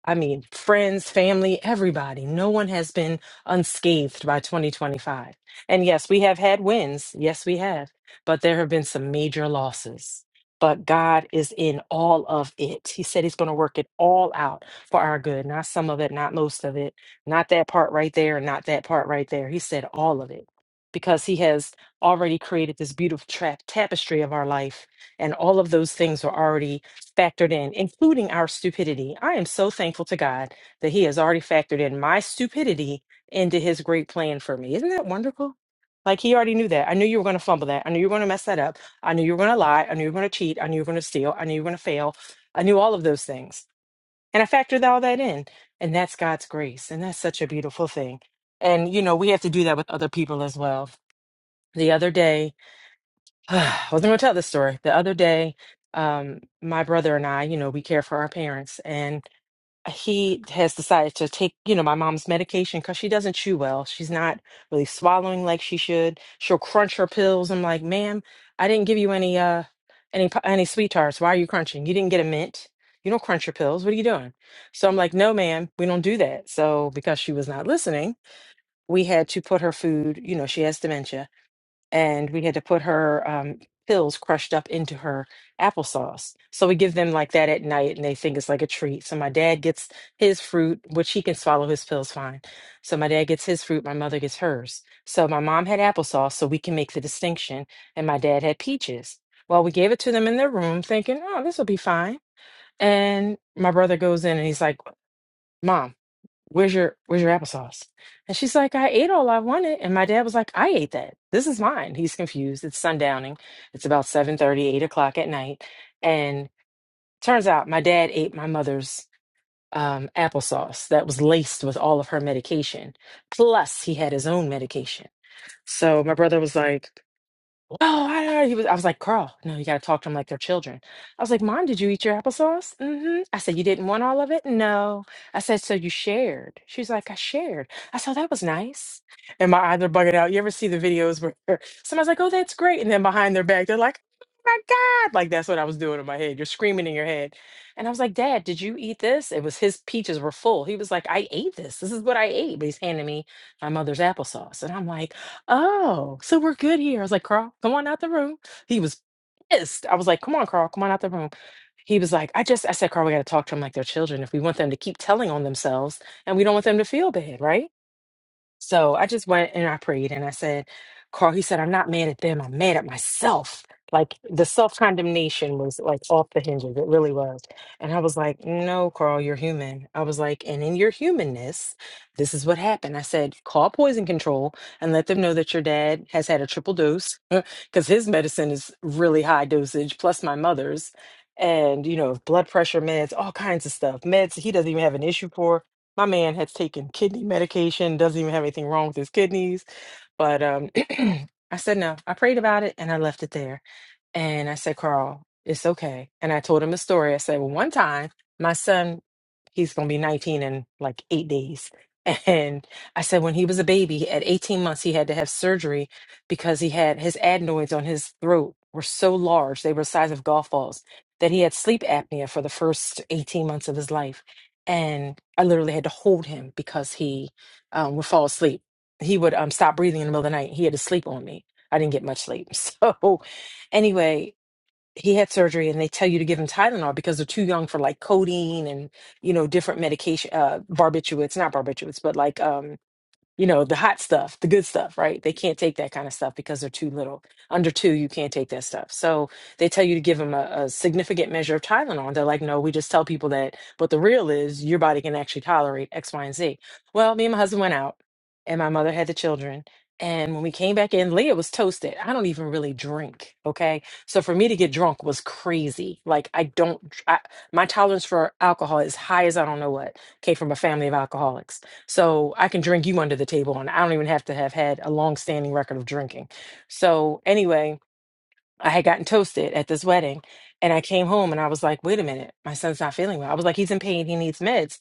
Speaker 10: I mean, friends, family, everybody. No one has been unscathed by 2025. And yes, we have had wins. Yes, we have. But there have been some major losses. But God is in all of it. He said He's going to work it all out for our good, not some of it, not most of it, not that part right there, and not that part right there. He said all of it because He has already created this beautiful tra- tapestry of our life. And all of those things are already factored in, including our stupidity. I am so thankful to God that He has already factored in my stupidity into His great plan for me. Isn't that wonderful? Like He already knew that. I knew you were going to fumble that. I knew you were going to mess that up. I knew you were going to lie. I knew you were going to cheat. I knew you were going to steal. I knew you were going to fail. I knew all of those things. And I factored all that in. And that's God's grace. And that's such a beautiful thing. And, you know, we have to do that with other people as well. The other day, I was going to tell this story. The other day, um, my brother and I, you know, we care for our parents, and he has decided to take, you know, my mom's medication because she doesn't chew well. She's not really swallowing like she should. She'll crunch her pills. I'm like, ma'am, I didn't give you any, uh, any, pu- any sweet tarts. Why are you crunching? You didn't get a mint. You don't crunch your pills. What are you doing? So I'm like, no, ma'am, we don't do that. So because she was not listening, we had to put her food, you know, she has dementia and we had to put her um, pills crushed up into her applesauce. So we give them like that at night, and they think it's like a treat. So my dad gets his fruit, which he can swallow his pills fine. So my dad gets his fruit, my mother gets hers. So my mom had applesauce, so we can make the distinction, and my dad had peaches. Well, we gave it to them in their room, thinking, "Oh, this will be fine." And my brother goes in and he's like, "Mom." where's your where's your applesauce? And she's like, I ate all I wanted. And my dad was like, I ate that. This is mine. He's confused. It's sundowning. It's about seven thirty, eight o'clock at night. And turns out my dad ate my mother's um, applesauce that was laced with all of her medication. Plus, he had his own medication. So my brother was like, Oh, I he was. I was like, Carl, no, you got to talk to them like they're children. I was like, Mom, did you eat your applesauce? Mm-hmm. I said, You didn't want all of it? No. I said, So you shared? She's like, I shared. I said, "Oh, That was nice. And my eyes are bugging out. You ever see the videos where somebody's like, Oh, that's great. And then behind their back, they're like, Oh my God. Like, that's what I was doing in my head. You're screaming in your head. And I was like, Dad, did you eat this? It was his peaches were full. He was like, I ate this. This is what I ate. But he's handing me my mother's applesauce. And I'm like, "Oh, so we're good here." I was like, "Carl, come on out the room." He was pissed. I was like, "Come on, Carl, come on out the room." He was like, "I just," I said, "Carl, we got to talk to them like they're children. If we want them to keep telling on themselves, and we don't want them to feel bad, right?" So I just went and I prayed and I said, Carl, he said, I'm not mad at them. I'm mad at myself. Like the self condemnation was like off the hinges. It really was. And I was like, no, Carl, you're human. I was like, and in your humanness, this is what happened. I said, call poison control and let them know that your dad has had a triple dose because his medicine is really high dosage, plus my mother's. And, you know, blood pressure meds, all kinds of stuff, meds he doesn't even have an issue for my man has taken kidney medication, doesn't even have anything wrong with his kidneys. But um, I said no. I prayed about it and I left it there. And I said, Carl, it's okay. And I told him the story. I said, well, one time my son, he's going to be 19 in like eight days. And I said, when he was a baby at 18 months, he had to have surgery because he had his adenoids on his throat were so large, they were the size of golf balls, that he had sleep apnea for the first 18 months of his life. And I literally had to hold him because he um, would fall asleep. He would um, stop breathing in the middle of the night. He had to sleep on me. I didn't get much sleep. So anyway, he had surgery and they tell you to give him Tylenol because they're too young for like codeine and, you know, different medication, uh, barbiturates, not barbiturates, but like, um, you know, the hot stuff, the good stuff, right? They can't take that kind of stuff because they're too little. Under two, you can't take that stuff. So they tell you to give them a, a significant measure of Tylenol. They're like, no, we just tell people that. But the real is your body can actually tolerate X, Y, and Z. Well, me and my husband went out, and my mother had the children. And when we came back in, Leah was toasted. I don't even really drink. Okay. So for me to get drunk was crazy. Like, I don't, I, my tolerance for alcohol is high as I don't know what. Came from a family of alcoholics. So I can drink you under the table, and I don't even have to have had a long-standing record of drinking. So anyway, I had gotten toasted at this wedding, and I came home and I was like, wait a minute, my son's not feeling well. I was like, he's in pain, he needs meds.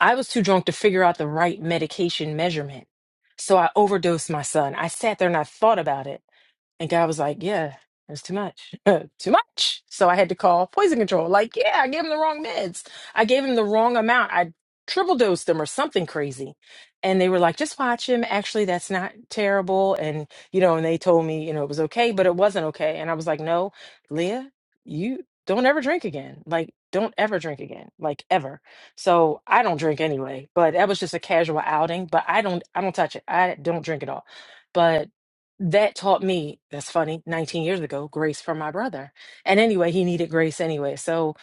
Speaker 10: I was too drunk to figure out the right medication measurement. So I overdosed my son. I sat there and I thought about it. And God was like, Yeah, that's too much. too much. So I had to call poison control. Like, yeah, I gave him the wrong meds. I gave him the wrong amount. I triple dosed him or something crazy. And they were like, just watch him. Actually, that's not terrible. And, you know, and they told me, you know, it was okay, but it wasn't okay. And I was like, no, Leah, you don't ever drink again. Like, don't ever drink again. Like ever. So I don't drink anyway, but that was just a casual outing. But I don't I don't touch it. I don't drink at all. But that taught me that's funny 19 years ago grace from my brother and anyway he needed grace anyway so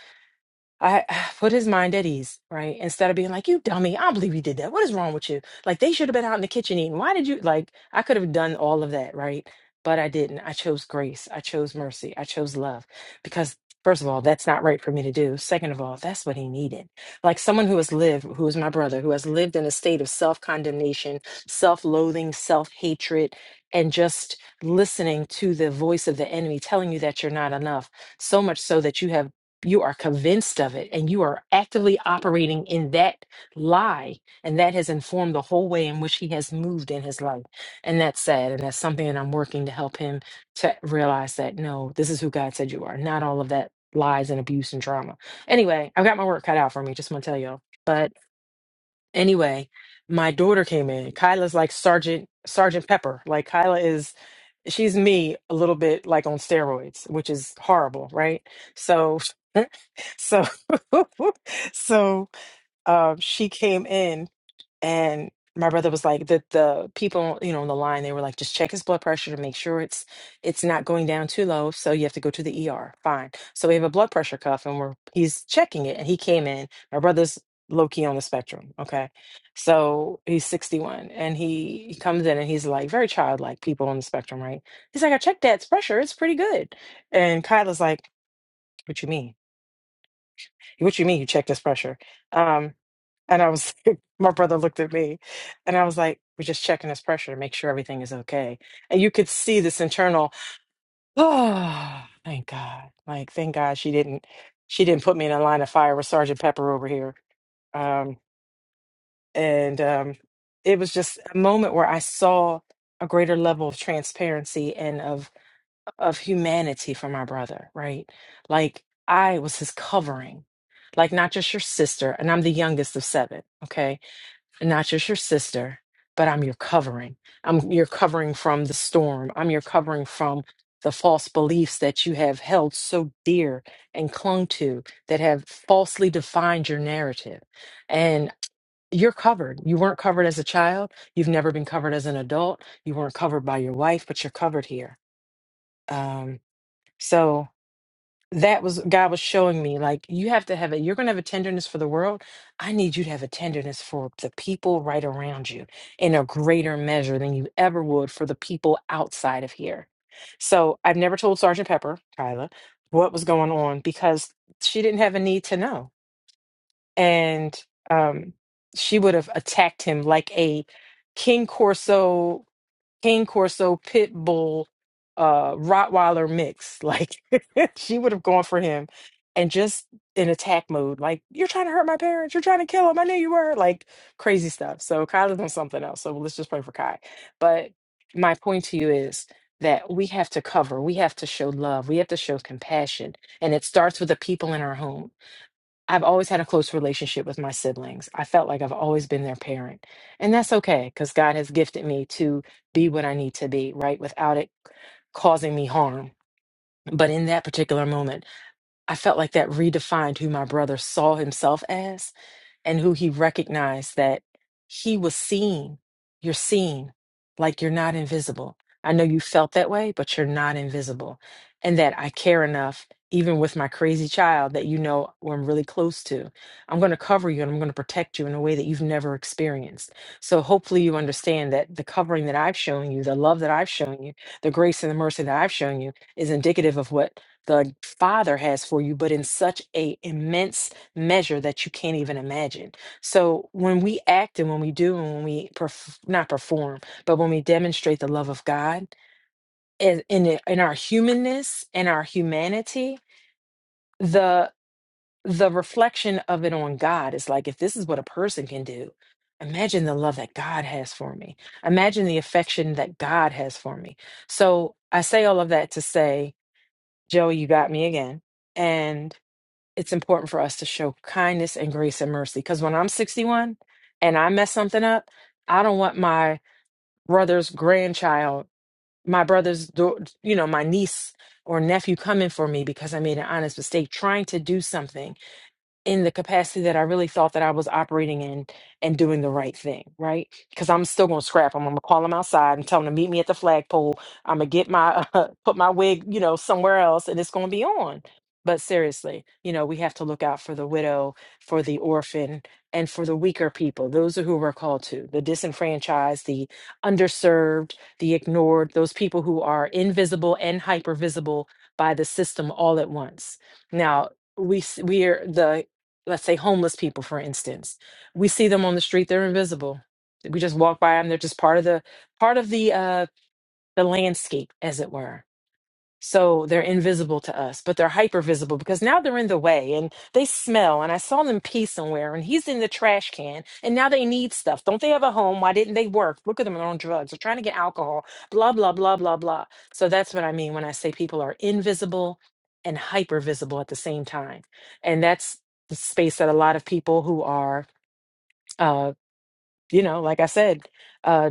Speaker 10: I I put his mind at ease, right? Instead of being like, "You dummy, I don't believe you did that. What is wrong with you?" Like they should have been out in the kitchen eating. Why did you like? I could have done all of that, right? But I didn't. I chose grace. I chose mercy. I chose love because first of all, that's not right for me to do. Second of all, that's what he needed. Like someone who has lived, who is my brother, who has lived in a state of self-condemnation, self-loathing, self-hatred, and just listening to the voice of the enemy telling you that you're not enough so much so that you have you are convinced of it and you are actively operating in that lie and that has informed the whole way in which he has moved in his life and that's sad and that's something that i'm working to help him to realize that no this is who god said you are not all of that lies and abuse and trauma anyway i've got my work cut out for me just want to tell y'all but anyway my daughter came in kyla's like sergeant sergeant pepper like kyla is she's me a little bit like on steroids which is horrible right so So, so um, she came in, and my brother was like, the the people, you know, on the line, they were like, just check his blood pressure to make sure it's it's not going down too low. So you have to go to the ER. Fine. So we have a blood pressure cuff, and we're he's checking it, and he came in. My brother's low key on the spectrum. Okay, so he's sixty one, and he, he comes in, and he's like very childlike. People on the spectrum, right? He's like, I checked that pressure. It's pretty good. And Kyla's like, what you mean? What you mean you checked his pressure? Um, and I was, my brother looked at me and I was like, we're just checking his pressure to make sure everything is okay. And you could see this internal, oh, thank God. Like, thank God she didn't, she didn't put me in a line of fire with Sergeant Pepper over here. Um, and um, it was just a moment where I saw a greater level of transparency and of of humanity for my brother, right? Like I was his covering, like not just your sister, and I'm the youngest of seven, okay? And not just your sister, but I'm your covering. I'm your covering from the storm. I'm your covering from the false beliefs that you have held so dear and clung to that have falsely defined your narrative. And you're covered. You weren't covered as a child. You've never been covered as an adult. You weren't covered by your wife, but you're covered here. Um, so that was God was showing me like you have to have it. You're going to have a tenderness for the world. I need you to have a tenderness for the people right around you in a greater measure than you ever would for the people outside of here. So I've never told Sergeant Pepper, Kyla, what was going on because she didn't have a need to know. And um, she would have attacked him like a King Corso King Corso pit bull uh Rottweiler mix. Like she would have gone for him and just in attack mode, like, you're trying to hurt my parents, you're trying to kill them. I knew you were like crazy stuff. So Kyle's on something else. So let's just pray for Kai. But my point to you is that we have to cover, we have to show love, we have to show compassion. And it starts with the people in our home I've always had a close relationship with my siblings. I felt like I've always been their parent. And that's okay because God has gifted me to be what I need to be, right? Without it causing me harm. But in that particular moment, I felt like that redefined who my brother saw himself as and who he recognized that he was seen. You're seen, like you're not invisible. I know you felt that way, but you're not invisible. And that I care enough, even with my crazy child, that you know who I'm really close to. I'm going to cover you and I'm going to protect you in a way that you've never experienced. So hopefully you understand that the covering that I've shown you, the love that I've shown you, the grace and the mercy that I've shown you is indicative of what the Father has for you, but in such a immense measure that you can't even imagine. So when we act and when we do and when we perf- not perform, but when we demonstrate the love of God in in, it- in our humanness and our humanity, the the reflection of it on God is like if this is what a person can do, imagine the love that God has for me. Imagine the affection that God has for me. So I say all of that to say, Joey, you got me again. and it's important for us to show kindness and grace and mercy. Because when I'm 61 and I mess something up, I don't want my brother's grandchild, my brother's, dau- you know, my niece or nephew coming for me because I made an honest mistake trying to do something in the capacity that I really thought that I was operating in and doing the right thing, right? Because I'm still gonna scrap them. I'm gonna call them outside and tell them to meet me at the flagpole. I'm gonna get my uh, put my wig, you know, somewhere else, and it's gonna be on. But seriously, you know, we have to look out for the widow, for the orphan, and for the weaker people. Those are who we're called to: the disenfranchised, the underserved, the ignored. Those people who are invisible and hypervisible by the system all at once. Now, we s- we are the let's say homeless people for instance we see them on the street they're invisible we just walk by them they're just part of the part of the uh the landscape as it were so they're invisible to us, but they're hyper visible because now they're in the way and they smell. And I saw them pee somewhere and he's in the trash can and now they need stuff. Don't they have a home? Why didn't they work? Look at them, they're on drugs. They're trying to get alcohol, blah, blah, blah, blah, blah. So that's what I mean when I say people are invisible and hyper visible at the same time. And that's the space that a lot of people who are uh, you know, like I said, uh,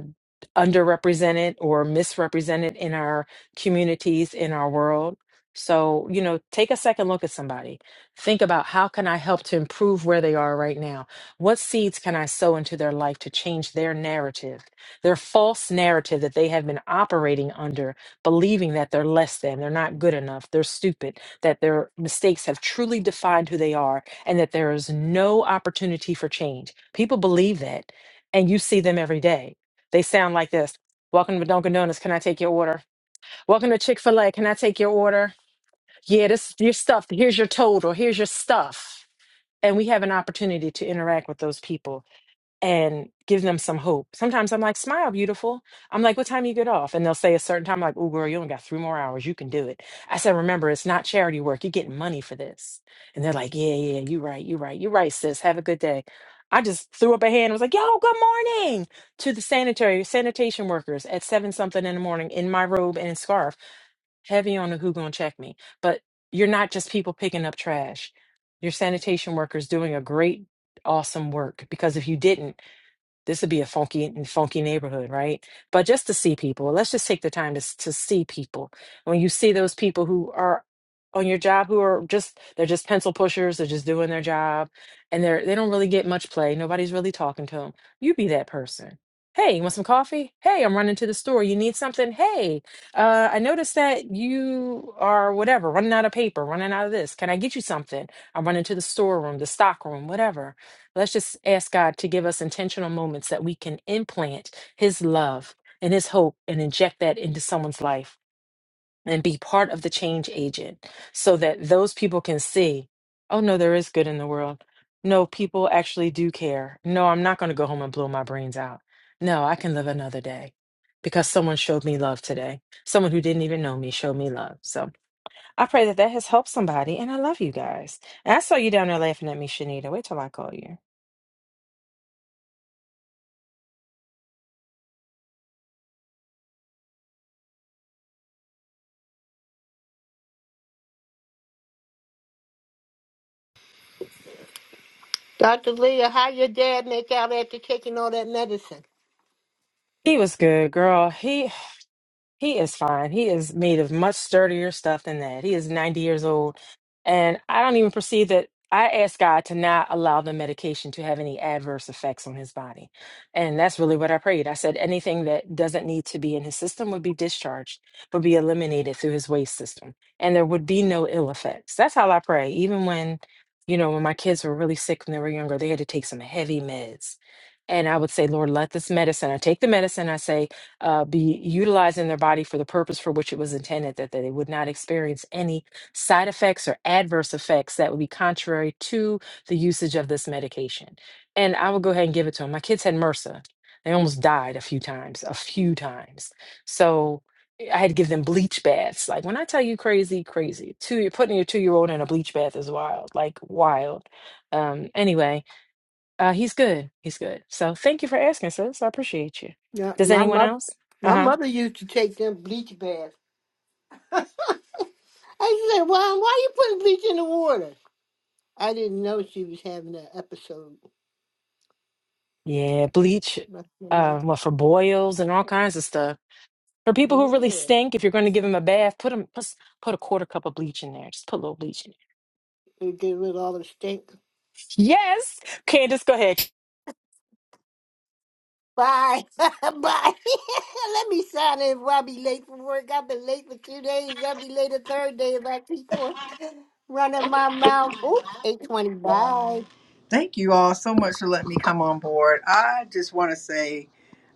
Speaker 10: underrepresented or misrepresented in our communities, in our world. So, you know, take a second look at somebody. Think about how can I help to improve where they are right now? What seeds can I sow into their life to change their narrative, their false narrative that they have been operating under, believing that they're less than, they're not good enough, they're stupid, that their mistakes have truly defined who they are, and that there is no opportunity for change. People believe that and you see them every day. They sound like this. Welcome to Dunkin' Donuts. Can I take your order? Welcome to Chick fil A. Can I take your order? Yeah, this your stuff. Here's your total. Here's your stuff. And we have an opportunity to interact with those people and give them some hope. Sometimes I'm like, smile, beautiful. I'm like, what time you get off? And they'll say a certain time, I'm like, oh, girl, you only got three more hours. You can do it. I said, remember, it's not charity work. You're getting money for this. And they're like, yeah, yeah, you're right. You're right. You're right, sis. Have a good day. I just threw up a hand and was like, yo, good morning to the sanitary sanitation workers at seven something in the morning in my robe and scarf, heavy on the who gonna check me. But you're not just people picking up trash. Your sanitation workers doing a great, awesome work. Because if you didn't, this would be a funky funky neighborhood right but just to see people let's just take the time to, s- to see people when you see those people who are on your job who are just they're just pencil pushers they're just doing their job and they're they don't really get much play nobody's really talking to them you be that person hey you want some coffee hey i'm running to the store you need something hey uh, i noticed that you are whatever running out of paper running out of this can i get you something i'm running to the storeroom the stock room whatever Let's just ask God to give us intentional moments that we can implant His love and His hope and inject that into someone's life and be part of the change agent so that those people can see, oh, no, there is good in the world. No, people actually do care. No, I'm not going to go home and blow my brains out. No, I can live another day because someone showed me love today. Someone who didn't even know me showed me love. So I pray that that has helped somebody. And I love you guys. And I saw you down there laughing at me, Shanita. Wait till I call you.
Speaker 5: Dr. Leah, how your dad make out after taking all that medicine?
Speaker 10: He was good, girl. He He is fine. He is made of much sturdier stuff than that. He is 90 years old. And I don't even perceive that. I ask God to not allow the medication to have any adverse effects on his body. And that's really what I prayed. I said anything that doesn't need to be in his system would be discharged, would be eliminated through his waste system. And there would be no ill effects. That's how I pray. Even when, you know, when my kids were really sick when they were younger, they had to take some heavy meds. And I would say, Lord, let this medicine, I take the medicine, I say, uh, be utilizing their body for the purpose for which it was intended, that they would not experience any side effects or adverse effects that would be contrary to the usage of this medication. And I would go ahead and give it to them. My kids had MRSA. They almost died a few times, a few times. So I had to give them bleach baths. Like when I tell you crazy, crazy. Two, you're putting your two year old in a bleach bath is wild, like wild. Um, anyway, uh, he's good. He's good. So thank you for asking, sis. I appreciate you.
Speaker 5: Yeah,
Speaker 10: Does
Speaker 5: my
Speaker 10: anyone
Speaker 5: mother,
Speaker 10: else? Uh
Speaker 5: my
Speaker 10: huh.
Speaker 5: mother used to take them bleach baths. I said, "Well, why you putting bleach in the water?" I didn't know she was having an episode.
Speaker 10: Yeah, bleach.
Speaker 5: But I'm like,
Speaker 10: Uh, well, for boils and all kinds of stuff. For people who really
Speaker 5: yeah,
Speaker 10: stink, if you're going to give them a bath, put them put, s- put a quarter cup of bleach in there. Just put a little bleach in there.
Speaker 5: it get rid of all the stink.
Speaker 10: Yes, Candace, go ahead.
Speaker 5: Bye, bye. Let me sign in. Before I be late for work. I've been late for two days. I'll be late a third day if I keep on running my mouth. Ooh, eight twenty.
Speaker 11: Bye.
Speaker 5: Bye.
Speaker 11: Thank you all so much for letting me come on board. I just want to say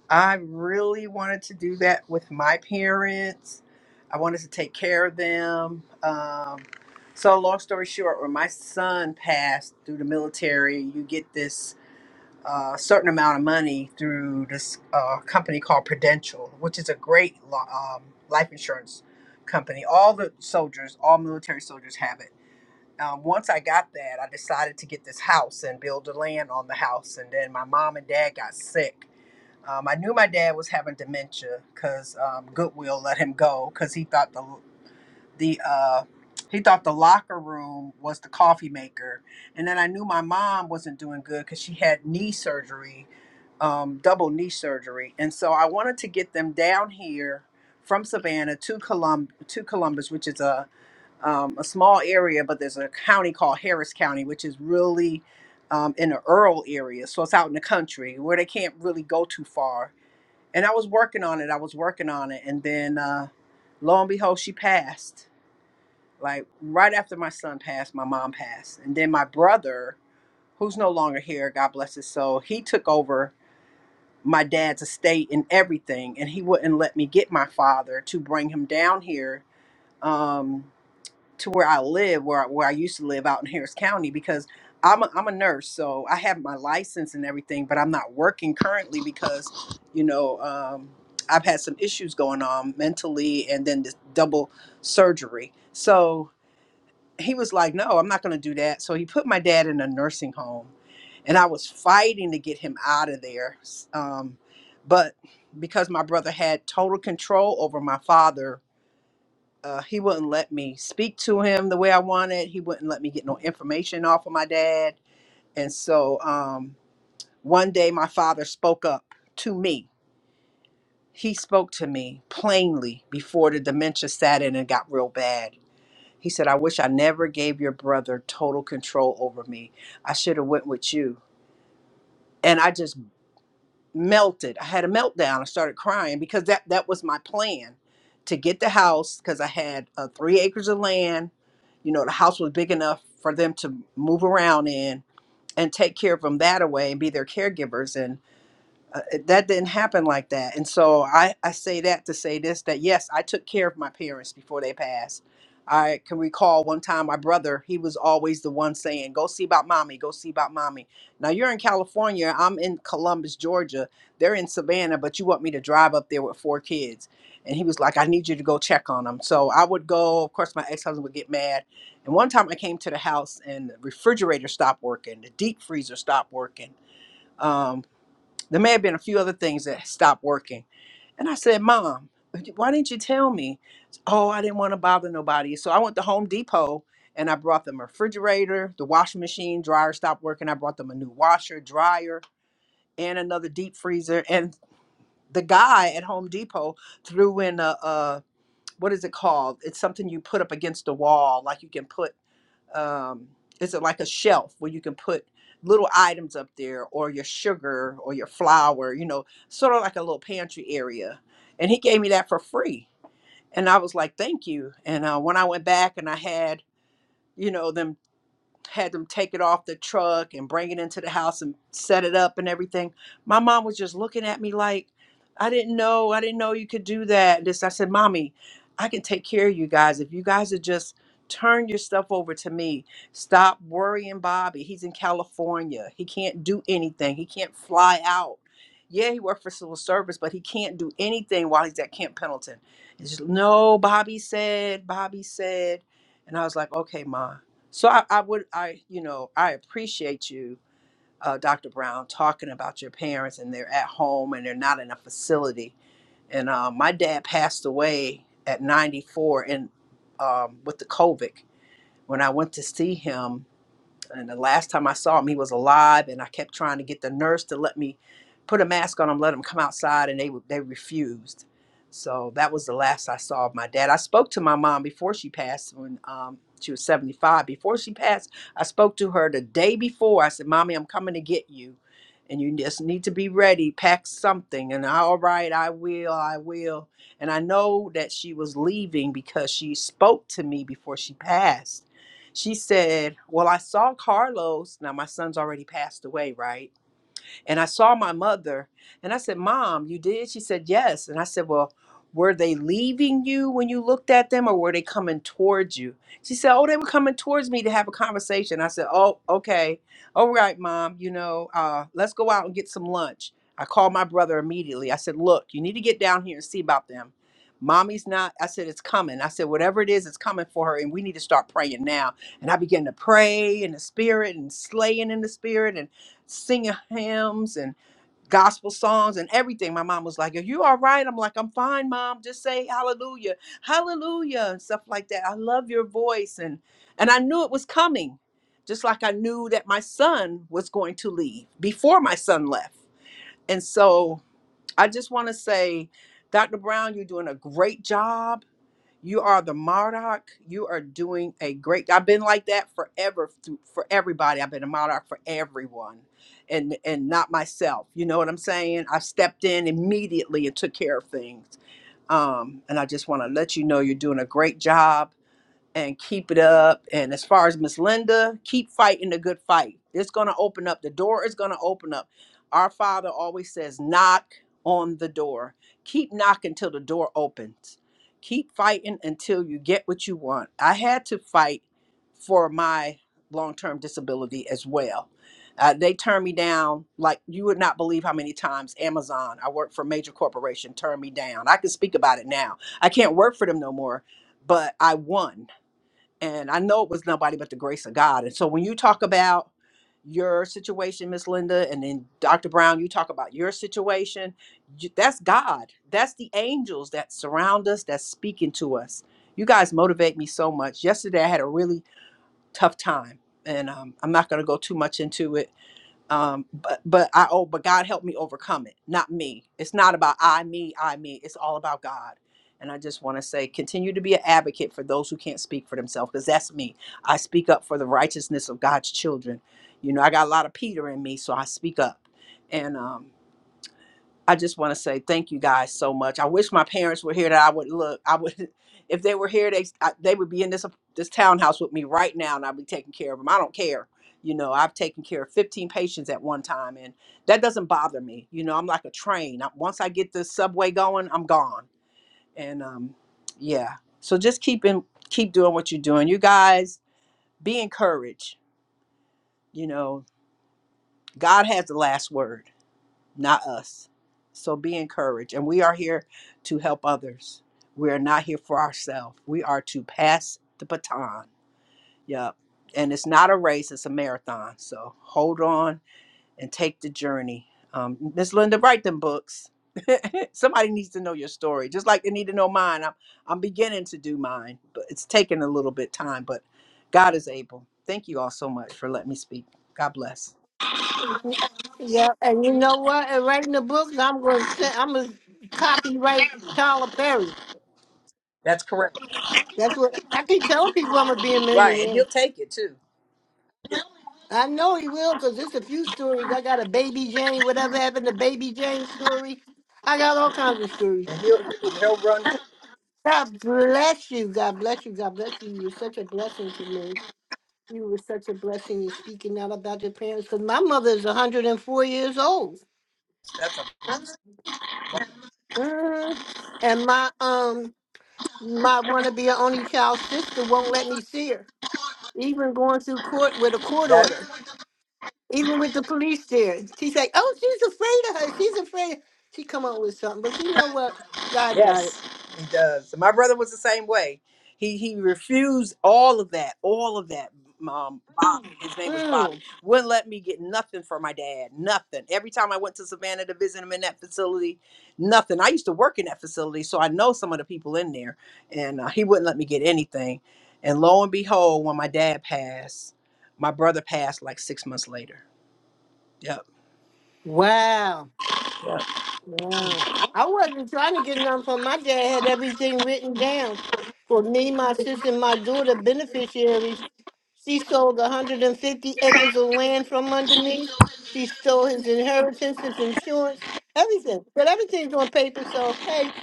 Speaker 11: I really wanted to do that with my parents. I wanted to take care of them. Um, so, long story short, when my son passed through the military, you get this uh, certain amount of money through this uh, company called Prudential, which is a great lo- um, life insurance company. All the soldiers, all military soldiers have it um, once I got that, I decided to get this house and build the land on the house. And then my mom and dad got sick. Um, I knew my dad was having dementia because um, Goodwill let him go because he thought the the uh, he thought the locker room was the coffee maker. And then I knew my mom wasn't doing good because she had knee surgery, um, double knee surgery. And so I wanted to get them down here from Savannah to Colum- to Columbus, which is a um, a small area, but there's a county called Harris County, which is really um, in the rural area. So it's out in the country where they can't really go too far. And I was working on it. I was working on it. And then uh, lo and behold, she passed. Like right after my son passed, my mom passed. And then my brother, who's no longer here, God bless his soul, he took over my dad's estate and everything. And he wouldn't let me get my father to bring him down here. Um, to where I live, where I- where I used to live out in Harris County, because I'm a, I'm a nurse, so I have my license and everything, but I'm not working currently because, you know, um, I've had some issues going on mentally, and then this double surgery. So he was like, "No, I'm not going to do that." So he put my dad in a nursing home, and I was fighting to get him out of there, s- um, but because my brother had total control over my father uh, he wouldn't let me speak to him the way I wanted. He wouldn't let me get no information off of my dad. And so um, one day my father spoke up to me. He spoke to me plainly before the dementia sat in and got real bad. He said, I wish I never gave your brother total control over me. I should have went with you. And I just melted. I had a meltdown. I started crying because that that was my plan to get the house because I had uh, three acres of land. You know, the house was big enough for them to move around in and take care of them that away and be their caregivers. and uh, that didn't happen like that. And so I, I say that to say this that yes, I took care of my parents before they passed. I can recall one time my brother, he was always the one saying, Go see about mommy, go see about mommy. Now you're in California, I'm in Columbus, Georgia. They're in Savannah, but you want me to drive up there with four kids. And he was like, I need you to go check on them. So I would go. Of course, my ex husband would get mad. And one time I came to the house and the refrigerator stopped working, the deep freezer stopped working Um, there may have been a few other things that stopped working. And I said, Mom, why didn't you tell me? Oh, I didn't want to bother nobody. So I went to Home Depot and I brought them a refrigerator, the washing machine, dryer stopped working. I brought them a new washer, dryer, and another deep freezer. And the guy at Home Depot threw in a, a what is it called? It's something you put up against the wall, like you can put um, is like a shelf where you can put little items up there or your sugar or your flour, you know, sort of like a little pantry area. And he gave me that for free. And I was like, thank you. And uh, when I went back and I had, you know, them had them take it off the truck and bring it into the house and set it up and everything. My mom was just looking at me like, I didn't know, I didn't know you could do that. This I said, Mommy, I can take care of you guys if you guys would just turn your stuff over to me. Stop worrying Bobby. He's in California. He can't do anything. He can't fly out. Yeah, he worked for civil service, but he can't do anything while he's at Camp Pendleton. It's just, no, Bobby said, Bobby said. And I was like, okay, Ma. So I, I would, I, you know, I appreciate you, uh, Dr. Brown, talking about your parents and they're at home and they're not in a facility. And uh, my dad passed away at 94 and um, with the COVID. When I went to see him, and the last time I saw him, he was alive, and I kept trying to get the nurse to let me put a mask on him, let him come outside, and they would- they refused. So that was the last I saw of my dad. I spoke to my mom before she passed when um, she was 75. Before she passed, I spoke to her the day before. I said, Mommy, I'm coming to get you. And you just need to be ready, pack something. And I, all right, I will, I will. And I know that she was leaving because she spoke to me before she passed she said, Well, I saw Carlos. Now, my son's already passed away, right? And I saw my mother and I said, Mom, you did? She said, Yes. And I said, Well, were they leaving you when you looked at them or were they coming towards you? She said, Oh, they were coming towards me to have a conversation. I said, Oh, okay. All right, Mom, you know, uh, let's go out and get some lunch. I called my brother immediately. I said, Look, you need to get down here and see about them. Mommy's not, I said, it's coming. I said, whatever it is, it's coming for her, and we need to start praying now. And I began to pray in the spirit and slaying in the spirit singing hymns and gospel songs and everything. My mom was like, Are you all right? I'm like, I'm fine, mom. Just say hallelujah, hallelujah, and stuff like that. I love your voice. And and I knew it was coming, just like I knew that my son was going to leave before my son left. And so I just want to say, Dr. Brown, you're doing a great job you are the Marduk. You are doing a great. I've been like that forever through- for everybody. I've been a Marduk for everyone, and and not myself. You know what I'm saying? I stepped in immediately and took care of things. Um, and I just want to let you know you're doing a great job and keep it up. And as far as Miss Linda, keep fighting the good fight. It's going to open up. The door is going to open up. Our Father always says, knock on the door. Keep knocking till the door opens. Keep fighting until you get what you want. I had to fight for my long term disability as well. Uh, they turned me down like you would not believe how many times Amazon, I worked for a major corporation, turned me down. I can speak about it now. I can't work for them no more, but I won and I know it was nobody but the grace of God. And so when you talk about your situation, Miss Linda, and then Dr. Brown, you talk about your situation. you- That's God. That's the angels that surround us, that's speaking to us. You guys motivate me so much. Yesterday, I had a really tough time, and um, I'm not going to go too much into it um but but i oh but god help me overcome it not me it's not about i me i me it's all about god and i just want to say continue to be an advocate for those who can't speak for themselves because that's me i speak up for the righteousness of god's children you know i got a lot of peter in me so i speak up and um I just want to say thank you guys so much. I wish my parents were here that I would look. I would, if they were here, they I, they would be in this this townhouse with me right now, and I'd be taking care of them. I don't care. You know, I've taken care of 15 patients at one time, and that doesn't bother me. You know, I'm like a train. I, once I get the subway going, I'm gone. And um, yeah, so just keep in, keep doing what you're doing. You guys, be encouraged. You know, God has the last word. not us. So be encouraged. And we are here to help others. We are not here for ourselves. We are to pass the baton. Yep. And it's not a race, it's a marathon. So hold on and take the journey. Um, Miss Linda, write them books. Somebody needs to know your story, just like they need to know mine. I'm, I'm beginning to do mine, but it's taking a little bit time. But God is able. Thank you all so much for letting me speak. God bless.
Speaker 5: Yeah, and you know what? And writing the books, I'm gonna send. I'm gonna copyright Tyler Perry.
Speaker 11: That's correct.
Speaker 5: That's what I keep telling people I'm gonna be a
Speaker 11: Right, and
Speaker 5: millionaire.
Speaker 11: He'll take it too.
Speaker 5: I know he will because there's a few stories. I got a baby Jane, whatever happened to baby Jane story. I got all kinds of stories.
Speaker 11: And he'll he'll run.
Speaker 5: God bless you. God bless you. God bless you. You were such a blessing to me. You were such a blessing in speaking out about your parents because my mother is 104 years old.
Speaker 11: That's a,
Speaker 5: Mhm. And my um my wanna be an only child sister won't let me see her, even going through court with a court
Speaker 11: that
Speaker 5: order. Even with the police there, she's like, "Oh, she's afraid of her. She's afraid." She come up with something, but you know what? God got it.
Speaker 11: yes, he does. My brother was the same way. He he refused all of that, all of that. Um, Bobby, his name was Bobby,
Speaker 5: Mm.
Speaker 11: wouldn't let me get nothing for my dad, nothing. Every time I went to Savannah to visit him in that facility, nothing. I used to work in that facility, so I know some of the people in there, and uh, he wouldn't let me get anything. And lo and behold, when my dad passed, my brother passed like six months later. Yep.
Speaker 5: Wow. Wow! I wasn't trying to get nothing from my dad. Had everything written down for me, my sister, and my daughter beneficiaries. She sold 150 acres of land from under me. She stole his inheritance, his insurance, everything. But everything's on paper, so hey,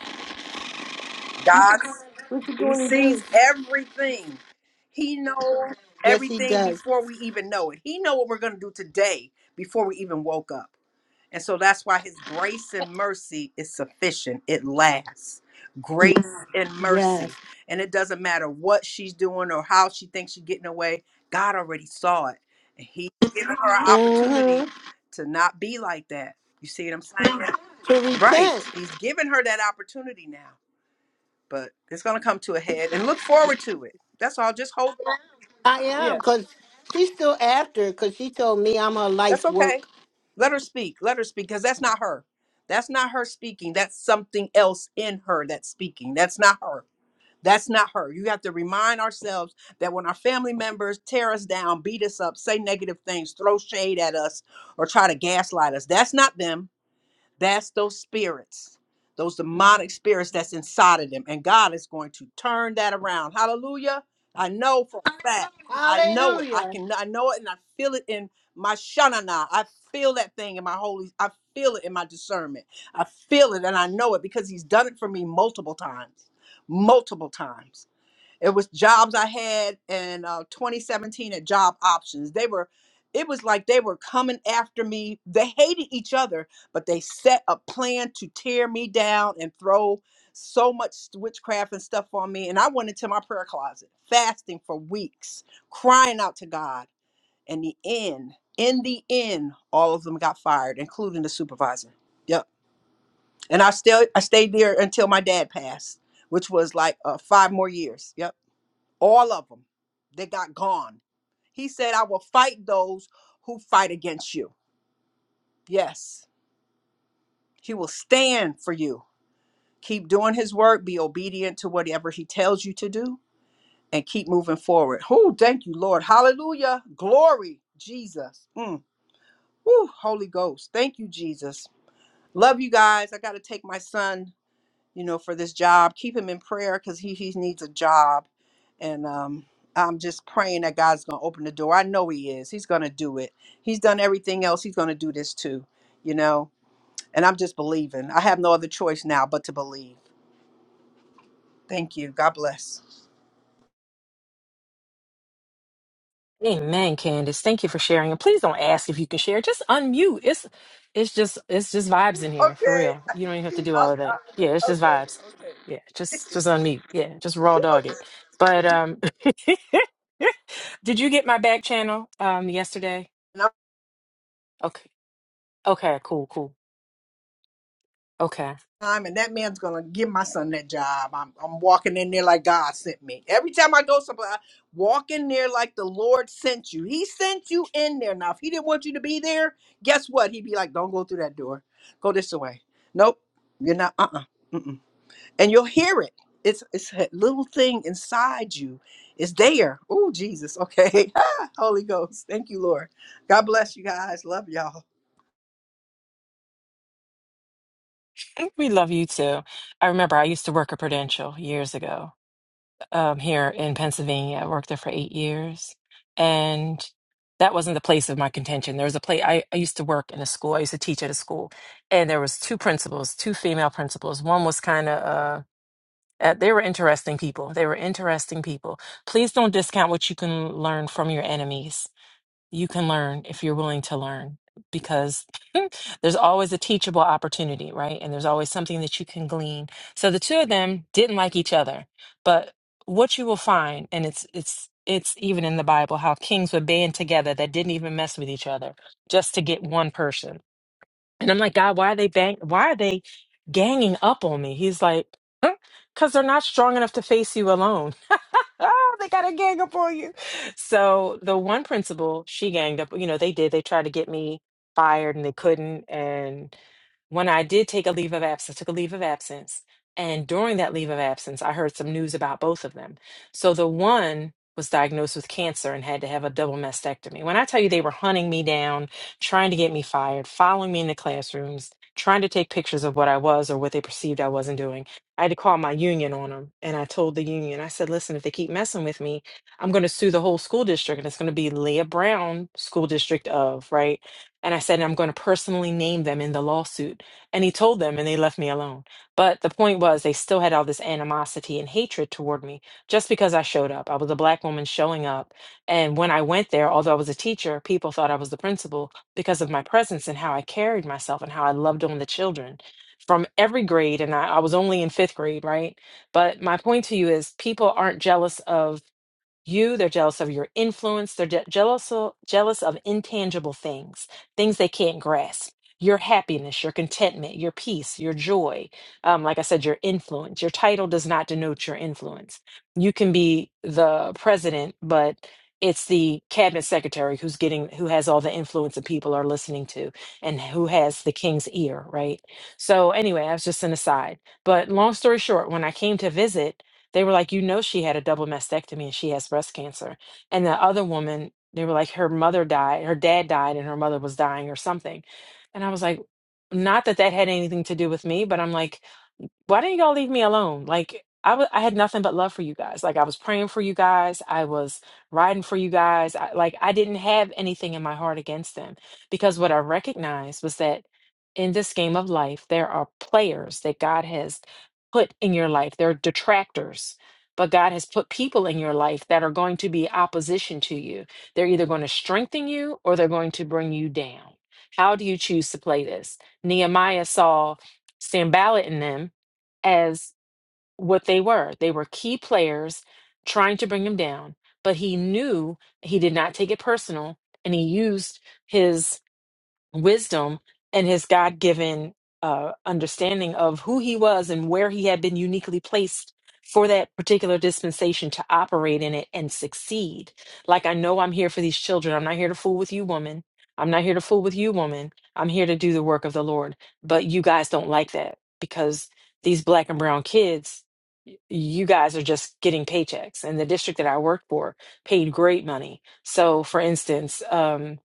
Speaker 11: God,
Speaker 5: what you
Speaker 11: He
Speaker 5: going to
Speaker 11: sees
Speaker 5: do?
Speaker 11: everything. He knows
Speaker 5: Yes, he
Speaker 11: everything
Speaker 5: does.
Speaker 11: before we even know it. He know what we're going to do today before we even woke up. And so that's why his grace and mercy is sufficient. It lasts. Grace and mercy.
Speaker 5: Yes.
Speaker 11: And it doesn't matter what she's doing or how she thinks she's getting away. God already saw it. And he given her an opportunity
Speaker 5: hmm
Speaker 11: to not be like that. You see what I'm saying?
Speaker 5: To
Speaker 11: Right.
Speaker 5: repent.
Speaker 11: He's given her that opportunity now but it's going to come to a head and look forward to it. That's all. Just hold on.
Speaker 5: I am,
Speaker 11: Yeah,
Speaker 5: because she's still after, because she told me I'm her
Speaker 11: that's
Speaker 5: life's
Speaker 11: okay.
Speaker 5: work.
Speaker 11: Let her speak. Let her speak because that's not her. That's not her speaking. That's something else in her that's speaking. That's not her. That's not her. You have to remind ourselves that when our family members tear us down, beat us up, say negative things, throw shade at us, or try to gaslight us, that's not them. That's those spirits, those demonic spirits that's inside of them. And God is going to turn that around. Hallelujah. I know for a fact. I know it. I
Speaker 5: Hallelujah.
Speaker 11: can I know it and I feel it in my shanana. I feel that thing in my holy I feel it in my discernment. I feel it and I know it because he's done it for me multiple times. Multiple times. It was jobs I had in uh, 2017 at Job Options. They were, it was like they were coming after me. They hated each other, but they set a plan to tear me down and throw so much witchcraft and stuff on me. And I went into my prayer closet, fasting for weeks, crying out to God. And the end, in the end, all of them got fired, including the supervisor. Yep. And I still, I stayed there until my dad passed, which was like uh, five more years. Yep all of them they got gone he said i will fight those who fight against you yes he will stand for you keep doing his work be obedient to whatever he tells you to do and keep moving forward oh thank you lord hallelujah glory jesus mm. Woo, holy ghost thank you jesus love you guys i gotta take my son you know, for this job. Keep him in prayer because he, he needs a job. And um, I'm just praying that God's going to open the door. I know he is. He's going to do it. He's done everything else. He's going to do this too, you know. And I'm just believing. I have no other choice now but to believe. Thank you. God bless.
Speaker 10: Amen, Candace. Thank you for sharing. And please don't ask if you can share. Just unmute. It's it's just it's just vibes in here for
Speaker 11: Okay.
Speaker 10: real. You don't even have to do all
Speaker 11: I'll-
Speaker 10: of that. Yeah, it's
Speaker 11: I'll-
Speaker 10: just
Speaker 11: okay.
Speaker 10: vibes. Yeah, just just unmute. Yeah, just raw
Speaker 11: Okay.
Speaker 10: dog it.
Speaker 11: Okay.
Speaker 10: But um did you get my back channel um yesterday? Okay. Okay, cool, cool. Okay.
Speaker 11: time and that man's gonna give my son that job. I'm I'm walking in there like God sent me. Every time I go somewhere, I walk in there like the Lord sent you. He sent you in there. Now, if he didn't want you to be there, guess what? He'd be like, Don't go through that door. Go this way. Nope. You're not uh-uh. Mm-mm. And you'll hear it. It's it's a little thing inside you. It's there. Oh, Jesus. Okay. Ah, Holy Ghost. Thank you, Lord. God bless you guys. Love y'all.
Speaker 10: We love you too. I remember I used to work at Prudential years ago um, here in Pennsylvania. I worked there for eight years, and that wasn't the place of my contention. There was a place I, I used to work in a school. I used to teach at a school, and there was two principals, two female principals. One was kind of uh, uh, they were interesting people. They were interesting people. Please don't discount what you can learn from your enemies you can learn if you're willing to learn because there's always a teachable opportunity, right? And there's always something that you can glean. So the two of them didn't like each other, but what you will find, and it's it's it's even in the Bible how kings would band together that didn't even mess with each other just to get one person. And I'm like, God, why are they bang? Why are they ganging up on me? He's like, because they're not strong enough to face you alone oh, they got a gang up on you. So the one principal, she ganged up, you know, they did. They tried to get me fired and they couldn't. And when I did take a leave of absence, took a leave of absence. And during that leave of absence, I heard some news about both of them. So the one was diagnosed with cancer and had to have a double mastectomy. When I tell you they were hunting me down, trying to get me fired, following me in the classrooms, trying to take pictures of what I was or what they perceived I wasn't doing I had to call my union on them. And I told the union, I said, listen, if they keep messing with me, I'm going to sue the whole school district. And it's going to be Leah Brown School District of, right? And I said, and I'm going to personally name them in the lawsuit. And he told them, and they left me alone. But the point was, they still had all this animosity and hatred toward me just because I showed up. I was a black woman showing up. And when I went there, although I was a teacher, people thought I was the principal because of my presence and how I carried myself and how I loved on the children from every grade, and I, I was only in fifth grade, right? But my point to you is people aren't jealous of you they're jealous of your influence they're je- jealous of, jealous of intangible things things they can't grasp your happiness your contentment your peace your joy um, like i said your influence your title does not denote your influence you can be the president but it's the cabinet secretary who's getting who has all the influence that people are listening to and who has the king's ear right so anyway i was just an aside but long story short when i came to visit they were like, you know, she had a double mastectomy and she has breast cancer. And the other woman, they were like, her mother died, her dad died, and her mother was dying or something. And I was like, not that that had anything to do with me, but I'm like, why didn't y'all leave me alone? Like I wa- I had nothing but love for you guys. Like I was praying for you guys. I was riding for you guys. I, like I didn't have anything in my heart against them because what I recognized was that in this game of life, there are players that God has put in your life. There are detractors, but God has put people in your life that are going to be opposition to you. They're either going to strengthen you or they're going to bring you down. How do you choose to play this? Nehemiah saw Sambalat in them as what they were. They were key players trying to bring him down, but he knew he did not take it personal and he used his wisdom and his God given uh, understanding of who he was and where he had been uniquely placed for that particular dispensation to operate in it and succeed. Like, I know I'm here for these children. I'm not here to fool with you, woman. I'm not here to fool with you, woman. I'm here to do the work of the Lord. But you guys don't like that because these black and brown kids, y- you guys are just getting paychecks. And the district that I worked for paid great money. So, for instance, um,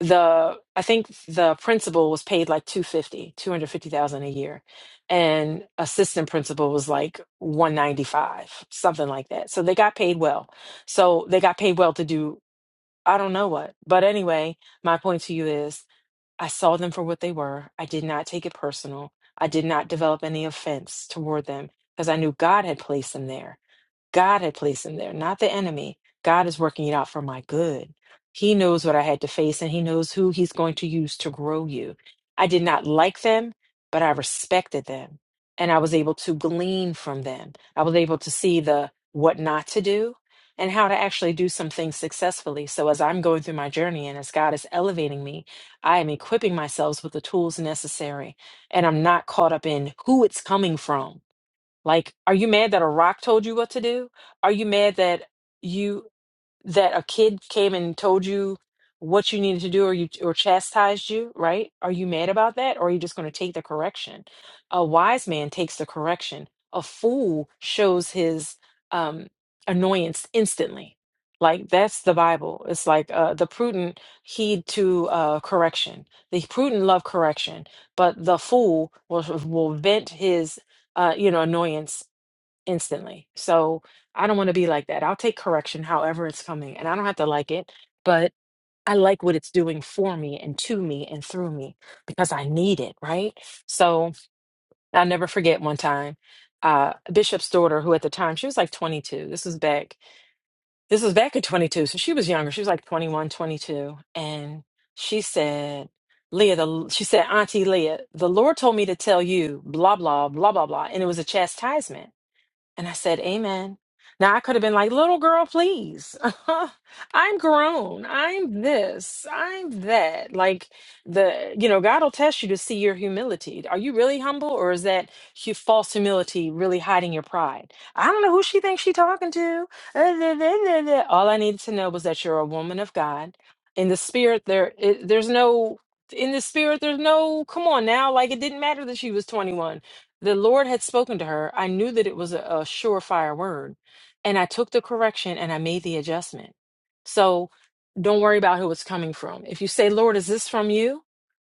Speaker 10: the I think the principal was paid like two fifty two hundred fifty thousand a year and assistant principal was like 195, something like that. So they got paid well. So they got paid well to do I don't know what. But anyway, my point to you is I saw them for what they were. I did not take it personal. I did not develop any offense toward them because I knew God had placed them there. God had placed him there, not the enemy. God is working it out for my good. He knows what I had to face and he knows who he's going to use to grow you. I did not like them, but I respected them and I was able to glean from them. I was able to see the what not to do and how to actually do some things successfully. So as I'm going through my journey and as God is elevating me, I am equipping myself with the tools necessary and I'm not caught up in who it's coming from like, are you mad that a rock told you what to do? Are you mad that you that a kid came and told you what you needed to do or you or chastised you right are you mad about that or are you just going to take the correction a wise man takes the correction a fool shows his um annoyance instantly like that's the bible it's like uh the prudent heed to uh correction the prudent love correction but the fool will will vent his uh you know annoyance instantly. So I don't want to be like that. I'll take correction however it's coming, and I don't have to like it, but I like what it's doing for me and to me and through me because I need it, right? So I'll never forget one time. Uh, a Bishop's daughter, who at the time she was like 22. This was back. This was back at 22, so she was younger. She was like 21, 22, and she said, "Leah, the she said, Auntie Leah, the Lord told me to tell you blah blah blah blah blah," and it was a chastisement. And I said, Amen. Now I could have been like, little girl, please. I'm grown. I'm this. I'm that. Like the, you know, God will test you to see your humility. Are you really humble or is that hu- false humility really hiding your pride? I don't know who she thinks she's talking to. Uh, da, da, da, da. All I needed to know was that you're a woman of God. In the spirit, there, it, there's no, in the spirit, there's no, come on now. Like it didn't matter that she was 21 the Lord had spoken to her. I knew that it was a, a surefire word. And I took the correction and I made the adjustment. So don't worry about who it's coming from. If you say, Lord, is this from you?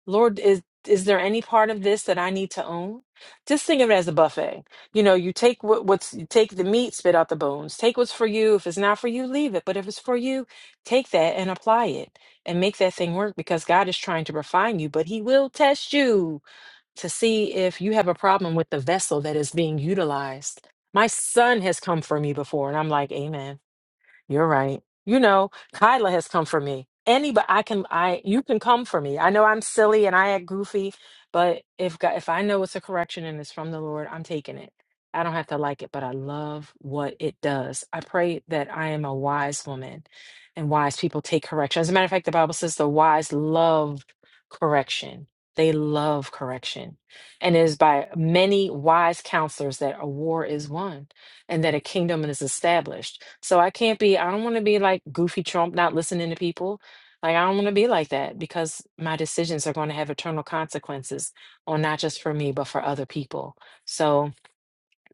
Speaker 10: Lord, is is there any part of this that I need to own? Just think of it as a buffet. You know, you take what, what's you take the meat, spit out the bones. Take what's for you. If it's not for you, leave it. But if it's for you, take that and apply it and make that thing work because God is trying to refine you, but he will test you to see if you have a problem with the vessel that is being utilized. My son has come for me before, and I'm like, Amen. You're right. You know, Kyla has come for me. Anybody, I can, I, you can come for me. I know I'm silly and I act goofy, but if God, if I know it's a correction and it's from the Lord, I'm taking it. I don't have to like it, but I love what it does. I pray that I am a wise woman, and wise people take correction. As a matter of fact, the Bible says the wise love correction. They love correction, and it is by many wise counselors that a war is won and that a kingdom is established. So I can't be, I don't want to be like goofy Trump, not listening to people. Like, I don't want to be like that because my decisions are going to have eternal consequences or not just for me, but for other people. So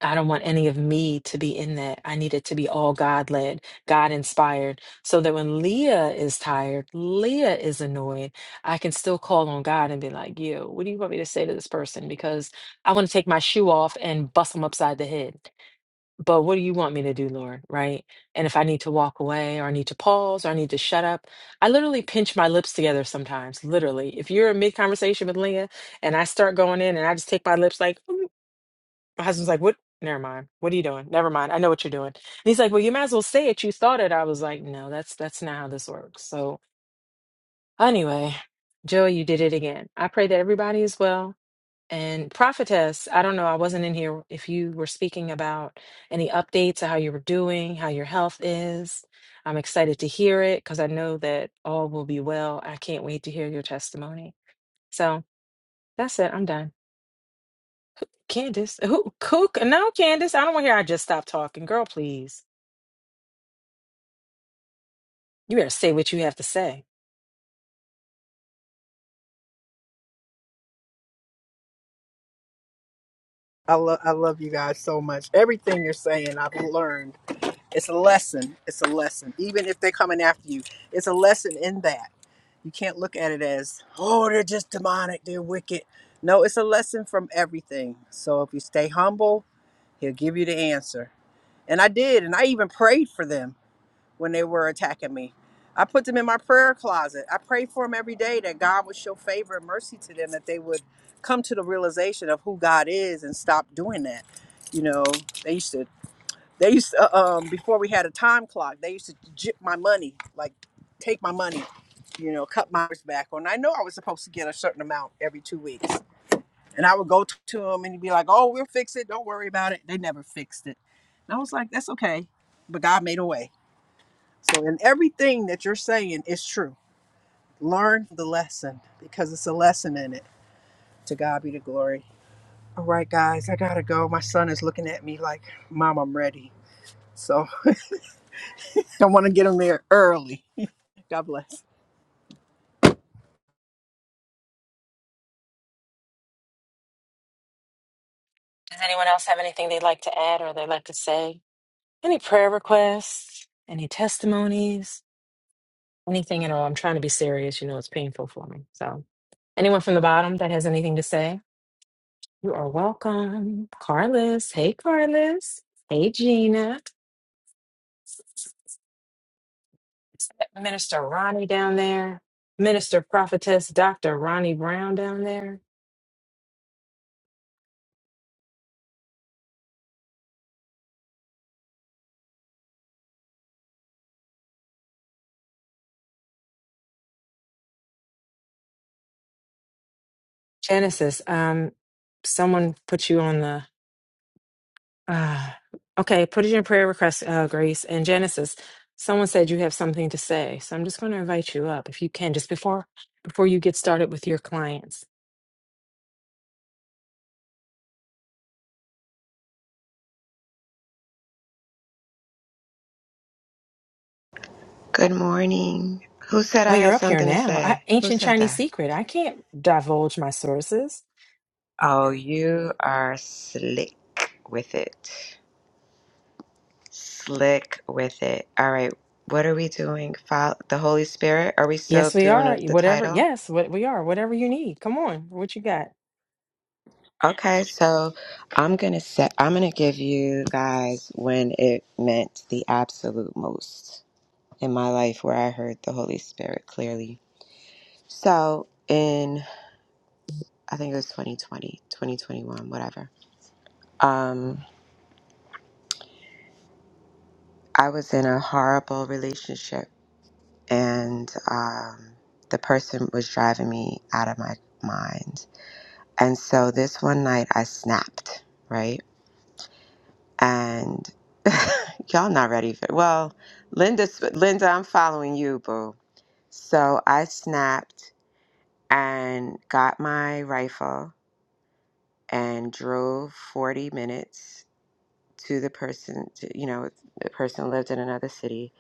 Speaker 10: I don't want any of me to be in that. I need it to be all God led, God inspired, so that when Leah is tired, Leah is annoyed, I can still call on God and be like, yo, what do you want me to say to this person? Because I want to take my shoe off and bust them upside the head but what do you want me to do, Lord? Right? And if I need to walk away or I need to pause or I need to shut up, I literally pinch my lips together sometimes. Literally. If you're in mid conversation with Leah and I start going in and I just take my lips like, "Mm," my husband's like, what? Never mind. What are you doing? Never mind. I know what you're doing. And he's like, well, you might as well say it. You thought it. I was like, no, that's that's not how this works. So anyway, Joey, you did it again. I pray that everybody is well. And prophetess, I don't know, I wasn't in here if you were speaking about any updates of how you were doing, how your health is. I'm excited to hear it because I know that all will be well. I can't wait to hear your testimony. So that's it. I'm done. Candace, who, Cook? No, Candace, I don't want to hear I just stopped talking. Girl, please. You better say what you have to say.
Speaker 11: I love I love you guys so much. Everything you're saying, I've learned. It's a lesson. It's a lesson. Even if they're coming after you, it's a lesson in that. You can't look at it as, oh, they're just demonic, they're wicked. No, it's a lesson from everything. So if you stay humble, he'll give you the answer. And I did. And I even prayed for them when they were attacking me. I put them in my prayer closet. I prayed for them every day that God would show favor and mercy to them, that they would come to the realization of who God is and stop doing that. You know, they used to they used to, uh, um, before we had a time clock, they used to jip my money, like take my money, you know, cut my hours back. And I know I was supposed to get a certain amount every two weeks. And I would go t- to them, and he'd be like, oh, we'll fix it. Don't worry about it. They never fixed it. And I was like, that's okay. But God made a way. So, in everything that you're saying is true. Learn the lesson because it's a lesson in it. To God be the glory. All right, guys, I gotta go. My son is looking at me like, Mom, I'm ready. So, I want to get him there early. God bless.
Speaker 10: Does anyone else have anything they'd like to add or they'd like to say? Any prayer requests? Any testimonies? Anything at all? I'm trying to be serious. You know, it's painful for me. So. Anyone from the bottom that has anything to say, you are welcome. Carlos, hey Carlos, hey Gina, Is that Minister Ronnie down there, Minister Prophetess Dr. Ronnie Brown down there. Genesis, um, someone put you on the Uh, okay, put in your prayer request, uh, Grace and Genesis. Someone said you have something to say, so I'm just going to invite you up if you can, just before before you get started with your clients.
Speaker 12: Good morning. Who said I
Speaker 10: Well, you're
Speaker 12: had
Speaker 10: up here
Speaker 12: something to
Speaker 10: now. I,
Speaker 12: say? Who
Speaker 10: ancient
Speaker 12: said
Speaker 10: Chinese
Speaker 12: that?
Speaker 10: secret. I can't divulge my sources.
Speaker 12: Oh, you are slick with it. Slick with it. All right. What are we doing? Follow the Holy Spirit? Are we still
Speaker 10: Yes, we
Speaker 12: doing
Speaker 10: are.
Speaker 12: the
Speaker 10: Whatever.
Speaker 12: title?
Speaker 10: Yes, what we are. Whatever you need. Come on. What you got?
Speaker 12: Okay, so I'm gonna set. I'm gonna give you guys when it meant the absolute most in my life, where I heard the Holy Spirit clearly. So in I think it was 2020, 2021, whatever. Um, I was in a horrible relationship, and um, the person was driving me out of my mind. And so this one night, I snapped, right? And y'all not ready for well, Linda. Linda, I'm following you, boo. So I snapped and got my rifle and drove 40 minutes to the person. To, you know, the person lived in another city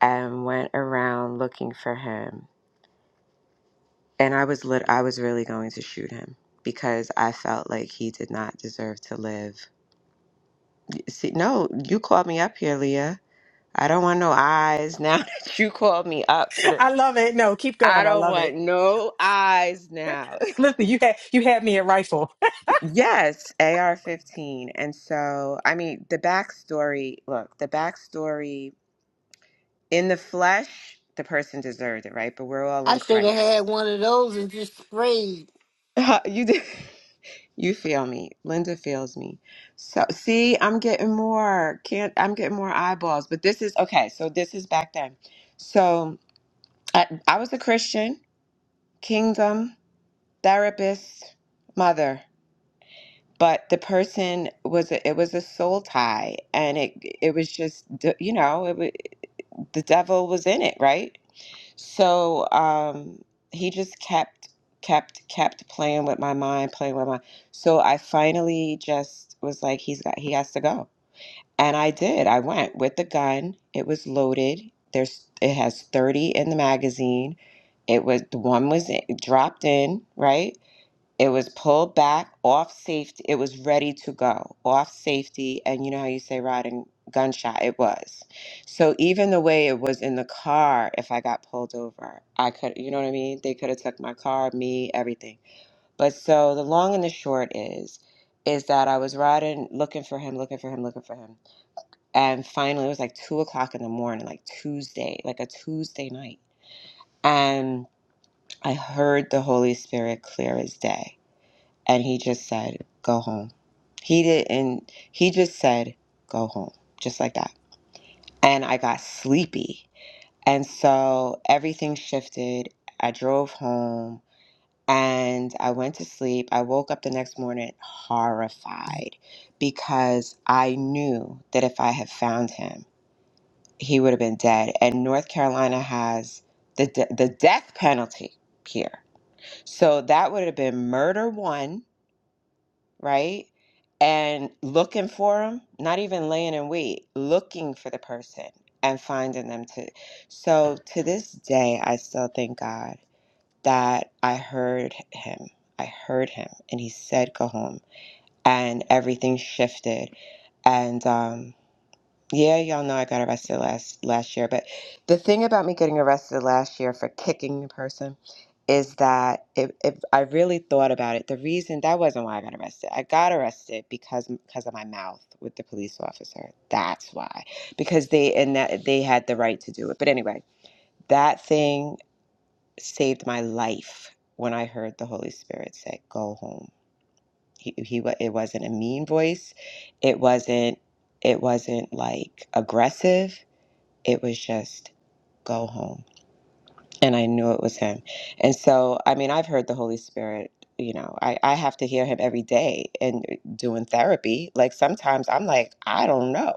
Speaker 12: and went around looking for him and I was lit I was really going to shoot him because I felt like he did not deserve to live. See, no, you called me up here, Leah. I don't want no eyes now that you called me up for the
Speaker 10: I love it. No, keep
Speaker 12: I
Speaker 10: going. I
Speaker 12: don't
Speaker 10: love
Speaker 12: want
Speaker 10: it.
Speaker 12: no eyes now.
Speaker 10: Listen, you had you had me at rifle.
Speaker 12: yes, AR 15. And so, I mean, the backstory look, the backstory in the flesh, the person deserved it, right? But we're all in
Speaker 5: I should have
Speaker 12: Christ.
Speaker 5: had one of those and just sprayed.
Speaker 12: you did. You feel me. Linda feels me. So see, I'm getting more can't I'm getting more eyeballs. But this is okay, so this is back then. So I, I was a Christian, kingdom, therapist, mother. But the person was a, it was a soul tie and it it was just d- you know, it was, the devil was in it, right? So um, he just kept, kept, kept playing with my mind, playing with my. So I finally just was like, he's got, he has to go, and I did. I went with the gun. It was loaded. There's, it has thirty in the magazine. It was the one was in- dropped in, right? It was pulled back off safety. It was ready to go off safety. And you know how you say riding gunshot? It was. So even the way it was in the car, if I got pulled over, I could, you know what I mean? They could have took my car, me, everything. But so the long and the short is, is that I was riding, looking for him, looking for him, looking for him. And finally, it was like two o'clock in the morning, like Tuesday, like a Tuesday night. And I heard the Holy Spirit clear as day and he just said, Go home. He didn't, he just said, Go home, just like that. And I got sleepy. And so everything shifted. I drove home and I went to sleep. I woke up the next morning horrified because I knew that if I had found him, he would have been dead. And North Carolina has the, de- the death penalty here. So that would have been murder one right? And looking for them, not even laying in wait, looking for the person and finding them too. So to this day, I still thank God that I heard him. I heard him and he said, go home. And everything shifted. And, um, yeah, y'all know I got arrested last last year, but the thing about me getting arrested last year for kicking the person is that if, if I really thought about it, the reason that wasn't why I got arrested. I got arrested because because of my mouth with the police officer. That's why. Because they and that they had the right to do it. But anyway, that thing saved my life when I heard the Holy Spirit say, "Go home." He he wa- it wasn't a mean voice. It wasn't it wasn't like aggressive it was just go home and i knew it was him and so i mean i've heard the holy spirit you know i, I have to hear him every day and doing therapy like sometimes i'm like i don't know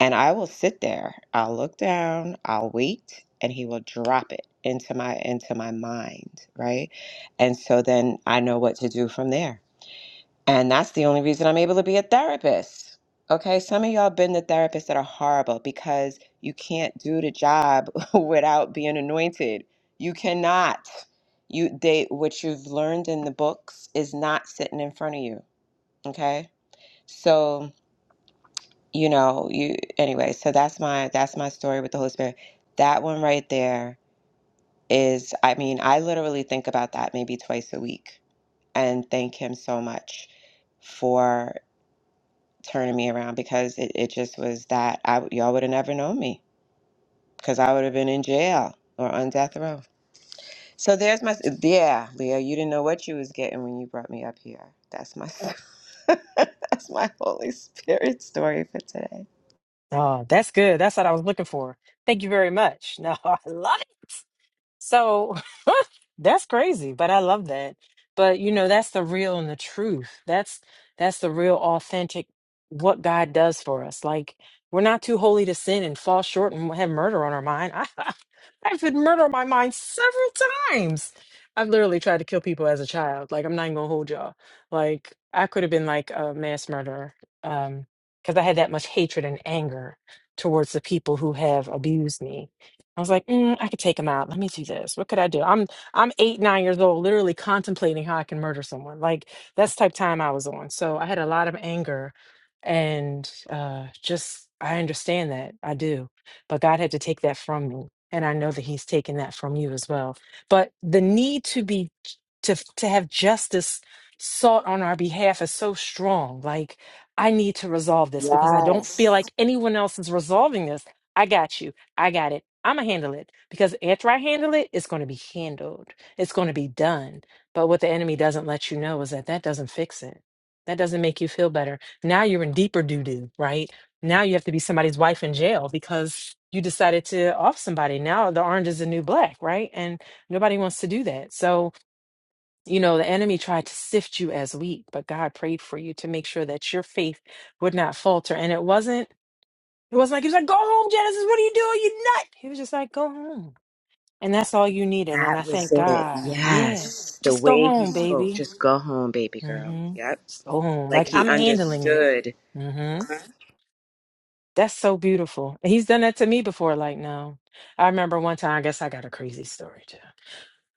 Speaker 12: and i will sit there i'll look down i'll wait and he will drop it into my into my mind right and so then i know what to do from there and that's the only reason I'm able to be a therapist. Okay, some of y'all been the therapists that are horrible because you can't do the job without being anointed. You cannot. You they what you've learned in the books is not sitting in front of you. Okay? So, you know, you anyway, so that's my that's my story with the Holy Spirit. That one right there is I mean, I literally think about that maybe twice a week and thank him so much for turning me around because it, it just was that I y'all would have never known me because I would have been in jail or on death row. So there's my yeah, Leo. You didn't know what you was getting when you brought me up here. That's my that's my Holy Spirit story for today.
Speaker 10: Oh, that's good. That's what I was looking for. Thank you very much. No, I like. So that's crazy, but I love that. But you know, that's the real and the truth. That's that's the real authentic what God does for us. Like we're not too holy to sin and fall short and have murder on our mind. I, I've had murder on my mind several times. I've literally tried to kill people as a child. Like I'm not even gonna hold y'all. Like I could have been like a mass murderer um, because I had that much hatred and anger towards the people who have abused me I was like, mm, I could take him out. Let me do this. What could I do? I'm I'm eight, nine years old, literally contemplating how I can murder someone. Like that's the type of time I was on. So I had a lot of anger and uh just I understand that. I do. But God had to take that from me. And I know that He's taken that from you as well. But the need to be to to have justice sought on our behalf is so strong. Like I need to resolve this because I don't feel
Speaker 12: Yes.
Speaker 10: like anyone else is resolving this. I got you. I got it. I'm gonna handle it because after I handle it, it's gonna be handled. It's gonna be done. But what the enemy doesn't let you know is that that doesn't fix it. That doesn't make you feel better. Now you're in deeper doo doo, right? Now you have to be somebody's wife in jail because you decided to off somebody. Now the orange is the new black, right? And nobody wants to do that. So, you know, the enemy tried to sift you as wheat, but God prayed for you to make sure that your faith would not falter. And it wasn't it was like he was like, "Go home, Genesis. What are you doing? You nut." He was just like, "Go home," and that's all you needed. And I
Speaker 12: That was
Speaker 10: thank
Speaker 12: it.
Speaker 10: God. Yeah,
Speaker 12: Yes. The
Speaker 10: just go
Speaker 12: way he
Speaker 10: home,
Speaker 12: spoke.
Speaker 10: baby.
Speaker 12: Just go home, baby girl.
Speaker 10: Mm-hmm.
Speaker 12: Yep.
Speaker 10: Just go home.
Speaker 12: Like
Speaker 10: Like
Speaker 12: he
Speaker 10: I'm handling it.
Speaker 12: understood.
Speaker 10: Mm-hmm. That's so beautiful. And He's done that to me before. Like no, I remember one time. I guess I got a crazy story too.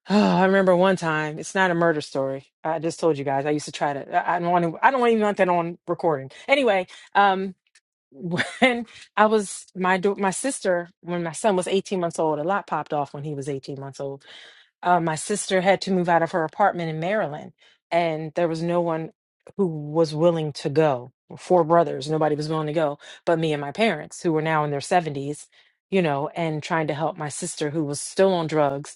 Speaker 10: Oh, I remember one time. It's not a murder story. I just told you guys. I used to try to. I I don't want to. I don't even want that on recording. Anyway, um, when I was my do- my sister when my son was 18 months old, a lot popped off when he was 18 months old. Uh, my sister had to move out of her apartment in Maryland, and there was no one who was willing to go. Four brothers, nobody was willing to go, but me and my parents, who were now in their 70s, you know, and trying to help my sister who was still on drugs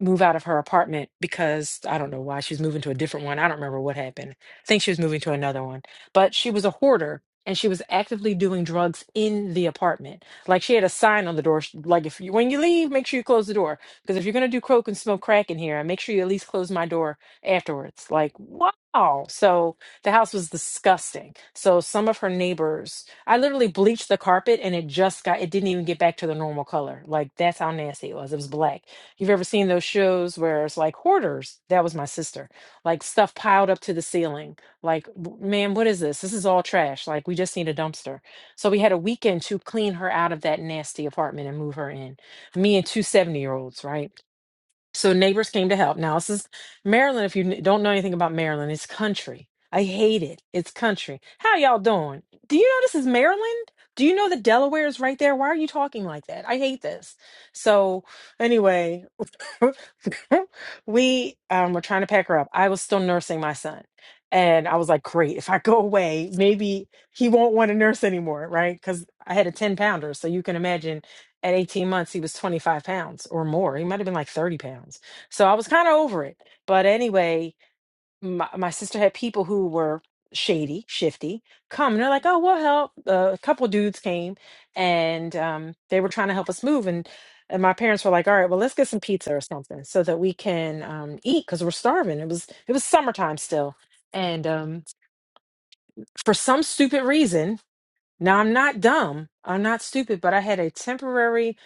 Speaker 10: move out of her apartment because I don't know why she was moving to a different one. I don't remember what happened. I think she was moving to another one. But she was a hoarder and she was actively doing drugs in the apartment. Like she had a sign on the door sh- like if you when you leave, make sure you close the door because if you're going to do coke and smoke crack in here, make sure you at least close my door afterwards. Like wow. So the house was disgusting. So some of her neighbors, I literally bleached the carpet and it just got it didn't even get back to the normal color. Like that's how nasty it was. It was black you've ever seen those shows where it's like hoarders that was my sister like stuff piled up to the ceiling like "W- man what is this this is all trash like we just need a dumpster so we had a weekend to clean her out of that nasty apartment and move her in me and 270 year olds right so neighbors came to help now this is maryland if you n- don't know anything about maryland it's country i hate it it's country how y'all doing do you know this is maryland do you know that delaware is right there why are you talking like that i hate this so anyway we um, were trying to pack her up. I was still nursing my son. And I was like, great, if I go away, maybe he won't want to nurse anymore, right? Because I had a 10 pounder. So you can imagine at 18 months, he was 25 pounds or more. He might have been like 30 pounds. So I was kind of over it. But anyway, my, my sister had people who were shady, shifty, come. And they're like, oh, we'll help. Uh, a couple dudes came and um, they were trying to help us move. And, and my parents were like, all right, well, let's get some pizza or something so that we can um, eat because we're starving. It was it was summertime still. And um, for some stupid reason, now I'm not dumb. I'm not stupid, but I had a temporary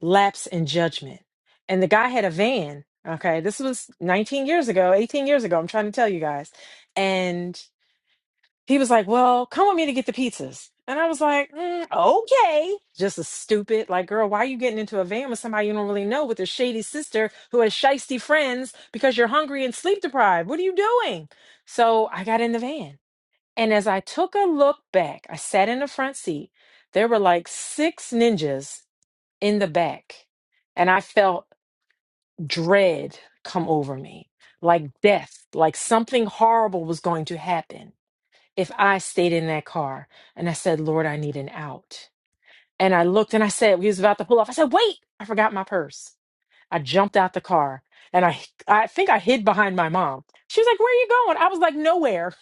Speaker 10: lapse in judgment. And the guy had a van. Okay, this was 19 years ago, 18 years ago. I'm trying to tell you guys. And he was like, "Well, come with me to get the pizzas." And I was like, "Mm, "Okay." Just a stupid, like, girl, why are you getting into a van with somebody you don't really know with a shady sister who has shisty friends because you're hungry and sleep deprived? What are you doing? So I got in the van. And as I took a look back, I sat in the front seat. There were like six ninjas in the back. And I felt dread come over me, like death, like something horrible was going to happen if I stayed in that car and I said, Lord, I need an out. And I looked and I said, we was about to pull off. I said, wait, I forgot my purse. I jumped out the car and I I think I hid behind my mom. She was like, Where are you going? I was like, nowhere.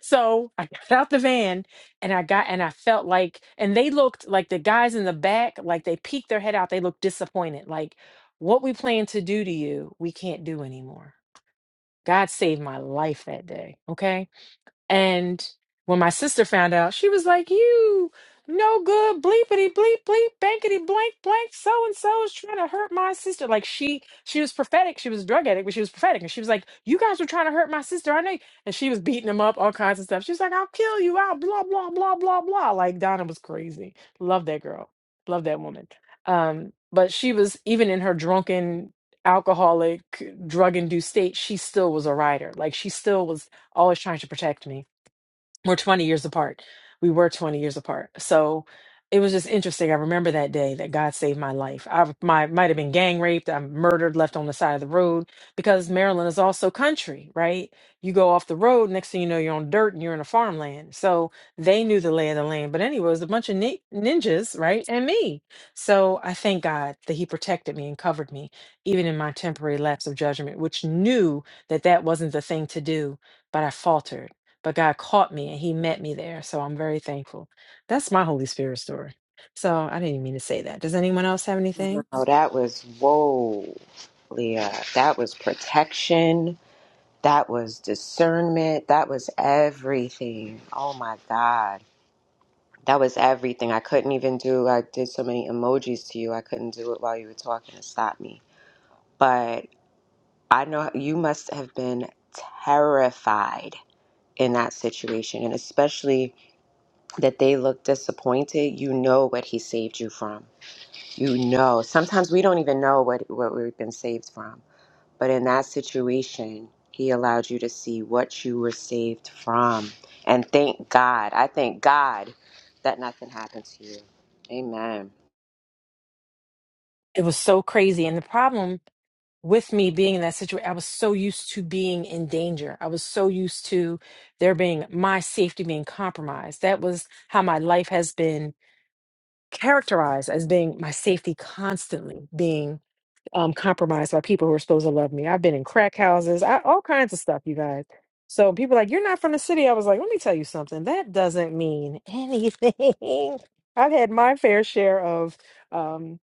Speaker 10: So I got out the van and I got and I felt like and they looked like the guys in the back, like they peeked their head out. They looked disappointed. Like, what we plan to do to you, we can't do anymore. God saved my life that day. Okay. And when my sister found out, she was like, You no good, bleepity bleep bleep, blankety blank blank, so and so is trying to hurt my sister. Like she she was prophetic. She was a drug addict, but she was prophetic. And she was like, You guys were trying to hurt my sister. I know. you-" And she was beating them up, all kinds of stuff. She was like, I'll kill you out, blah, blah, blah, blah, blah. Like Donna was crazy. Love that girl. Love that woman. Um, but she was even in her drunken alcoholic drug induced state she still was a writer like she still was always trying to protect me we're 20 years apart. We were 20 years apart. So it was just interesting. I remember that day that God saved my life. I my, might have been gang raped. I'm murdered, left on the side of the road because Maryland is also country, right? You go off the road, next thing you know, you're on dirt and you're in a farmland. So they knew the lay of the land. But anyway, it was a bunch of ni- ninjas, right? And me. So I thank God that He protected me and covered me, even in my temporary lapse of judgment, which knew that that wasn't the thing to do. But I faltered but God caught me and he met me there. So I'm very thankful. That's my Holy Spirit story. So I didn't mean to say that. Does anyone else have anything?
Speaker 12: Oh, that was whoa, Leah. That was protection. That was discernment. That was everything. Oh my God. That was everything. I couldn't even do, I did so many emojis to you. I couldn't do it while you were talking to stop me. But I know you must have been terrified in that situation. And especially that they look disappointed. You know what he saved you from. You know. Sometimes we don't even know what, what we've been saved from But in that situation, he allowed you to see what you were saved from. And thank God, I thank God that nothing happened to you. Amen.
Speaker 10: It was so crazy. And the problem with me being in that situation, I was so used to being in danger. I was so used to there being my safety being compromised. That was how my life has been characterized as being my safety constantly being um, compromised by people who are supposed to love me. I've been in crack houses, I, all kinds of stuff, you guys. So people are like, you're not from the city. I was like, let me tell you something. That doesn't mean anything. I've had my fair share of um,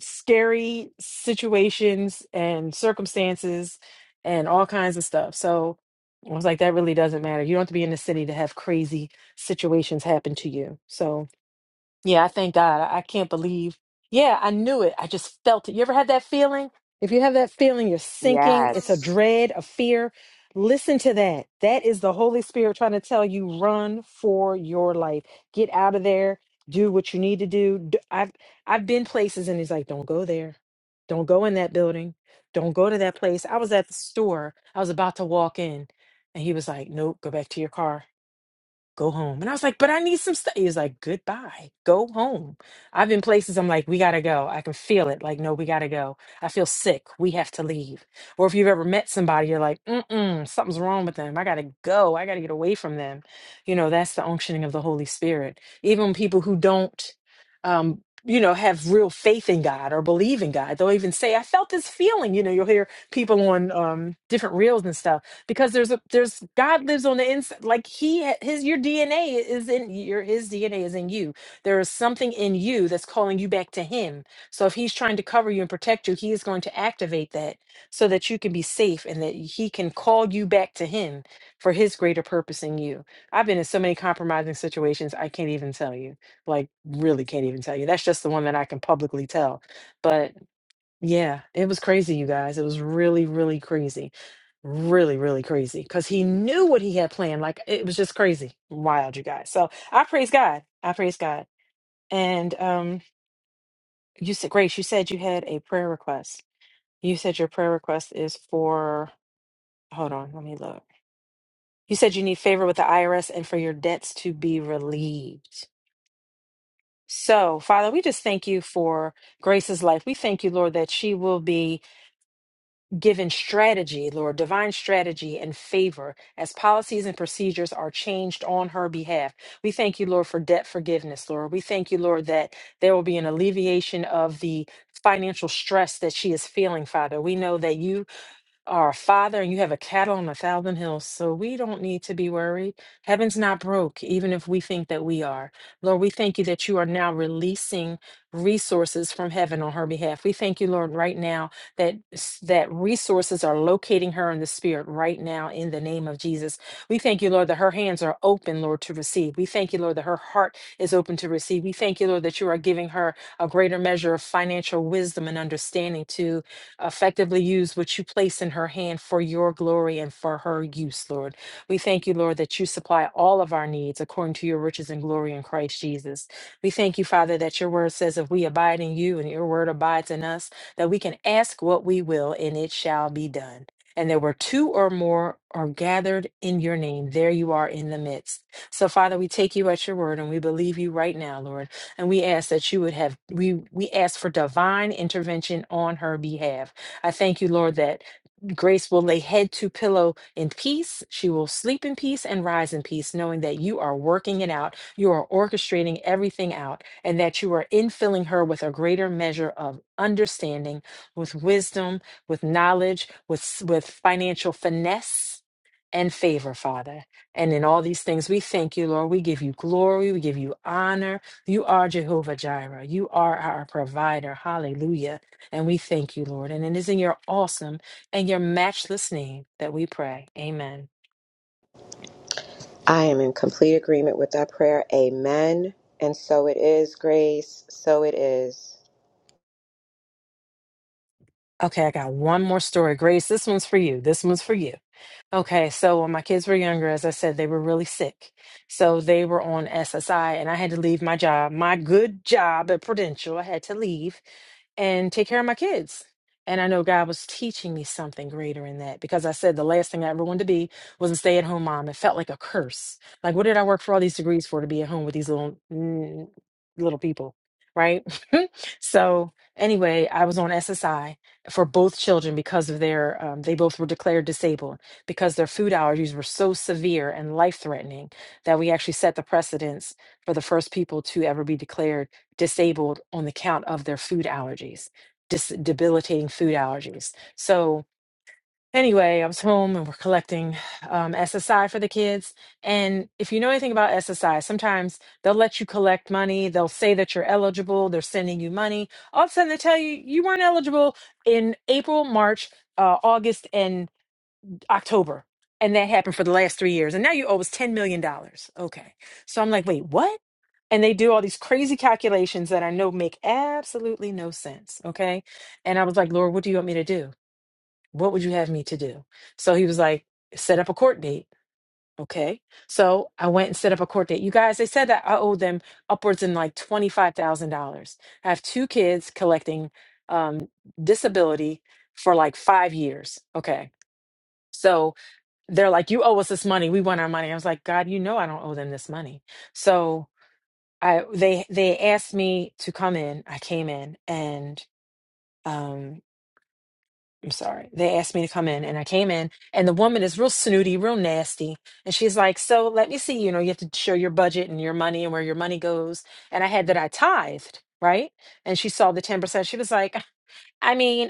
Speaker 10: scary situations and circumstances and all kinds of stuff. So I was like, that really doesn't matter. You don't have to be in the city to have crazy situations happen to you. So. Yeah, I thank God. I I can't believe. Yeah, I knew it. I just felt it. You ever had that feeling? If you have that feeling, you're sinking. It's a
Speaker 12: Yes.
Speaker 10: dread, a fear. Listen to that. That is the Holy Spirit trying to tell you run for your life. Get out of there. Do what you need to do. D- I've I've been places and he's like, "Don't go there. Don't go in that building. Don't go to that place." I was at the store. I was about to walk in and he was like, "Nope, go back to your car." go home. And I was like, but I need some stuff. He was like, goodbye, go home. I've been places I'm like, we gotta go. I can feel it. Like, no, we gotta go. I feel sick. We have to leave. Or if you've ever met somebody, you're like, mm-mm, something's wrong with them. I gotta go. I gotta get away from them. You know, that's the unctioning of the Holy Spirit. Even people who don't um you know, have real faith in God or believe in God. They'll even say, I felt this feeling. You know, you'll hear people on um, different reels and stuff because there's a there's God lives on the inside. Like he ha- his your DNA is in your his DNA is in you. There is something in you that's calling you back to him. So if he's trying to cover you and protect you, he is going to activate that so that you can be safe and that he can call you back to him for his greater purpose in you. I've been in so many compromising situations, I can't even tell you. Like really can't even tell you. That's just the one that I can publicly tell. But yeah, it was crazy, you guys. It was really, really crazy. Really, really crazy. Because he knew what he had planned. Like it was just crazy. Wild, you guys. So I praise God. I praise God. And um you said Grace, you said you had a prayer request. You said your prayer request is for hold on, let me look. You said you need favor with the IRS and for your debts to be relieved. So, Father, we just thank you for Grace's life. We thank you, Lord, that she will be given strategy, Lord, divine strategy and favor as policies and procedures are changed on her behalf. We thank you, Lord, for debt forgiveness, Lord. We thank you, Lord, that there will be an alleviation of the financial stress that she is feeling, Father. We know that you are father and you have a cattle on a thousand hills. So we don't need to be worried. Heaven's not broke, even if we think that we are. Lord, we thank you that you are now releasing resources from heaven on her behalf. We thank you, Lord, right now that s- that resources are locating her in the spirit right now in the name of Jesus. We thank you, Lord, that her hands are open, Lord, to receive. We thank you, Lord, that her heart is open to receive. We thank you, Lord, that you are giving her a greater measure of financial wisdom and understanding to effectively use what you place in her hand for your glory and for her use, Lord. We thank you, Lord, that you supply all of our needs according to your riches and glory in Christ Jesus. We thank you, Father, that your word says if we abide in you and your word abides in us, that we can ask what we will and it shall be done. And there were two or more are gathered in your name. There you are in the midst. So, Father, we take you at your word and we believe you right now, Lord and we ask that you would have, we, we ask for divine intervention on her behalf. I thank you, Lord, that Grace will lay head to pillow in peace. She will sleep in peace and rise in peace, knowing that you are working it out. You are orchestrating everything out, and that you are infilling her with a greater measure of understanding, with wisdom, with knowledge, with, s- with financial finesse and favor, Father. And in all these things, we thank you, Lord. We give you glory. We give you honor. You are Jehovah Jireh. You are our provider. Hallelujah. And we thank you, Lord. And it is in your awesome and your matchless name that we pray. Amen.
Speaker 12: I am in complete agreement with that prayer. Amen. And so it is, Grace. So it is.
Speaker 10: Okay, I got one more story. Grace, this one's for you. This one's for you. Okay, so when my kids were younger, as I said, they were really sick. So they were on SSI, and I had to leave my job, my good job at Prudential. I had to leave and take care of my kids. And I know God was teaching me something greater in that because I said the last thing I ever wanted to be was a stay at home mom. It felt like a curse. Like, what did I work for all these degrees for to be at home with these little mm, little people, right? so anyway, I was on SSI for both children because of their um, they both were declared disabled because their food allergies were so severe and life threatening that we actually set the precedence for the first people to ever be declared disabled on the count of their food allergies, dis- debilitating food allergies. So, anyway, I was home and we're collecting um, SSI for the kids. And if you know anything about SSI, sometimes they'll let you collect money, they'll say that you're eligible, they're sending you money. All of a sudden, they tell you you weren't eligible in April, March, uh, August, and October. And that happened for the last three years. And now you owe us $10 million. dollars. Okay. So I'm like, wait, what? And they do all these crazy calculations that I know make absolutely no sense. Okay. And I was like, Lord, what do you want me to do? What would you have me to do? So he was like, set up a court date. Okay. So I went and set up a court date. You guys, they said that I owed them upwards in like $25,000. I have two kids collecting um, disability for like five years. Okay. So, they're like, "You owe us this money. We want our money." I was like, "God, you know I don't owe them this money." So I they they asked me to come in. I came in, and um, I'm sorry, they asked me to come in, and I came in, and the woman is real snooty, real nasty, and she's like, "So let me see. You know, you have to show your budget and your money and where your money goes." And I had that I tithed. Right. And she saw the 10%. She was like, I mean,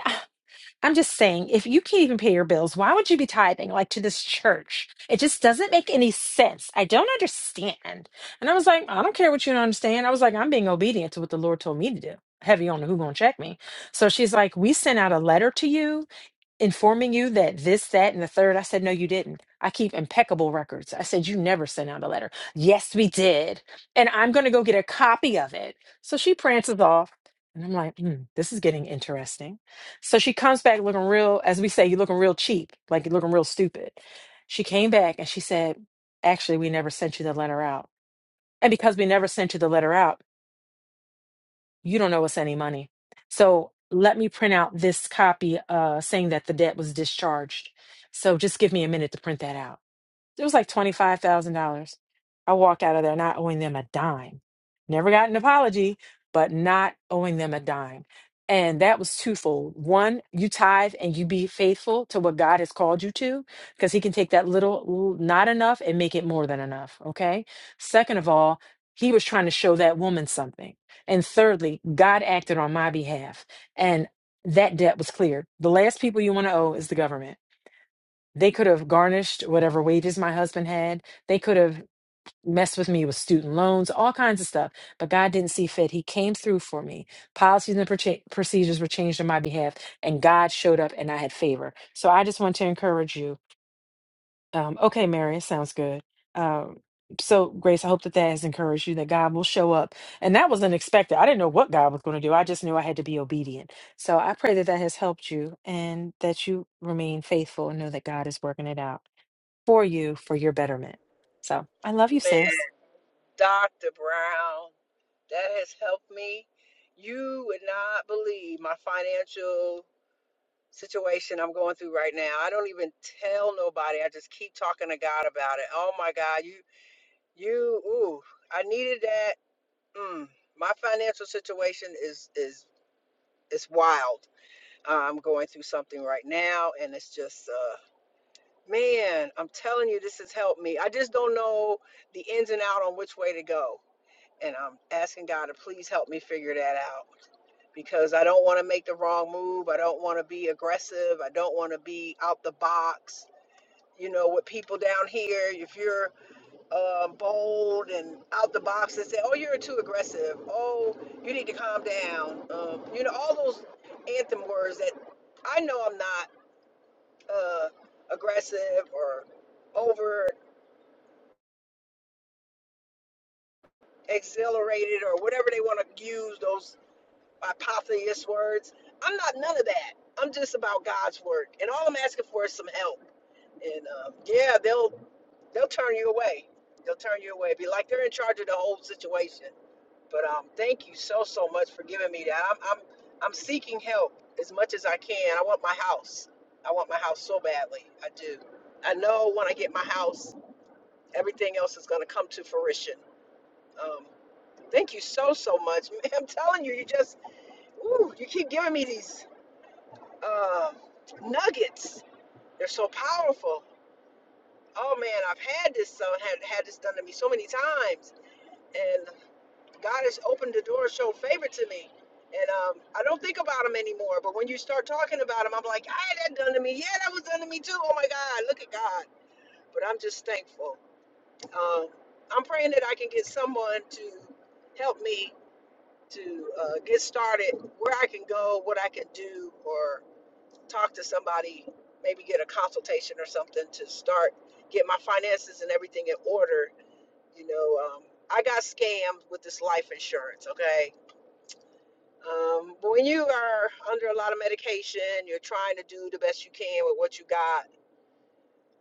Speaker 10: I'm just saying, if you can't even pay your bills, why would you be tithing like to this church? It just doesn't make any sense. I don't understand. And I was like, I don't care what you don't understand. I was like, I'm being obedient to what the Lord told me to do. Heavy on who gonna check me. So she's like, we sent out a letter to you informing you that this, that, and the third. I said, no, you didn't. I keep impeccable records. I said, you never sent out a letter. Yes, we did. And I'm going to go get a copy of it. So she prances off. And I'm like, hmm, this is getting interesting. So she comes back looking real, as we say, you looking real cheap, like you're looking real stupid. She came back and she said, actually, we never sent you the letter out. And because we never sent you the letter out, you don't owe us any money. So let me print out this copy uh, saying that the debt was discharged. So just give me a minute to print that out. It was like $25,000. I walked out of there not owing them a dime. Never got an apology, but not owing them a dime. And that was twofold. One, you tithe and you be faithful to what God has called you to, because He can take that little, ooh, not enough, and make it more than enough. Okay. Second of all, He was trying to show that woman something. And thirdly, God acted on my behalf. And that debt was cleared. The last people you want to owe is the government they could have garnished whatever wages my husband had. They could have messed with me with student loans, all kinds of stuff. But God didn't see fit. He came through for me. Policies and proce- procedures were changed on my behalf, and God showed up and I had favor. So I just want to encourage you. Um, okay, Mary, it sounds good. Um, so, Grace, I hope that that has encouraged you that God will show up. And that was unexpected. I didn't know what God was going to do. I just knew I had to be obedient. So I pray that that has helped you and that you remain faithful and know that God is working it out for you for your betterment. So I love you,
Speaker 11: Man,
Speaker 10: sis.
Speaker 11: Dr. Brown, that has helped me. You would not believe my financial situation I'm going through right now. I don't even tell nobody. I just keep talking to God about it. Oh my God, you, you, ooh, I needed that. Mm, my financial situation is is is wild. I'm going through something right now, and it's just, uh, man, I'm telling you, this has helped me. I just don't know the ins and out on which way to go. and I'm asking God to please help me figure that out because I don't want to make the wrong move. I don't want to be aggressive. I don't want to be out the box. You know, with people down here, if you're uh, bold and out the box and say, "Oh, you're too aggressive," "Oh, you need to calm down," um, you know, all those anthem words that I know I'm not uh, aggressive or over exhilarated or whatever they want to use those by Polytheist words. I'm not none of that. I'm just about God's work, and all I'm asking for is some help. And um, yeah, they'll they'll turn you away. They'll turn you away. Be like they're in charge of the whole situation. But um, thank you so so much for giving me that. I'm I'm I'm seeking help as much as I can. I want my house. I want my house so badly. I do. I know when I get my house, everything else is going to come to fruition. Um, thank you so so much. I'm telling you, you just ooh, you keep giving me these. uh, nuggets. They're so powerful. Oh man, I've had this so had had this done to me so many times, and God has opened the door, showed favor to me, and um, I don't think about them anymore. But when you start talking about them, I'm like, I had that done to me. Yeah, that was done to me too. Oh my God, look at God. But I'm just thankful. Um, I'm praying that I can get someone to help me to uh, get started, where I can go, what I can do, or. talk to somebody, maybe get a consultation or something to start get my finances and everything in order. You know, um, I got scammed with this life insurance. Okay, um, but when you are under a lot of medication, you're trying to do the best you can with what you got.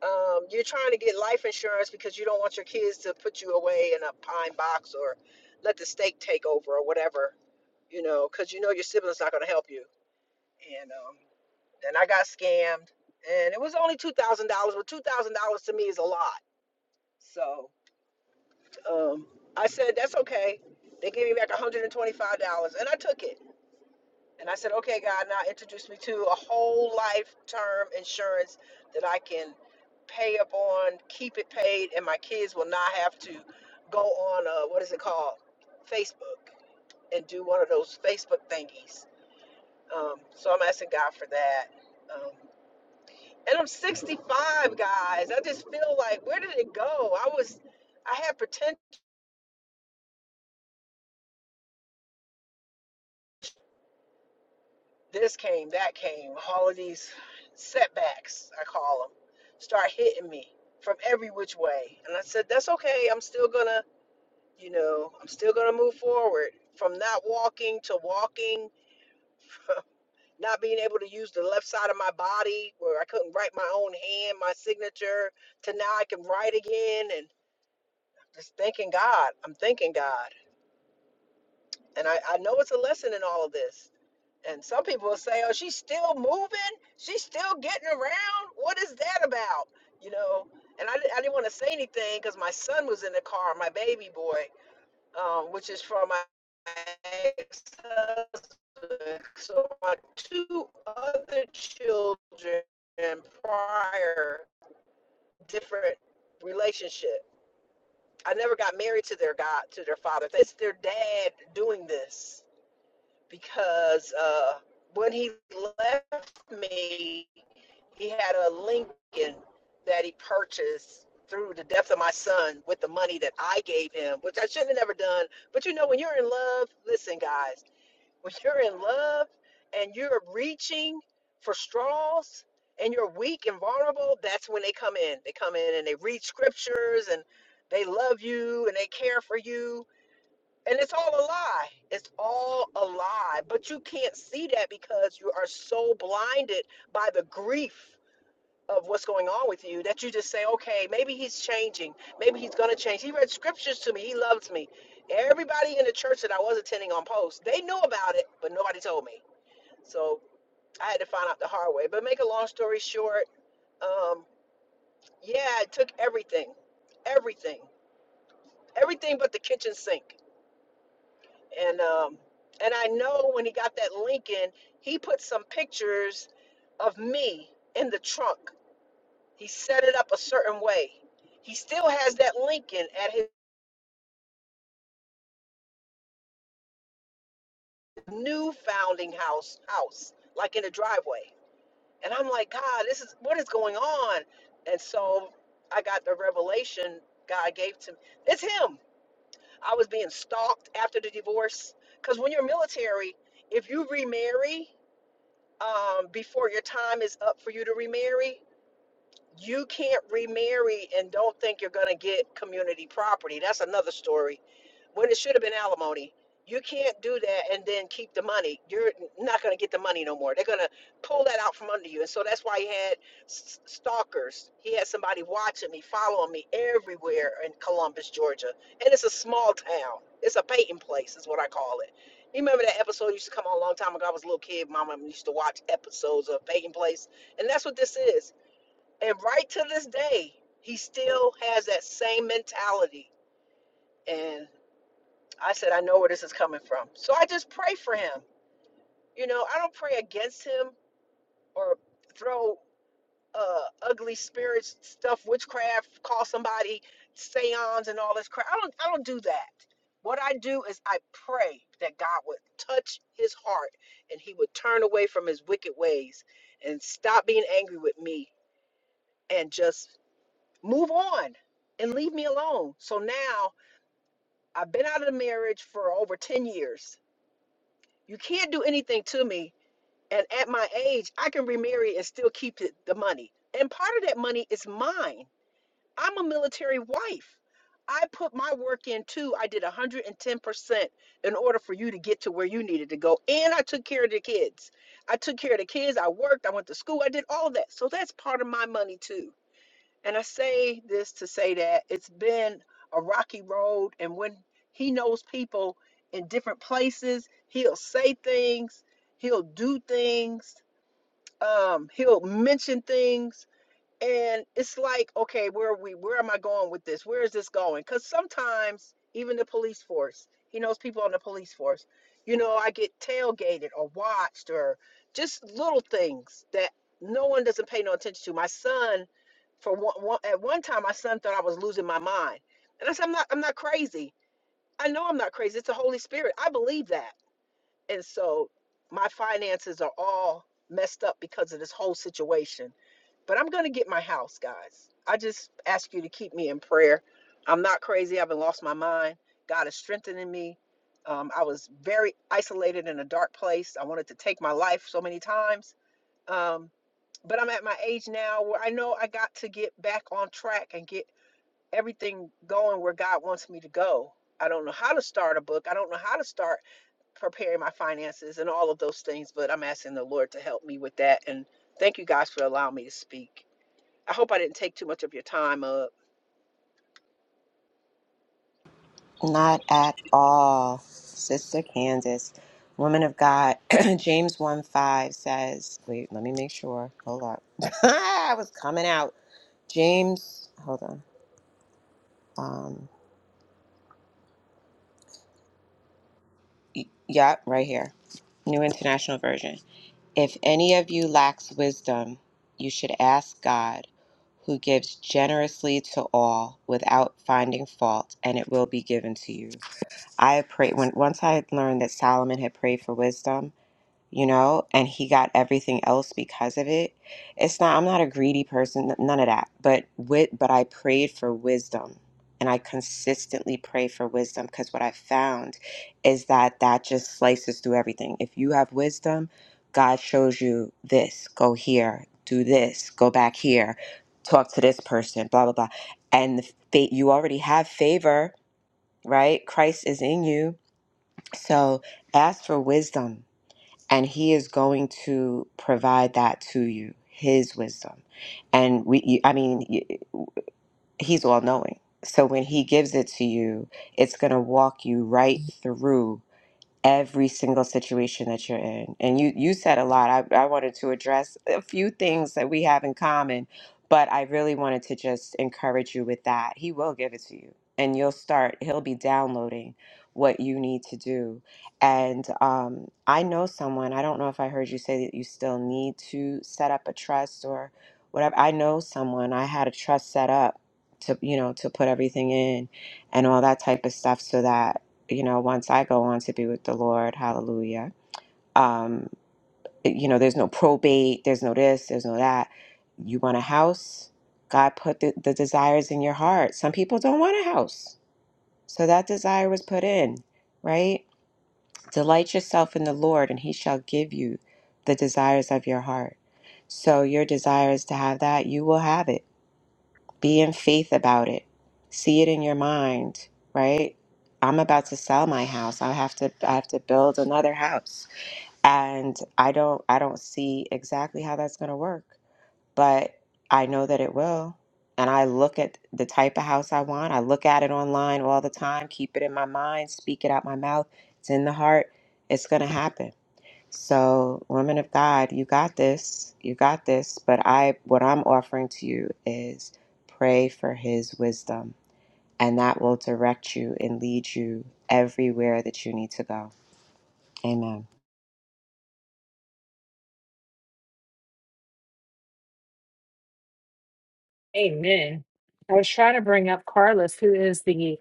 Speaker 11: Um, you're trying to get life insurance because you don't want your kids to put you away in a pine box or let the state take over or whatever. You know, because you know your siblings not going to help you. and. um, and I got scammed, and it was only two thousand dollars, but two thousand dollars to me is a lot. So um, I said that's okay. They gave me back one hundred and twenty-five dollars, and I took it. And I said, okay, God, now introduce me to a whole life term insurance that I can pay up on, keep it paid, and my kids will not have to go on uh, what is it called, Facebook, and do one of those Facebook thingies. Um, so I'm asking God for that. Um, And I'm 65, guys. I just feel like, where did it go? I was, I had potential. this came, that came, all of these setbacks, I call them, start hitting me from every which way. And I said, that's okay. I'm still gonna, you know, I'm still gonna move forward from not walking to walking, not being able to use the left side of my body where I couldn't write my own hand, my signature, to now I can write again. And just thanking God. I'm thanking God. And I, I know it's a lesson in all of this. And some people will say, oh, she's still moving. She's still getting around. What is that about? You know, and I, di- I didn't want to say anything because my son was in the car, my baby boy, um, which is from my ex husband. So my two other children prior, different relationship. I never got married to their God, to their father. It's their dad doing this because uh, when he left me, he had a Lincoln that he purchased through the death of my son with the money that I gave him, which I should have never done. But you know, when you're in love, listen, guys, when you're in love and you're reaching for straws and you're weak and vulnerable, that's when they come in. They come in and they read scriptures and they love you and they care for you and it's all a lie. It's all a lie. But you can't see that because you are so blinded by the grief of what's going on with you that you just say, okay, maybe he's changing. Maybe he's going to change. He read scriptures to me. He loves me. Everybody in the church that I was attending on post, they knew about it, but nobody told me. So I had to find out the hard way. But make a long story short, um, yeah, I took everything, everything, everything but the kitchen sink. and um and I know when he got that Lincoln, he put some pictures of me in the trunk. He set it up a certain way. He still has that Lincoln at his new founding house house, like in the driveway. And I'm like, God, this is what is going on? And so I got the revelation God gave to me. It's him. I was being stalked after the divorce. Because when you're military, if you remarry, um, before your time is up for you to remarry you can't remarry and don't think you're going to get community property. That's another story. When it should have been alimony. You can't do that and then keep the money. You're not going to get the money no more. They're going to pull that out from under you. And so that's why he had s- stalkers. He had somebody watching me, following me everywhere in Columbus, Georgia. And it's a small town. It's a Peyton place, is what I call it. You remember that episode used to come on a long time ago? I was a little kid. Mama used to watch episodes of Peyton Place. And that's what this is and right to this day, he still has that same mentality. And I said, I know where this is coming from. So I just pray for him. You know, I don't pray against him or throw uh, ugly spirits, stuff, witchcraft, call somebody seance and all this crap. I don't, I don't do that. What I do is I pray that God would touch his heart and he would turn away from his wicked ways and stop being angry with me and just move on and leave me alone. So now I've been out of the marriage for over 10 years. You can't do anything to me. And at my age, I can remarry and still keep it, the money. And part of that money is mine. I'm a military wife. I put my work in too. I did 110% in order for you to get to where you needed to go. And I took care of the kids. I took care of the kids. I worked. I went to school. I did all of that. So that's part of my money too. And I say this to say that it's been a rocky road. And when he knows people in different places, he'll say things, he'll do things, um, he'll mention things and it's like, okay, where are we? Where am I going with this? Where is this going? Because sometimes even the police force, he knows people on the police force. You know, I get tailgated or watched or just little things that no one doesn't pay no attention to. My son, for one, one at one time, my son thought I was losing my mind, and I said, I'm not. I'm not crazy. I know I'm not crazy. It's the Holy Spirit. I believe that. And so my finances are all messed up because of this whole situation but I'm going to get my house, guys. I just ask you to keep me in prayer. I'm not crazy. I haven't lost my mind. God is strengthening me. Um, I was very isolated in a dark place. I wanted to take my life so many times. Um, but I'm at my age now where I know I got to get back on track and get everything going where God wants me to go. I don't know how to start a book. I don't know how to start preparing my finances and all of those things, but I'm asking the Lord to help me with that. And thank you guys for allowing me to speak. I hope I didn't take too much of your time up.
Speaker 12: Not at all, Sister Candace. Woman of God, James 1 5 says, wait, let me make sure. Hold up. I was coming out. James, hold on. Um, yeah, right here, New International Version. If any of you lacks wisdom, you should ask God, who gives generously to all without finding fault, and it will be given to you. I prayed when once I had learned that Solomon had prayed for wisdom. you know, and he got everything else because of it. It's not, I'm not a greedy person, none of that. But with, but I prayed for wisdom and I consistently pray for wisdom because what I found is that that just slices through everything. If you have wisdom, God shows you this, go here, do this, go back here, talk to this person, blah, blah, blah. And the fa- you already have favor, right? Christ is in you. So ask for wisdom and he is going to provide that to you his wisdom and we you, i mean y- he's all knowing so when he gives it to you it's going to walk you right through every single situation that you're in. And you you said a lot. I, I wanted to address a few things that we have in common, but I really wanted to just encourage you with that. He will give it to you. And you'll start, he'll be downloading what you need to do. And um, I know someone, I don't know if I heard you say that you still need to set up a trust or whatever. I know someone, I had a trust set up to, you know, to put everything in and all that type of stuff so that you know, once I go on to be with the Lord, hallelujah. Um, you know, there's no probate, there's no this, there's no that. You want a house, God put the, the desires in your heart. Some people don't want a house, so that desire was put in, right? Delight yourself in the Lord, and He shall give you the desires of your heart. So, your desire is to have that, you will have it be in faith about it. See it in your mind, right? I'm about to sell my house. I have to I have to build another house. And I don't I don't see exactly how that's going to work, but I know that it will. And I look at the type of house I want. I look at it online all the time, keep it in my mind, speak it out my mouth. It's in the heart. It's going to happen. So, women of God, you got this. You got this. But I what I'm offering to you is pray for his wisdom, and that will direct you and lead you everywhere that you need to go. Amen.
Speaker 10: Amen. I was trying to bring up Carlos, who is the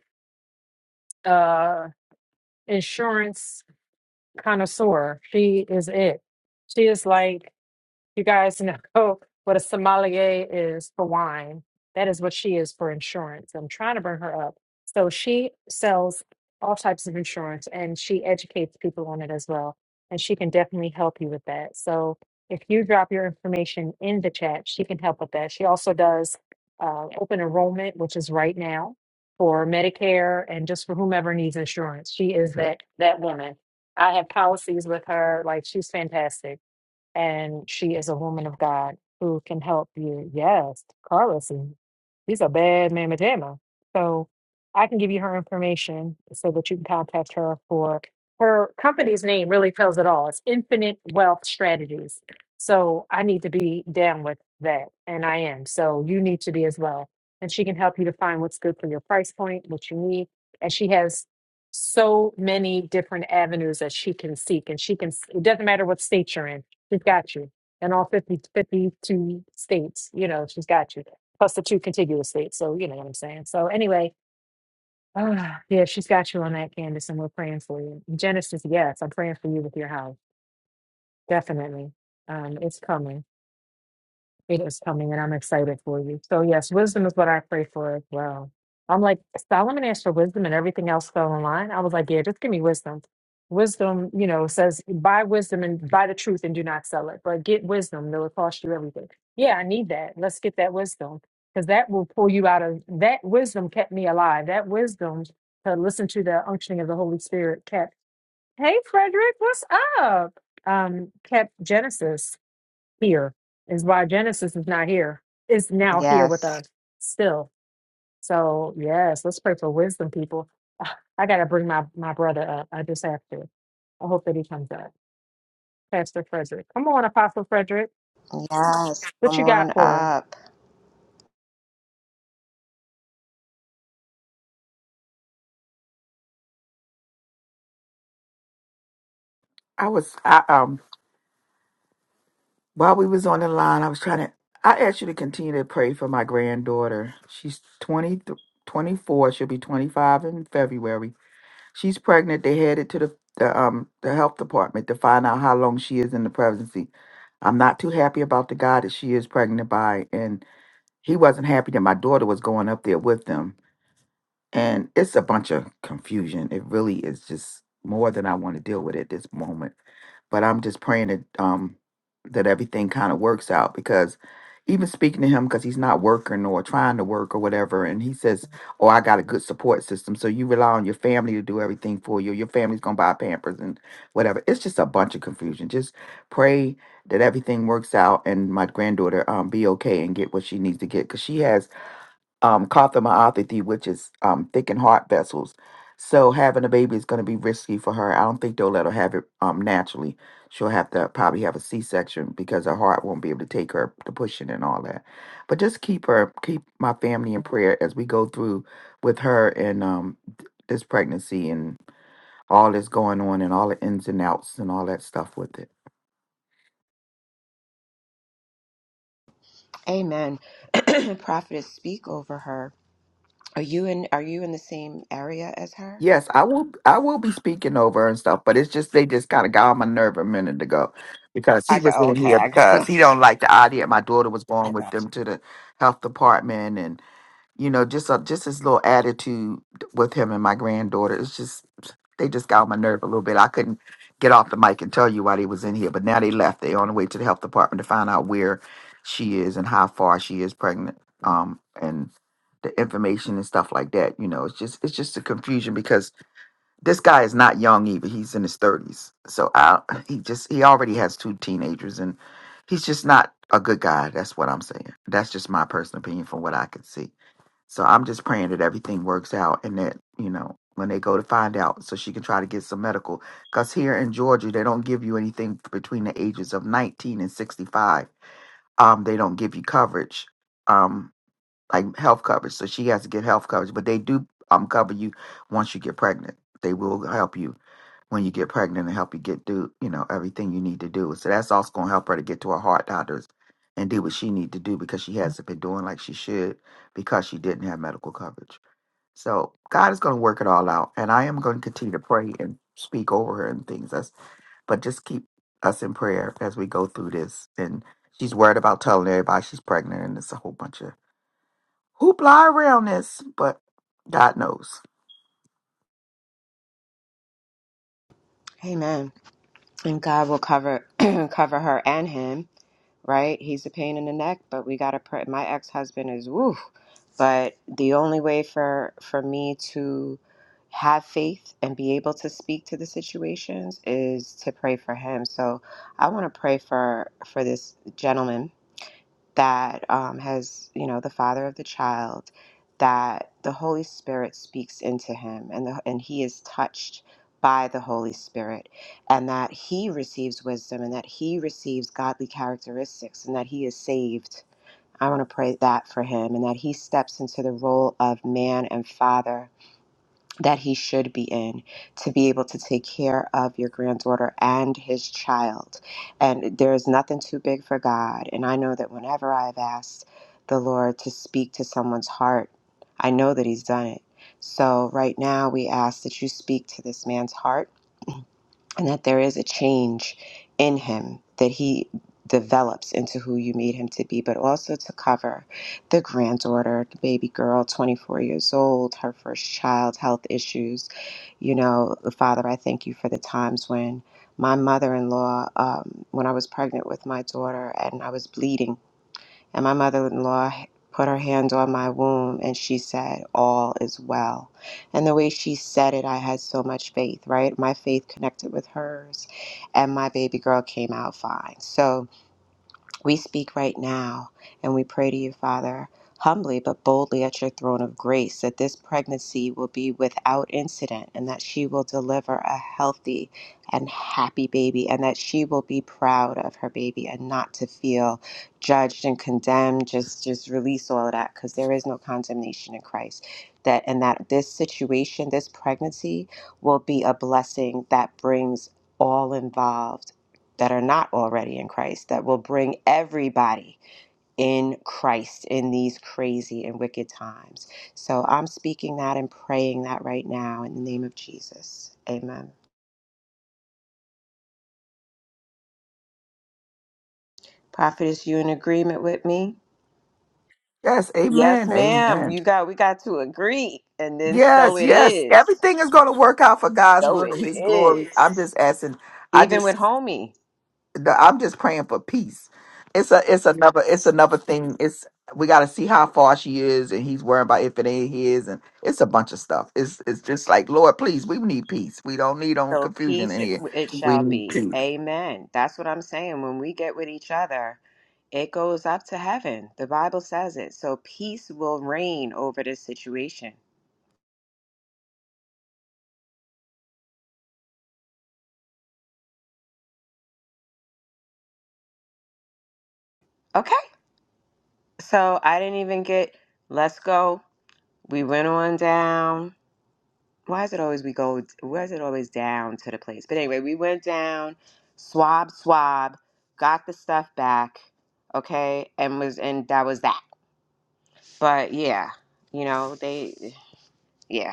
Speaker 10: uh insurance connoisseur. That's it. You guys know what a sommelier is for wine. That is what she is for insurance. I'm trying to bring her up. So she sells all types of insurance and she educates people on it as well. And she can definitely help you with that. So if you drop your information in the chat, she can help with that. She also does uh, open enrollment, which is right now for Medicare and just for whomever needs insurance. She is that that woman. I have policies with her. Like she's fantastic she is a woman of God who can help us. Carla, see, She's a bad mamma jamma. So I can give you her information so that you can contact her for her company's name really tells it all. It's Infinite Wealth Strategies. So I need to be down with that. And I am. So you need to be as well. And she can help you to find what's good for your price point, what you need. And she has so many different avenues that she can seek. And she can, it doesn't matter what state you're in, she's got you. In all 50 52 states, you know, she's got you plus the two contiguous states. So you know what I'm saying. So anyway, ah, yeah, she's got you on that, Candace, and we're praying for you. Genesis, yes, I'm praying for you with your house, definitely. Um, it's coming. It is coming, and I'm excited for you. So, yes, wisdom is what I pray for as well. I'm like, Solomon asked for wisdom, and everything else fell in line. I was like, yeah, just give me wisdom. Wisdom, you know, says buy wisdom and buy the truth and do not sell it, but get wisdom. It'll cost you everything. Yeah, I need that. Let's get that wisdom because that will pull you out of that wisdom kept me alive. That wisdom to listen to the unctioning of the Holy Spirit kept, hey, Frederick, what's up? Um, kept Genesis here is why Genesis is not here. It's now here with
Speaker 12: Yes.
Speaker 10: us still. So yes, let's pray for wisdom, people. Ah, I gotta bring my my brother up. I just have to. I hope that he comes up. Pastor Frederick, come on, Apostle Frederick.
Speaker 12: Yes.
Speaker 10: What
Speaker 12: Come
Speaker 10: you got
Speaker 12: on
Speaker 10: for us?
Speaker 12: up.
Speaker 9: I was I um while we was on the line, I was trying to I asked you to continue to pray for my granddaughter. She's twenty twenty-four. she'll be 25 in February. She's pregnant. They headed to the, the um the health department to find out how long she is in the pregnancy. I'm not too happy about the guy that she is pregnant by and he wasn't happy that my daughter was going up there with them and it's a bunch of confusion. It really is just more than I want to deal with at this moment. But I'm just praying that um that everything kind of works out because even speaking to him because he's not working or trying to work or whatever, and he says, "Oh, I got a good support system." So you rely on your family to do everything for you. Your family's gonna buy Pampers and whatever. It's just a bunch of confusion. Just pray that everything works out and my granddaughter um be okay and get what she needs to get because she has um, cardiomyopathy, which is um, thickened heart vessels. So having a baby is going to be risky for her. I don't think they'll let her have it um, naturally. She'll have to probably have a C-section because her heart won't be able to take her to pushing and all that. But just keep her, keep my family in prayer as we go through with her and um, th- this pregnancy and all that's going on and all the ins and outs and all that stuff with it.
Speaker 12: Amen. Prophetess, speak over her. Are you in are you in the same area as her?
Speaker 9: Yes, I will. I will be speaking over and stuff, but it's just they just kind of got on my nerve a minute ago because he
Speaker 12: I
Speaker 9: was
Speaker 12: go
Speaker 9: in
Speaker 12: okay,
Speaker 9: here
Speaker 12: I got
Speaker 9: because he don't like the idea. My daughter was
Speaker 12: I
Speaker 9: going with
Speaker 12: got
Speaker 9: them to the health department, and you know, just a, just his little attitude with him and my granddaughter. It's just they just got on my nerve a little bit. I couldn't get off the mic and tell you why they was in here, but now they left. They on the way to the health department to find out where she is and how far she is pregnant. Um, and the information and stuff like that. You know, it's just it's just a confusion because this guy is not young either. He's in his thirties. So I, he just he already has two teenagers, and he's just not a good guy. That's what I'm saying. That's just my personal opinion from what I could see. So I'm just praying that everything works out, and that you know when they go to find out, so she can try to get some medical. Because here in Georgia, they don't give you anything between the ages of 19 and 65. Um, they don't give you coverage, um, like health coverage. So she has to get health coverage, but they do um cover you once you get pregnant. They will help you when you get pregnant and help you get do you know everything you need to do. So that's also going to help her to get to her heart doctors and do what she need to do because she hasn't been doing like she should because she didn't have medical coverage. So God is going to work it all out, and I am going to continue to pray and speak over her and things. That's but just keep us in prayer as we go through this. And she's worried about telling everybody she's pregnant, and it's a whole bunch of hoopla around this. But God knows.
Speaker 12: you. Amen. And God will cover cover her and him right? He's a pain in the neck, but we gotta pray. My ex husband is woo, but the only way for for me to have faith and be able to speak to the situations is to pray for him. So I want to pray for for this gentleman that um, has, you know, the father of the child, that the Holy Spirit speaks into him and, the, and he is touched by the Holy Spirit, and that he receives wisdom and that he receives godly characteristics and that he is saved. I want to pray that for him and that he steps into the role of man and father that he should be in to be able to take care of your granddaughter and his child. And there is nothing too big for God. And I know that whenever I've asked the Lord to speak to someone's heart, I know that he's done it. So right now we ask that you speak to this man's heart and that there is a change in him that he develops into who you made him to be, but also to cover the granddaughter, the baby girl, 24 years old, her first child, health issues. You know, Father, I thank you for the times when my mother in law, um, when I was pregnant with my daughter and I was bleeding. And my mother in law put her hand on my womb and she said, All is well. And the way she said it, I had so much faith, right? My faith connected with hers, and my baby girl came out fine. So, we speak right now and we pray to you, Father, humbly but boldly at your throne of grace, that this pregnancy will be without incident and that she will deliver a healthy and happy baby and that she will be proud of her baby and not to feel judged and condemned. Just just release all of that because there is no condemnation in Christ. That and that this situation, this pregnancy will be a blessing that brings all involved that are not already in Christ, that will bring everybody in Christ in these crazy and wicked times. So I'm speaking that and praying that right now in the name of Jesus. Amen. Prophetess, you in agreement with me?
Speaker 9: Yes,
Speaker 12: Yes,
Speaker 9: Amen,
Speaker 12: ma'am.
Speaker 9: Amen.
Speaker 12: You got we got to agree. And then so
Speaker 9: Yes,
Speaker 12: it
Speaker 9: yes.
Speaker 12: is.
Speaker 9: Everything is going to work out for God's
Speaker 12: So
Speaker 9: will
Speaker 12: it
Speaker 9: and His glory. I'm
Speaker 12: is.
Speaker 9: just asking. I
Speaker 12: Even with
Speaker 9: just,
Speaker 12: homie.
Speaker 9: the- I'm just praying for peace. It's a, it's another, it's another thing. It's we got to see how far she is, and he's worrying about if it ain't his, and it's a bunch of stuff. It's, it's just like Lord, please, we need peace. We don't need no
Speaker 12: So
Speaker 9: confusion
Speaker 12: peace
Speaker 9: in
Speaker 12: it,
Speaker 9: here.
Speaker 12: it
Speaker 9: We
Speaker 12: shall
Speaker 9: need
Speaker 12: be.
Speaker 9: peace.
Speaker 12: Amen. That's what I'm saying. When we get with each other, It goes up to heaven. The Bible says it. So peace will reign over this situation. Okay. So I didn't even get let's go. We went on down. Why is it always we go why is it always down to the place? But anyway, we went down, swab, swab, got the stuff back, okay, and was and that was that. But yeah, you know, they yeah.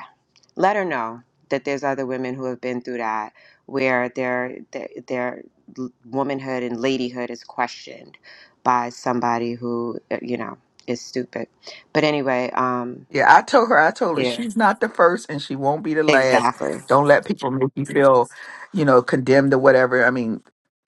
Speaker 12: let her know that there's other women who have been through that where their their, their womanhood and ladyhood is questioned by somebody who uh, you know is stupid but anyway um
Speaker 9: Yeah, I told her, I told her
Speaker 12: yeah
Speaker 9: she's not the first and she won't be the last.
Speaker 12: exactly
Speaker 9: Don't let people make you feel, you know, condemned or whatever. I mean,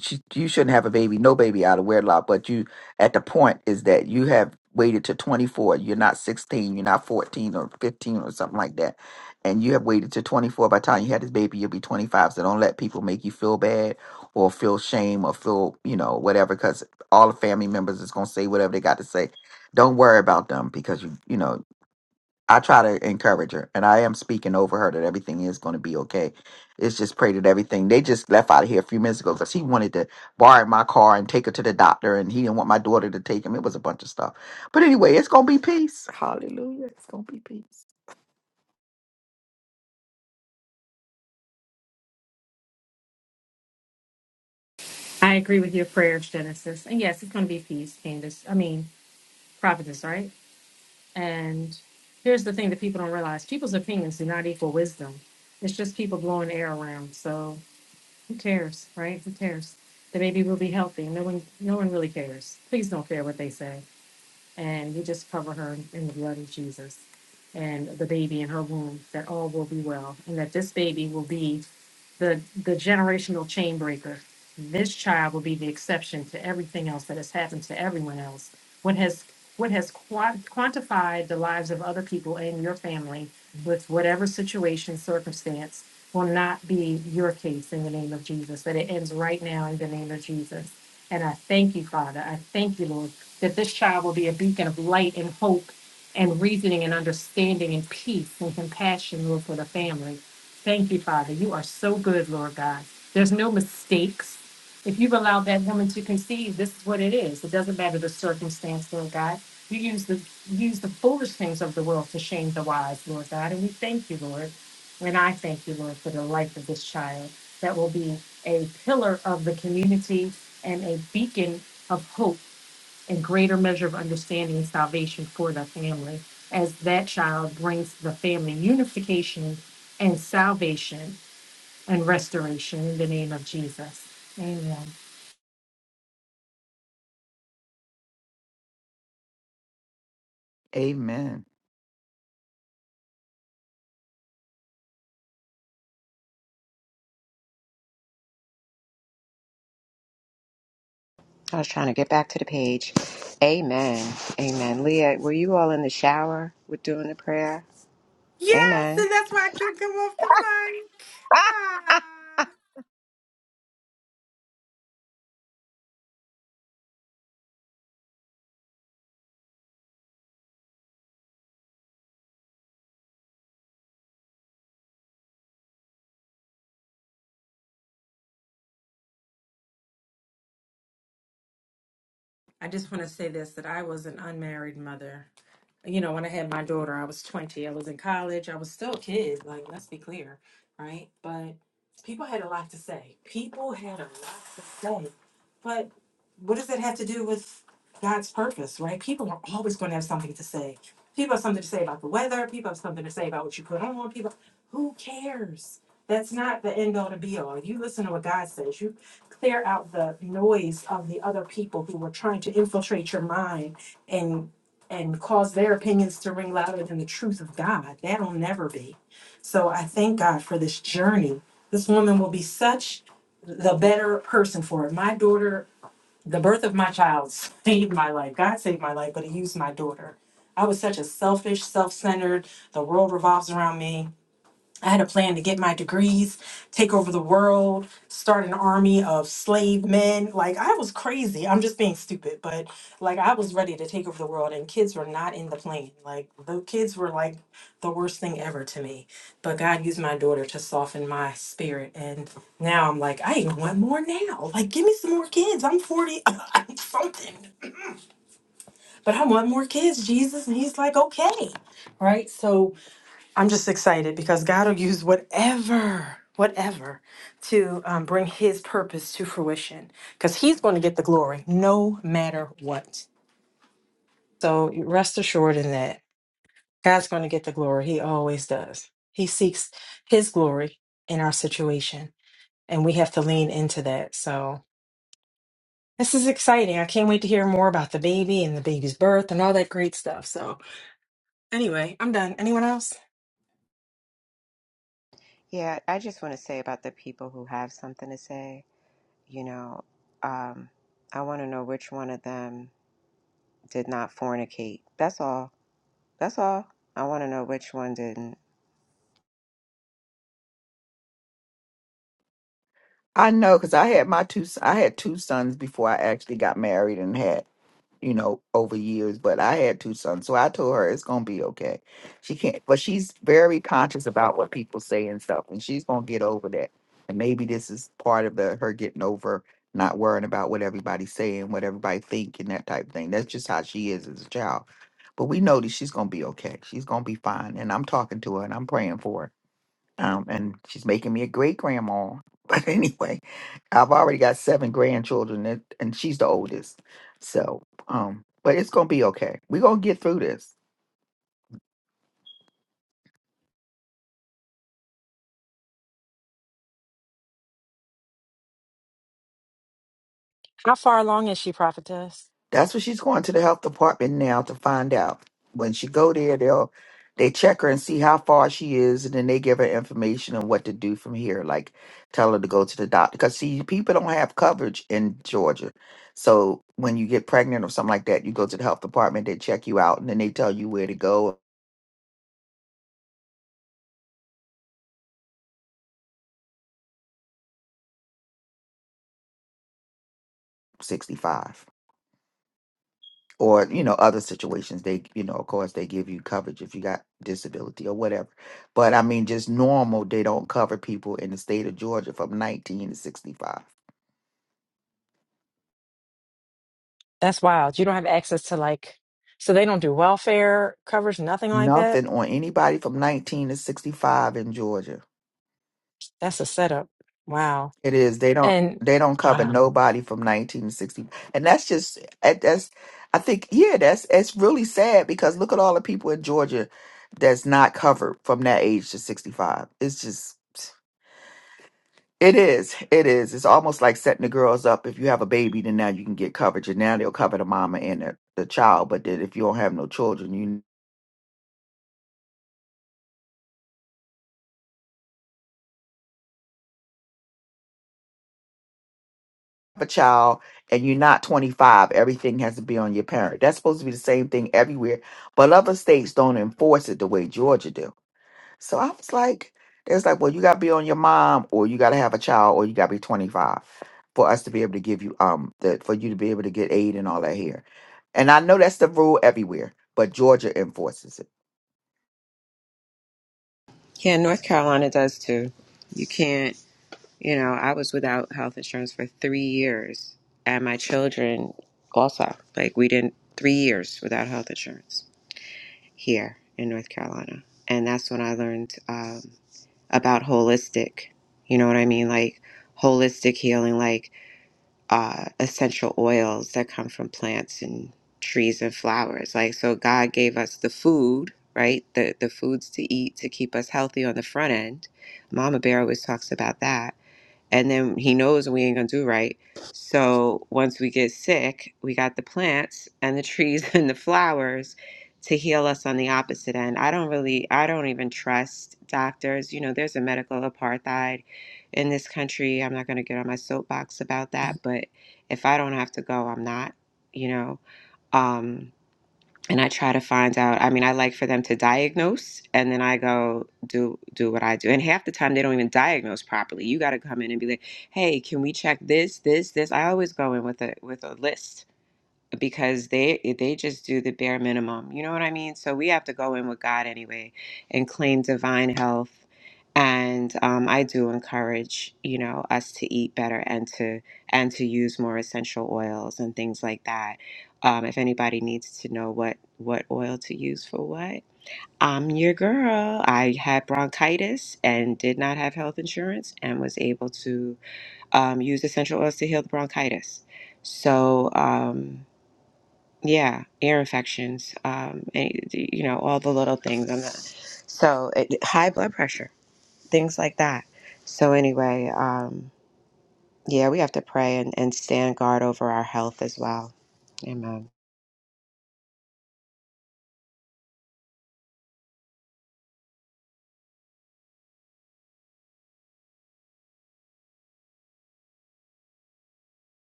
Speaker 9: she, you shouldn't have a baby, no baby out of wedlock, but you, at the point is that you have waited to 24. You're not 16, you're not 14 or 15 or something like that. And you have waited to 24. By the time you had this baby, you'll be 25. So don't let people make you feel bad or feel shame or feel, you know, whatever, because all the family members is going to say whatever they got to say don't worry about them because you you know I try to encourage her, and I am speaking over her that everything is going to be okay. It's just pray that everything. They just left out of here a few minutes ago because he wanted to borrow my car and take her to the doctor, and he didn't want my daughter to take him. It was a bunch of stuff. But anyway, it's going to be peace. Hallelujah. It's going to be peace.
Speaker 10: I agree with your prayers, Genesis. And yes, it's going to be feast, Candace. I mean, prophetess, right? And here's the thing that people don't realize people's opinions do not equal wisdom. It's just people blowing air around. So Who cares, right? Who cares? The baby will be healthy. No one, no one really cares. Please don't care what they say and we just cover her in the blood of Jesus and the baby in her womb, that all will be well, and that this baby will be the the generational chain breaker. This child will be the exception to everything else that has happened to everyone else. What has what has qua- quantified the lives of other people and your family with whatever situation, circumstance, will not be your case in the name of Jesus. That it ends right now in the name of Jesus. And I thank you, Father. I thank you, Lord that this child will be a beacon of light and hope and reasoning and understanding and peace and compassion, Lord, for the family. Thank you, Father. You are so good, Lord God. There's no mistakes. If you've allowed that woman to conceive, this is what it is. It doesn't matter the circumstance, Lord God. You use the use the foolish things of the world to shame the wise, Lord God. And we thank you, Lord. And I thank you, Lord, for the life of this child that will be a pillar of the community and a beacon of hope and greater measure of understanding and salvation for the family as that child brings the family unification and salvation and restoration in the name of Jesus. Amen.
Speaker 9: Amen.
Speaker 12: i was trying to get back to the page amen amen leah were you all in the shower with doing the prayer
Speaker 10: Yes,
Speaker 12: amen
Speaker 10: and that's why I couldn't come off the mic. Ah. I just want to say this that I was an unmarried mother. You know, when I had my daughter, I was 20. I was in college. I was still a kid. Like, let's be clear, right? But people had. So I thank God for this journey. This woman will be such the better person for it. My daughter, the birth of my child saved my life. God saved my life, but He used my daughter. I was such a selfish, self centered, the world revolves around me. I had a plan to get my degrees, take over the world, start an army of slave men. Like, I was crazy. I'm just being stupid, but like, I was ready to take over the world, and kids were not in the plan. Like, the kids were like the worst thing ever to me. But God used my daughter to soften my spirit. And now I'm like, I want more now. Like, give me some more kids. I'm 40, I'm something, but I want more kids, Jesus. And He's like, okay. Right. So, I'm just excited because God will use whatever, whatever, to um, bring His purpose to fruition. Because He's going to get the glory, no matter what. So rest assured in that God's going to get the glory. He always does. He seeks His glory in our situation, and we have to lean into that. So this is exciting. I can't wait to hear more about the baby and the baby's birth and all that great stuff. So anyway, I'm done. Anyone else?
Speaker 12: yeah i just want to say about the people who have something to say you know um i want to know which one of them did not fornicate. That's all. That's all. I want to know which one didn't.
Speaker 9: I know because I had my two. s- I had two sons before I actually got married and had you know, over years, but I had two sons. So I told her it's gonna be okay. She can't but she's very conscious about what people say and stuff, and she's gonna get over that. And maybe this is part of the her getting over not worrying about what everybody's saying, what everybody think and that type of thing. That's just how she is as a child. But we know that she's gonna be okay. She's gonna be fine. And I'm talking to her and I'm praying for her um, and she's making me a great grandma. But anyway, I've already got seven grandchildren, and, and she's the oldest. So, um, but it's gonna be okay. We're gonna get through this.
Speaker 10: How far along is she, prophetess?
Speaker 9: That's what she's going to the health department now to find out. When she go there, they'll they check her and see how far she is, and then they give her information on what to do from here. Like tell her to go to the doctor because see, people don't have coverage in Georgia. So when you get pregnant or something like that, you go to the health department, they check you out, and then they tell you where to go 65 or you know other situations they you know of course they give you coverage if you got disability or whatever but i mean just normal they don't cover people in the state of georgia from 19 to 65
Speaker 10: That's wild. You don't have access to like, so they don't do welfare coverage, nothing like that.
Speaker 9: nothing on anybody from 19 to 65 in georgia
Speaker 10: That's a setup. Wow.
Speaker 9: it is they don't
Speaker 10: And
Speaker 9: they don't cover
Speaker 10: wow.
Speaker 9: nobody from 19 to 60 and that's just that- that's i think yeah that's it's really sad because look at all the people in georgia that's not covered from that age to 65 it's just It is. It is. It's almost like setting the girls up. If you have a baby, then now you can get coverage, and now they'll cover the mama and the, the child. But then if you don't have no children, you have a child and you're not 25, everything has to be on your parent. That's supposed to be the same thing everywhere, but other states don't enforce it the way Georgia do. So I was like, it's like, well, you got to be on your mom, or you got to have a child, or you got to be 25 for us to be able to give you um the for you to be able to get aid and all that here. And I know that's the rule everywhere, but Georgia enforces it.
Speaker 12: Yeah, North Carolina does too. You can't, you know, I was without health insurance for three years, and my children also. Like, we didn't, three years without health insurance here in North Carolina. And that's when I learned um, about holistic. You know what I mean? Like, holistic healing. like. uh, essential oils that come from plants and trees and flowers. Like so, God gave us the food, right? The the foods to eat to keep us healthy on the front end. Mama Bear always talks about that and then he knows we ain't gonna do right. So once we get sick, we got the plants and the trees and the flowers to heal us on the opposite end. I don't really, I don't even trust doctors. You know, there's a medical apartheid in this country. I'm not gonna get on my soapbox about that, but if I don't have to go, I'm not. You know, Um, and I try to find out. I mean, I like for them to diagnose, and then I go do do what I do. And half the time, they don't even diagnose properly. You got to come in and be like, "Hey, can we check this, this, this?" I always go in with a with a list because they eh, they just do the bare minimum. You know what I mean? So we have to go in with God anyway and claim divine health. And um, I do encourage you know us to eat better and to and to use more essential oils and things like that. Um, if anybody needs to know what what oil to use for what. I'm your girl. I had bronchitis and did not have health insurance and was able to um, use essential oils to heal the bronchitis. So, um, yeah, ear infections, um, and, you know, all the little things. I'm not, so it, high blood pressure, things like that. So anyway, um, yeah, we have to pray and, and stand guard over our health as well. Amen.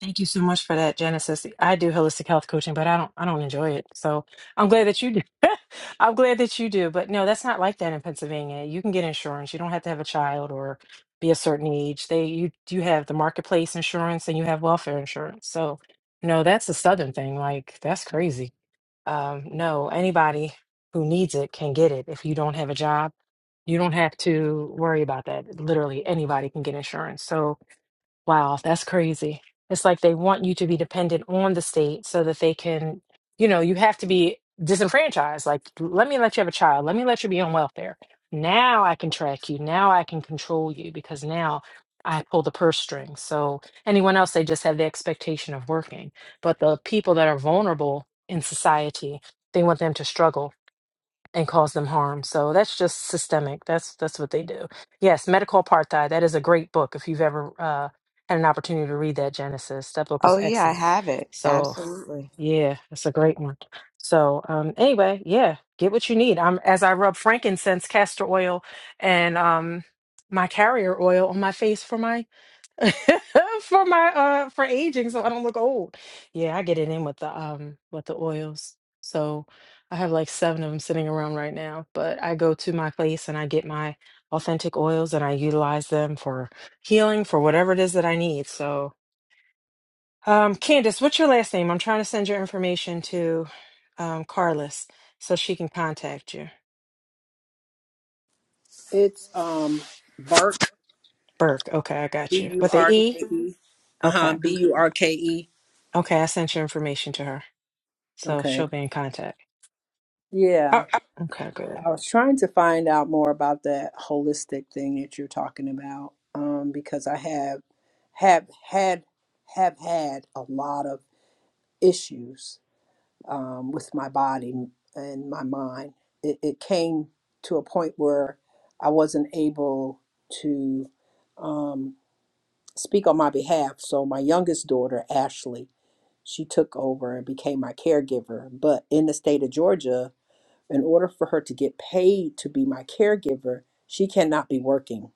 Speaker 10: Thank you so much for that, Genesis. I do holistic health coaching, but I don't I don't enjoy it. So I'm glad that you do. I'm glad that you do. But no, that's not like that in Pennsylvania. You can get insurance. You don't have to have a child or be a certain age. They you you have the marketplace insurance and you have welfare insurance. So no, that's a southern thing. Like that's crazy. Um, no, anybody who needs it can get it. If you don't have a job, you don't have to worry about that. Literally anybody can get insurance. So Wow, that's crazy. It's like they want you to be dependent on the state so that they can, you know, you have to be disenfranchised. Like, let me let you have a child. Let me let you be on welfare. Now I can track you. Now I can control you because now I pull the purse string. So anyone else, they just have the expectation of working. But the people that are vulnerable in society, they want them to struggle and cause them harm. So that's just systemic. That's that's what they do. Yes, Medical Apartheid. That is a great book. If you've ever uh, had an opportunity to read that, Genesis, that book is
Speaker 12: Oh yeah, I
Speaker 10: excellent.
Speaker 12: have it.
Speaker 10: So
Speaker 12: Absolutely.
Speaker 10: yeah, that's a great one. So um, anyway, yeah, get what you need. I'm as I rub frankincense, castor oil, and um, my carrier oil on my face for my for my uh for aging so I don't look old. Yeah, I get it in with the um with the oils. So I have like seven of them sitting around right now, but I go to my place and I get my authentic oils and I utilize them for healing for whatever it is that I need. So um Candace, what's your last name? I'm trying to send your information to um Carlos so she can contact you.
Speaker 11: It's um Burke
Speaker 10: Burke. Okay, I got
Speaker 11: B
Speaker 10: you.
Speaker 11: U
Speaker 10: With the
Speaker 11: R
Speaker 10: E?
Speaker 11: K E. Uh huh.
Speaker 10: Okay.
Speaker 11: B U R K E.
Speaker 10: Okay, I sent your information to her. So
Speaker 11: Okay.
Speaker 10: she'll be in contact.
Speaker 11: Yeah.
Speaker 10: Our, Okay, good.
Speaker 11: I was trying to find out more about that holistic thing that you're talking about. Um, because I have have had have had a lot of issues um, with my body and my mind. It, it came to a point where I wasn't able to. Um, speak on my behalf. So my youngest daughter, Ashley, she took over and became my caregiver. But in the state of Georgia, in order for her to get paid to be my caregiver, she cannot be working.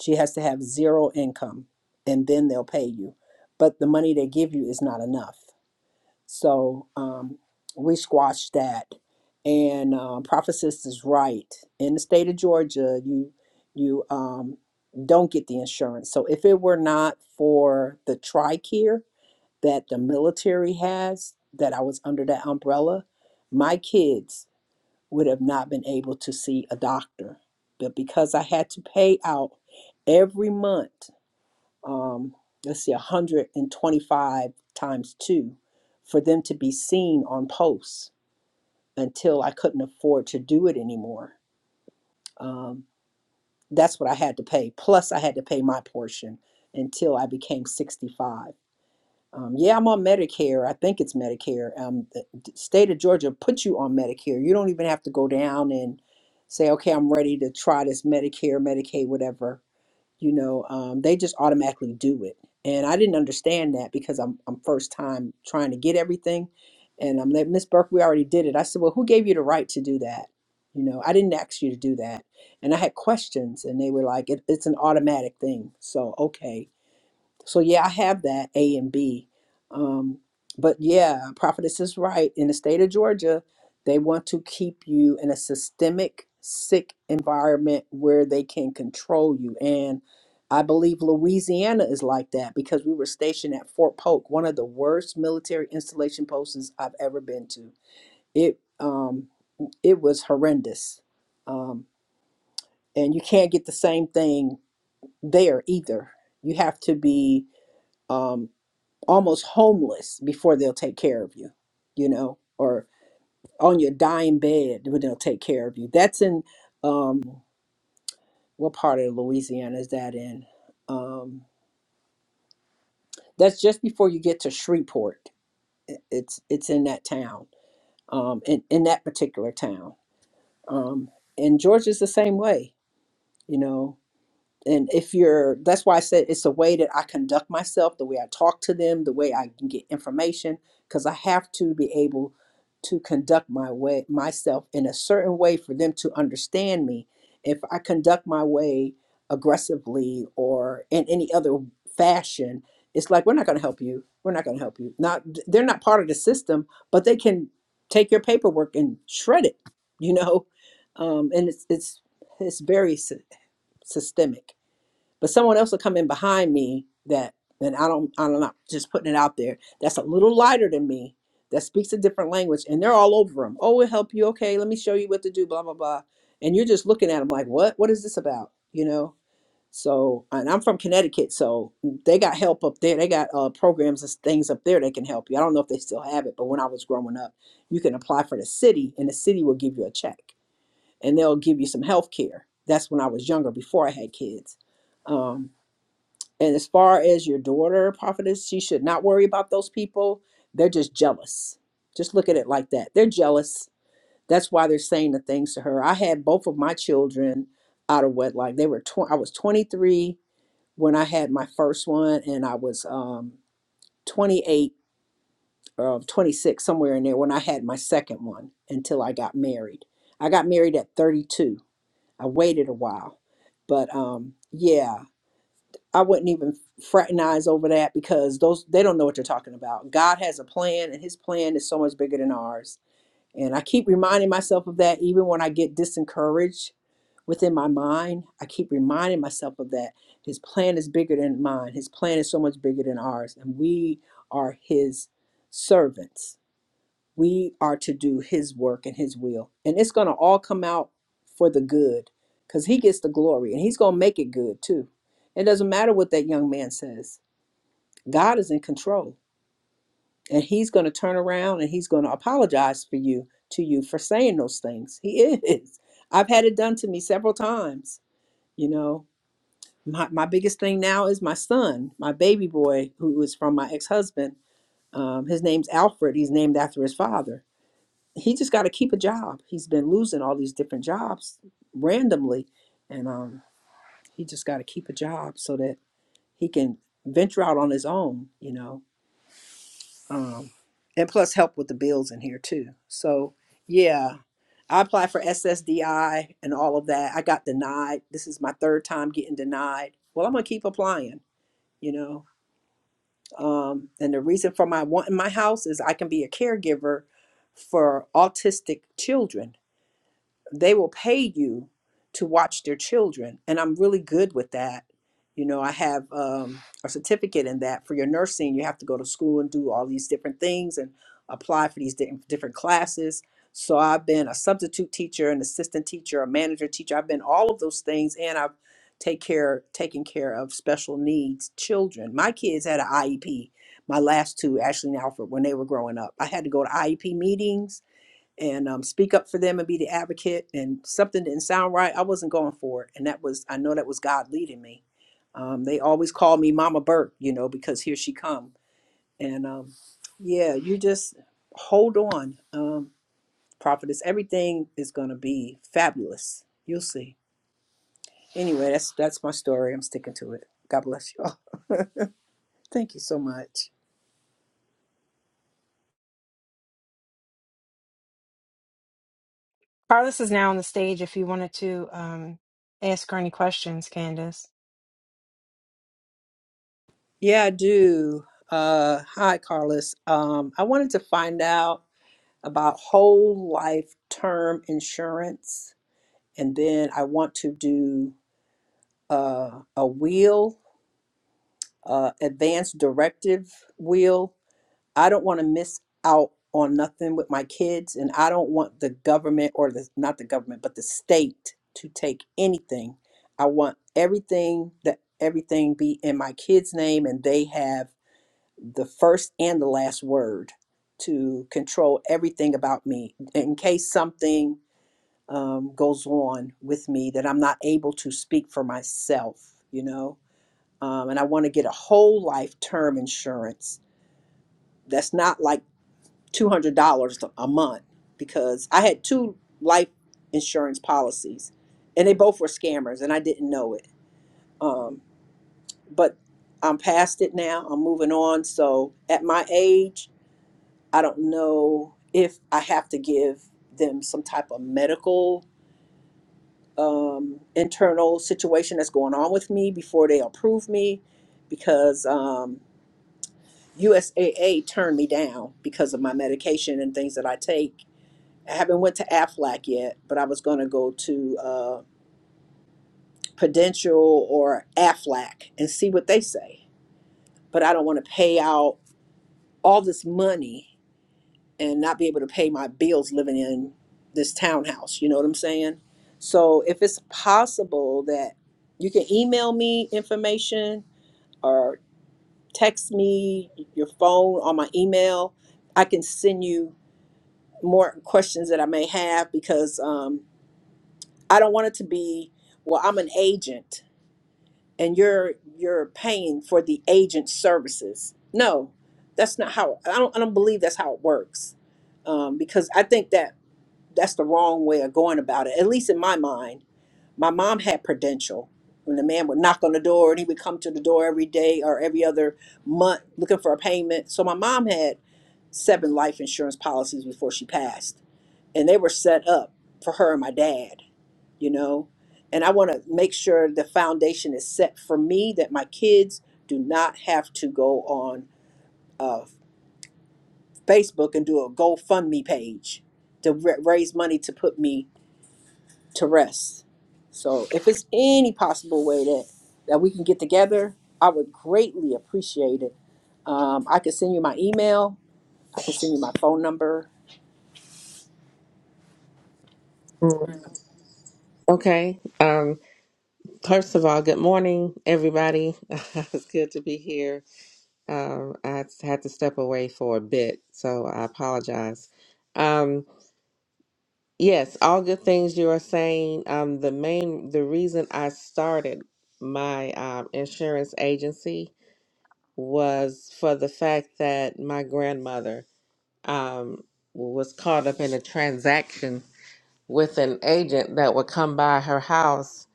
Speaker 11: She has to have zero income and then they'll pay you. But the money they give you is not enough. So um, we squashed that. And um, Prophetess is right. In the state of Georgia, you you um, don't get the insurance. So if it were not for the TRICARE that the military has, that I was under that umbrella, my kids would have not been able to see a doctor. But because I had to pay out every month um, let's see, 125 times two for them to be seen on posts until I couldn't afford to do it anymore. Um, that's what I had to pay. Plus, I had to pay my portion until I became 65. Um, yeah, I'm on Medicare. I think it's Medicare. Um, the d- state of Georgia puts you on Medicare. You don't even have to go down and say, okay, I'm ready to try this Medicare, Medicaid, whatever you know um, they just automatically do it and i didn't understand that because i'm, I'm first time trying to get everything and i'm like miss burke we already did it i said well who gave you the right to do that you know i didn't ask you to do that and i had questions and they were like it, it's an automatic thing so okay so yeah, I have that A and B. Um, but yeah, prophetess is right. In the state of Georgia, they want to keep you in a systemic sick environment where they can control you. And I believe Louisiana is like that because we were stationed at Fort Polk, one of the worst military installation posts I've ever been to. It um, it was horrendous, um, and you can't get the same thing there either. You have to be um, almost homeless before they'll take care of you, you know, or on your dying bed when they'll take care of you. That's in um, what part of Louisiana is that in? Um, that's just before you get to Shreveport. I- It's it's in that town, um, in in that particular town. Um, and Georgia's the same way, you know. and if you're that's why i said it's a way that i conduct myself the way i talk to them the way i can get information because i have to be able to conduct my way myself in a certain way for them to understand me if i conduct my way aggressively or in any other fashion it's like we're not going to help you we're not going to help you not they're not part of the system but they can take your paperwork and shred it you know um, and it's it's it's very sy- systemic but someone else will come in behind me that and I don't I'm not just putting it out there that's a little lighter than me that speaks a different language and they're all over them oh we'll help you okay let me show you what to do blah blah blah and you're just looking at them like what what is this about you know so and I'm from Connecticut so they got help up there they got uh, programs and things up there that can help you I don't know if they still have it but when I was growing up you can apply for the city and the city will give you a check and they'll give you some health care that's when I was younger before I had kids um, and as far as your daughter, prophetess, she should not worry about those people. They're just jealous. Just look at it like that. They're jealous. That's why they're saying the things to her. I had both of my children out of wedlock. They were tw- I was 23 when I had my first one, and I was um, 28 or 26 somewhere in there when I had my second one until I got married. I got married at 32. I waited a while, but um, yeah. I wouldn't even fraternize over that because those they don't know what they're talking about. God has a plan and his plan is so much bigger than ours. And I keep reminding myself of that even when I get disencouraged within my mind. I keep reminding myself of that. His plan is bigger than mine. His plan is so much bigger than ours and we are his servants we are to do his work and his will. And it's going to all come out for the good because he gets the glory and he's going to make it good too. It doesn't matter what that young man says, God is in control and he's going to turn around and he's going to apologize for you to you for saying those things. He is. I've had it done to me several times, you know. My, my biggest thing now is my son, my baby boy, who is from my ex husband. Um, his name's Alfred. He's named after his father he just got to keep a job. He's been losing all these different jobs randomly, and um, he just got to keep a job so that he can venture out on his own, you know. Um, and plus, help with the bills in here too. So, yeah, I applied for SSDI and all of that. I got denied. This is my third time getting denied. Well, I'm gonna keep applying, you know. Um, and the reason for my wanting my house is I can be a caregiver for autistic children they will pay you to watch their children and i'm really good with that you know i have um, a certificate in that for your nursing you have to go to school and do all these different things and apply for these di- different classes so i've been a substitute teacher an assistant teacher a manager teacher i've been all of those things and i've take care taken care of special needs children my kids had an iep my last two ashley and alfred when they were growing up i had to go to iep meetings and um, speak up for them and be the advocate and something didn't sound right i wasn't going for it and that was i know that was god leading me um, they always call me mama burke you know because here she come and um, yeah you just hold on um, prophetess everything is going to be fabulous you'll see anyway that's that's my story i'm sticking to it god bless you all thank you so much
Speaker 10: Carlos is now,
Speaker 11: yeah i do uh, hi carlos um, i wanted to find out about whole life term insurance. And then I want to do uh, a will, uh, advanced directive will. I don't want to miss out on nothing with my kids, and I don't want the government or the not the government, but the state to take anything. I want everything that everything be in my kids' name, and they have the first and the last word to control everything about me in case something um, goes on with me that I'm not able to speak for myself, you know. Um, and I want to get a whole life term insurance that's not like $200 a month because I had two life insurance policies and they both were scammers and I didn't know it. Um, but I'm past it now, I'm moving on. So at my age, I don't know if I have to give them some type of medical um, internal situation that's going on with me before they approve me because um, USAA turned me down because of my medication and things that I take. I haven't went to AFLAC yet, but I was going to go to uh, Prudential or AFLAC and see what they say. But I don't want to pay out all this money and not be able to pay my bills living in this townhouse. You know what I'm saying? So if it's possible that you can email me information or text me your phone on my email, I can send you more questions that I may have because um, I don't want it to be well. I'm an agent, and you're you're paying for the agent services. No, that's not how. I don't. I don't believe that's how it works um, because I think that that's the wrong way of going about it. At least in my mind, my mom had Prudential. When the man would knock on the door and he would come to the door every day or every other month looking for a payment. So my mom had seven life insurance policies before she passed, and they were set up for her and my dad, you know. And I want to make sure the foundation is set for me that my kids do not have to go on uh, Facebook and do a GoFundMe page to ra- raise money to put me to rest. So if it's any possible way that that we can get together, I would greatly appreciate it. Um, I could send you my email. I could send you my phone number.
Speaker 13: Mm, Okay. Um, first of all, good morning, everybody. it's good to be here. Um, I had to step away for a bit, so I apologize. Um, yes, all good things you are saying. Um, the main, the reason I started my um, insurance agency was for the fact that my grandmother um, was caught up in a transaction with an agent that would come by her house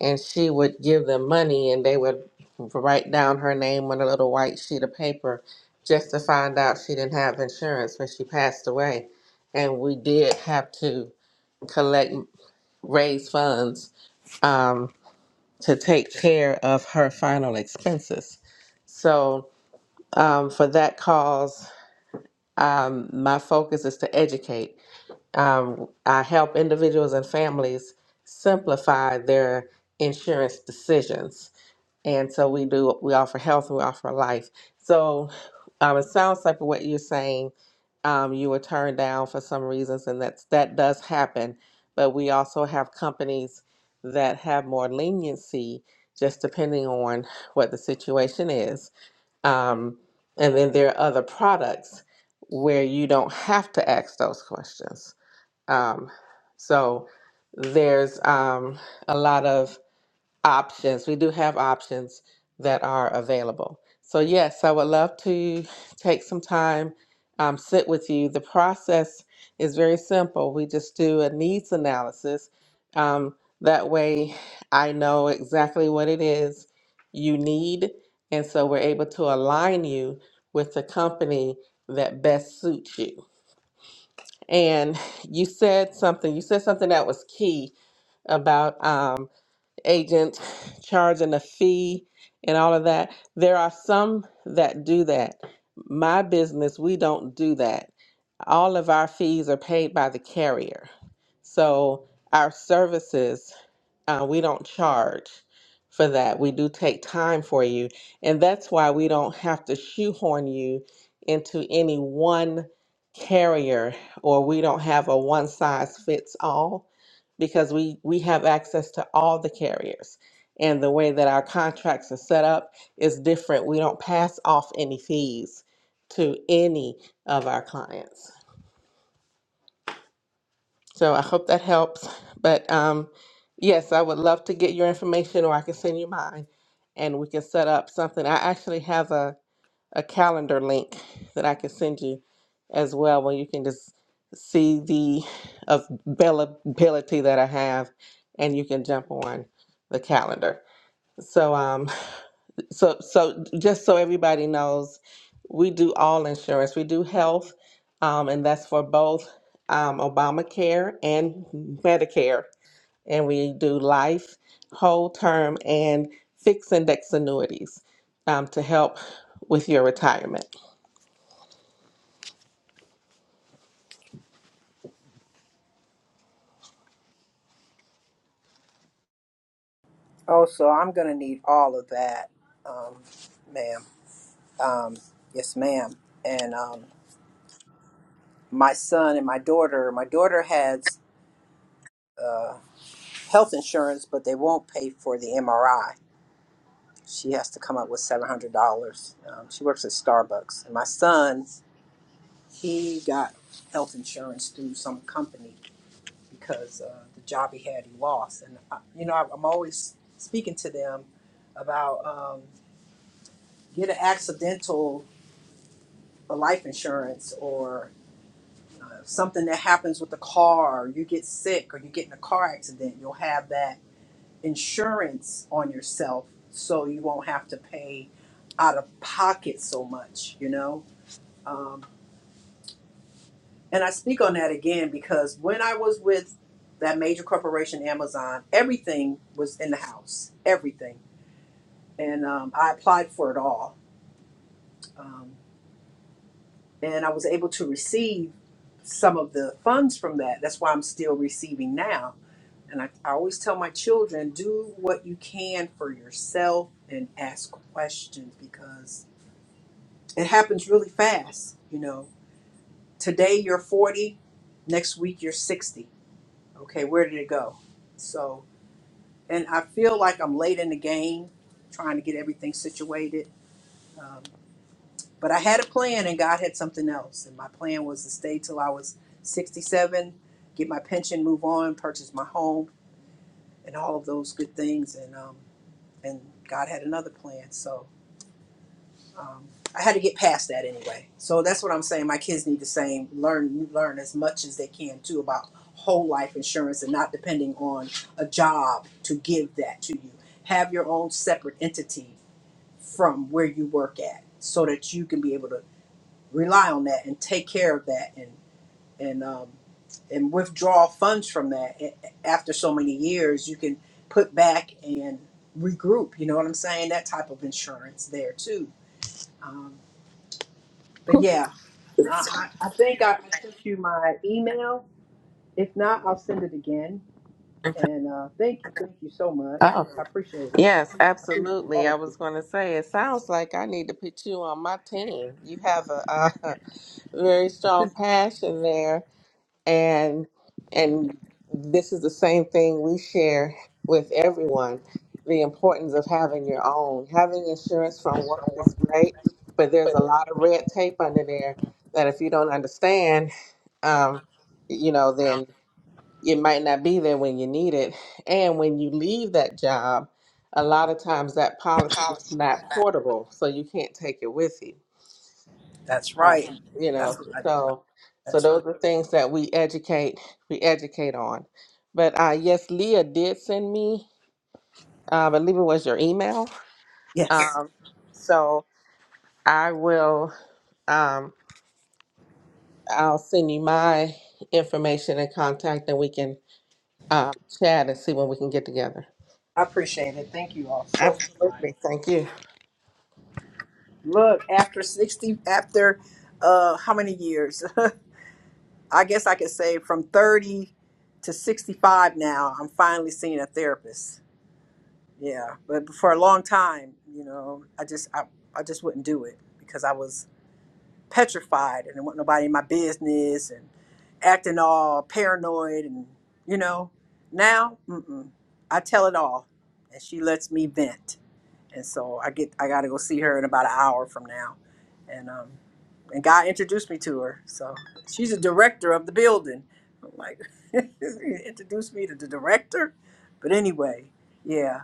Speaker 13: and she would give them money and they would write down her name on a little white sheet of paper just to find out she didn't have insurance when she passed away. And we did have to collect, raise funds um, to take care of her final expenses. So, um, for that cause, um, my focus is to educate um, I help individuals and families simplify their insurance decisions. And so we do, we offer health and we offer life. So um, it sounds like what you're saying, um, you were turned down for some reasons, and that's, that does happen. But we also have companies that have more leniency just depending on what the situation is. Um, and then there are other products where you don't have to ask those questions um, so there's um, a lot of options. We do have options that are available. So, yes, I would love to take some time, um, sit with you. The process is very simple. We just do a needs analysis. Um, that way, I know exactly what it is you need. And so, we're able to align you with the company that best suits you and you said something you said something that was key about um, agent charging a fee and all of that. There are some that do that. My business, we don't do that. All of our fees are paid by the carrier. So our services, uh, we don't charge for that. We do take time for you. And that's why we don't have to shoehorn you into any one carrier or we don't have a one size fits all because we we have access to all the carriers and the way that our contracts are set up is different we don't pass off any fees to any of our clients so i hope that helps but um yes i would love to get your information or i can send you mine and we can set up something i actually have a a calendar link that I can send you as well, where you can just see the availability that I have, and you can jump on the calendar. So, um, so, so just so everybody knows, we do all insurance. We do health, um, and that's for both um, Obamacare and Medicare, and we do life, whole term, and fixed index annuities um, to help with your retirement.
Speaker 11: Also, I'm gonna need all of that, um, ma'am. Um, yes, ma'am. And um, my son and my daughter. My daughter has uh, health insurance, but they won't pay for the MRI. She has to come up with seven hundred dollars. Um, she works at Starbucks, and my son. He got health insurance through some company because uh, the job he had, he lost. And, I, you know, I'm always speaking to them about um, get an accidental life insurance or uh, something that happens with the car, or you get sick, or you get in a car accident, you'll have that insurance on yourself so you won't have to pay out of pocket so much, you know? Um, And I speak on that again because when I was with that major corporation, Amazon, everything was in the house, everything. And um, I applied for it all. Um, and I was able to receive some of the funds from that. That's why I'm still receiving now. And I, I always tell my children do what you can for yourself and ask questions because it happens really fast. You know, today you're 40, next week you're 60 Okay, where did it go? So, and I feel like I'm late in the game trying to get everything situated. Um, but I had a plan and God had something else. And my plan was to stay till I was 67, get my pension, move on, purchase my home, and all of those good things. And, um, and God had another plan. So, um, I had to get past that anyway. So that's what I'm saying. My kids need the same learn learn as much as they can too about whole life insurance and not depending on a job to give that to you. Have your own separate entity from where you work at, so that you can be able to rely on that and take care of that and and um, and withdraw funds from that A- after so many years. You can put back and regroup. You know what I'm saying? That type of insurance there too. Um, but yeah, I, I I think I sent you my email. If not, I'll send it again. And uh, thank you, thank you so much.
Speaker 13: Oh,
Speaker 11: I appreciate it. I
Speaker 13: yes,
Speaker 11: appreciate
Speaker 13: absolutely.
Speaker 11: all
Speaker 13: I
Speaker 11: of you.
Speaker 13: was going to say, it sounds like I need to put you on my team. You have a, uh very strong passion there, and and this is the same thing we share with everyone: the importance of having your own. Having insurance from work is great, but there's a lot of red tape under there that if you don't understand, um, you know, then it might not be there when you need it. And when you leave that job, a lot of times that policy is
Speaker 11: Policy.
Speaker 13: not portable, so you can't take it with you.
Speaker 11: That's
Speaker 13: Uh,
Speaker 11: right.
Speaker 13: you
Speaker 11: That's
Speaker 13: know,
Speaker 11: what I,
Speaker 13: so so
Speaker 11: that's right.
Speaker 13: those are things that we educate we educate on. But uh, yes, Leah did send me. Uh, I believe it was your email.
Speaker 11: Yes,
Speaker 13: Um, so I will. Um, I'll send you my information and contact, and we can um, chat and see when we can get together.
Speaker 11: I appreciate it. Thank you all so much.
Speaker 13: Absolutely. Thank you.
Speaker 11: Look, after sixty, after uh, how many years? I guess I could say from thirty to sixty-five. Now I'm finally seeing a therapist. Yeah, but for a long time, you know, I just I, I just wouldn't do it because I was petrified and I want nobody in my business and acting all paranoid and you know. Now, mm-mm, I tell it all, and she lets me vent, and so I get I got to go see her in about an hour from now, and um, and God introduced me to her, so she's a director of the building. I'm like, introduce me to the director, but anyway, yeah.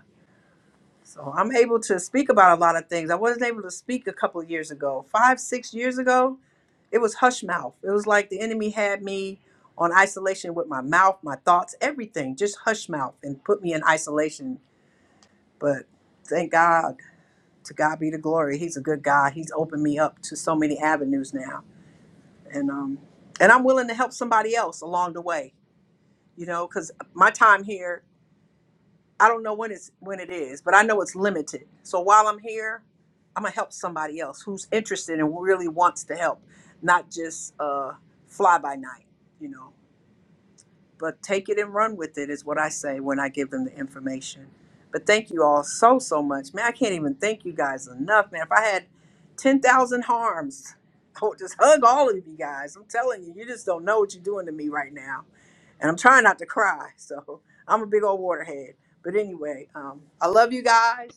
Speaker 11: So I'm able to speak about a lot of things. I wasn't able to speak a couple of years ago. Five, six years ago, it was hush mouth. It was like the enemy had me on isolation with my mouth, my thoughts, everything, just hush mouth and put me in isolation. But thank God, to God be the glory. He's a good God. He's opened me up to so many avenues now. And um and I'm willing to help somebody else along the way, you know, cuz my time here I don't know when it's when it is, but I know it's limited. So while I'm here, I'm gonna help somebody else who's interested and really wants to help, not just uh, fly by night, you know. But take it and run with it is what I say when I give them the information. But thank you all so so much, man. I can't even thank you guys enough, man. If I had ten thousand harms, I would just hug all of you guys. I'm telling you, you just don't know what you're doing to me right now and I'm trying not to cry. So I'm a big old waterhead. But anyway, um, I love you guys,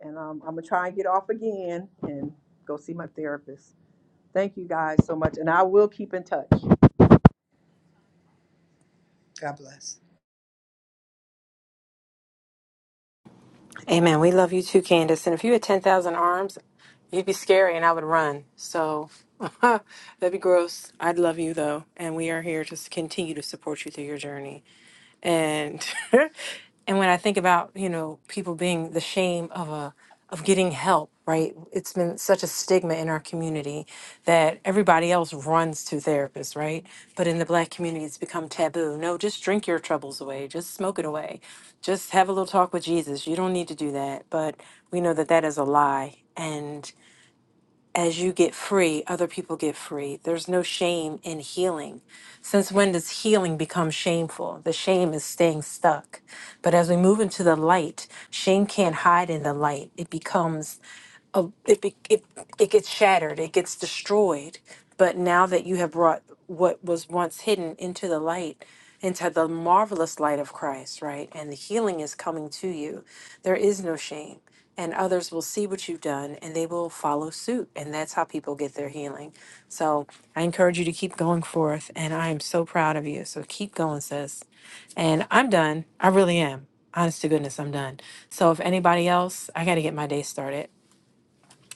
Speaker 11: and um, I'm gonna try and get off again and go see my therapist. Thank you guys so much, and I will keep in touch. God bless.
Speaker 10: and and when I think about you know people being the shame of a of getting help, right? It's been such a stigma in our community that everybody else runs to therapists, right? But in the black community, it's become taboo. No, just drink your troubles away. Just smoke it away. Just have a little talk with Jesus. You don't need to do that. But we know that that is a lie, and as you get free, other people get free. There's no shame in healing. Since when does healing become shameful? The shame is staying stuck. But as we move into the light, shame can't hide in the light. It becomes a, it, be- it it gets shattered, it gets destroyed. But now that you have brought what was once hidden into the light, into the marvelous light of Christ, right, and the healing is coming to you, there is no shame. And others will see what you've done and they will follow suit. And that's how people get their healing. So I encourage you to keep going forth. And I am so proud of you. So keep going, sis. And I'm done. I really am. Honest to goodness, I'm done. So if anybody else, I got to get my day started.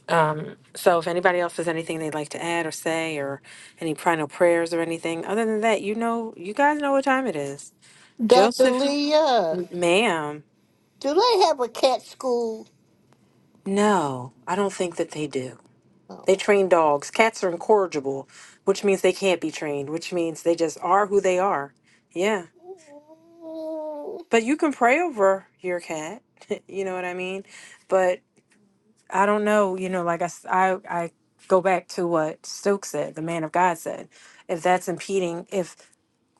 Speaker 10: Um, so if anybody else has anything they'd like to add or say or any final prayers or anything, other than that, you know, you guys know what time it is.
Speaker 5: Dr.
Speaker 10: Joseph,
Speaker 5: Leah,
Speaker 10: ma'am,
Speaker 5: do they have a cat school?
Speaker 10: no, I don't think that they do. They
Speaker 5: Oh.
Speaker 10: train dogs. Cats are incorrigible, which means they can't be trained, which means they just are who they are. Yeah. But you can pray over your cat. you know what I mean? But I don't know, you know, like I, s- I, I go back to what Stokes said, the man of God said. If that's impeding, if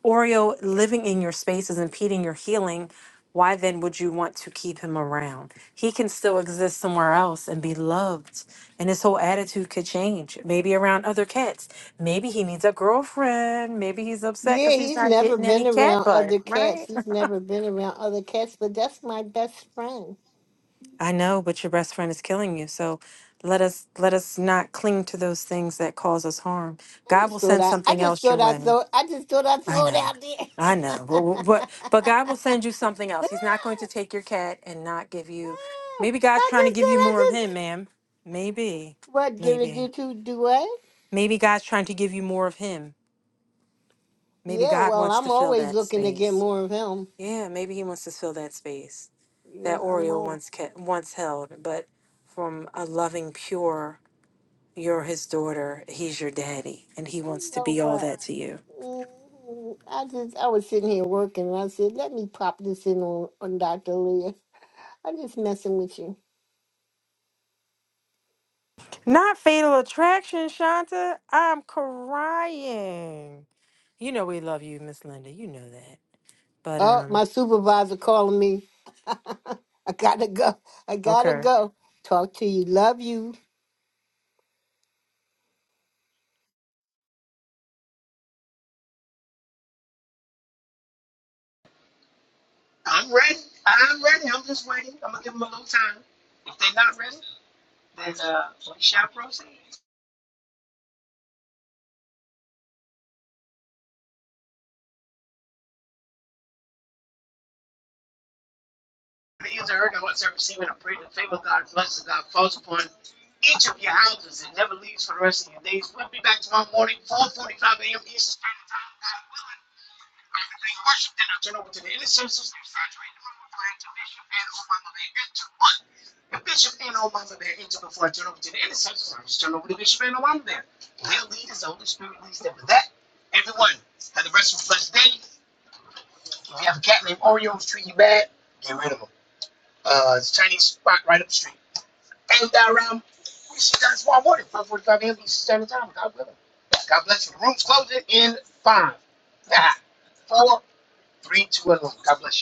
Speaker 10: Oreo living in your space is impeding your healing, why then would you want to keep him around? He can still exist somewhere else and be loved, and his whole attitude could change. Maybe around other cats. Maybe he needs a girlfriend. Maybe he's upset
Speaker 5: Yeah,
Speaker 10: because he's
Speaker 5: he's
Speaker 10: not
Speaker 5: never
Speaker 10: getting any
Speaker 5: been
Speaker 10: cat
Speaker 5: around
Speaker 10: butt,
Speaker 5: other cats.
Speaker 10: right?
Speaker 5: He's never been around other cats, but that's my best friend.
Speaker 10: I know, but your best friend is killing you. So let us let us not cling to those things that cause us harm.
Speaker 5: I
Speaker 10: God
Speaker 5: just
Speaker 10: will
Speaker 5: thought
Speaker 10: send
Speaker 5: I, I
Speaker 10: something
Speaker 5: just
Speaker 10: else your
Speaker 5: thought I
Speaker 10: way.
Speaker 5: thought, I just thought I
Speaker 10: I
Speaker 5: thought
Speaker 10: know.
Speaker 5: out
Speaker 10: I know. But,
Speaker 5: there.
Speaker 10: but but God will send you something else. He's not going to take your cat and not give you
Speaker 5: I
Speaker 10: maybe God's trying to
Speaker 5: just did.
Speaker 10: give you
Speaker 5: I
Speaker 10: more of him,
Speaker 5: just
Speaker 10: ma'am. Maybe.
Speaker 5: what give it you
Speaker 10: Maybe.
Speaker 5: to do what?
Speaker 10: Maybe God's trying to give you more of him. Maybe
Speaker 5: Yeah,
Speaker 10: God
Speaker 5: well,
Speaker 10: wants
Speaker 5: I'm
Speaker 10: to fill
Speaker 5: always
Speaker 10: that
Speaker 5: looking to get
Speaker 10: space.
Speaker 5: more of him.
Speaker 10: Yeah, maybe he wants to fill that space
Speaker 5: Yeah,
Speaker 10: that
Speaker 5: I'm
Speaker 10: Oreo
Speaker 5: all.
Speaker 10: once kept, once held, but from a loving pure you're his daughter, he's your daddy, and he
Speaker 5: You
Speaker 10: wants to
Speaker 5: know
Speaker 10: be all
Speaker 5: what?
Speaker 10: that to you.
Speaker 5: mm I just I was sitting here working, and I said, "Let me pop this in on on Doctor Leah." I'm just messing with you.
Speaker 10: Not, for- you know, but
Speaker 5: Oh,
Speaker 10: um.
Speaker 5: my supervisor calling me. I gotta go. I gotta go. Talk to you. Love you.
Speaker 8: I'm ready. I'm ready. I'm just waiting. I'm going to give them a little time. If they're not ready, then uh, we shall proceed. The ears are heard and what's receiving a prayer the favor of God, blessings of God falls upon each of your houses and never leaves for the rest of your days. We'll be back tomorrow morning, 4.45 a.m. Eastern Standard Time. God willing. After They worship and I turn over to the intercessors. They saturate the room with prayer Bishop and oh mama they enter. What? The bishop and oh mama bear. enter before I turn over to the intercessors. I just turn over to Bishop and oh mama bear. They'll lead as the Holy Spirit leads them. With that, everyone, have the rest of a blessed day. If you have a cat named Oreo who's treating you bad, get rid of him. Uh, it's a Chinese spot right up the street. And that um, we see you guys tomorrow morning, 445 a.m. Eastern Standard Time. God willing. God bless you. The room's closing in five, nine, four, three, two, and one. God bless you.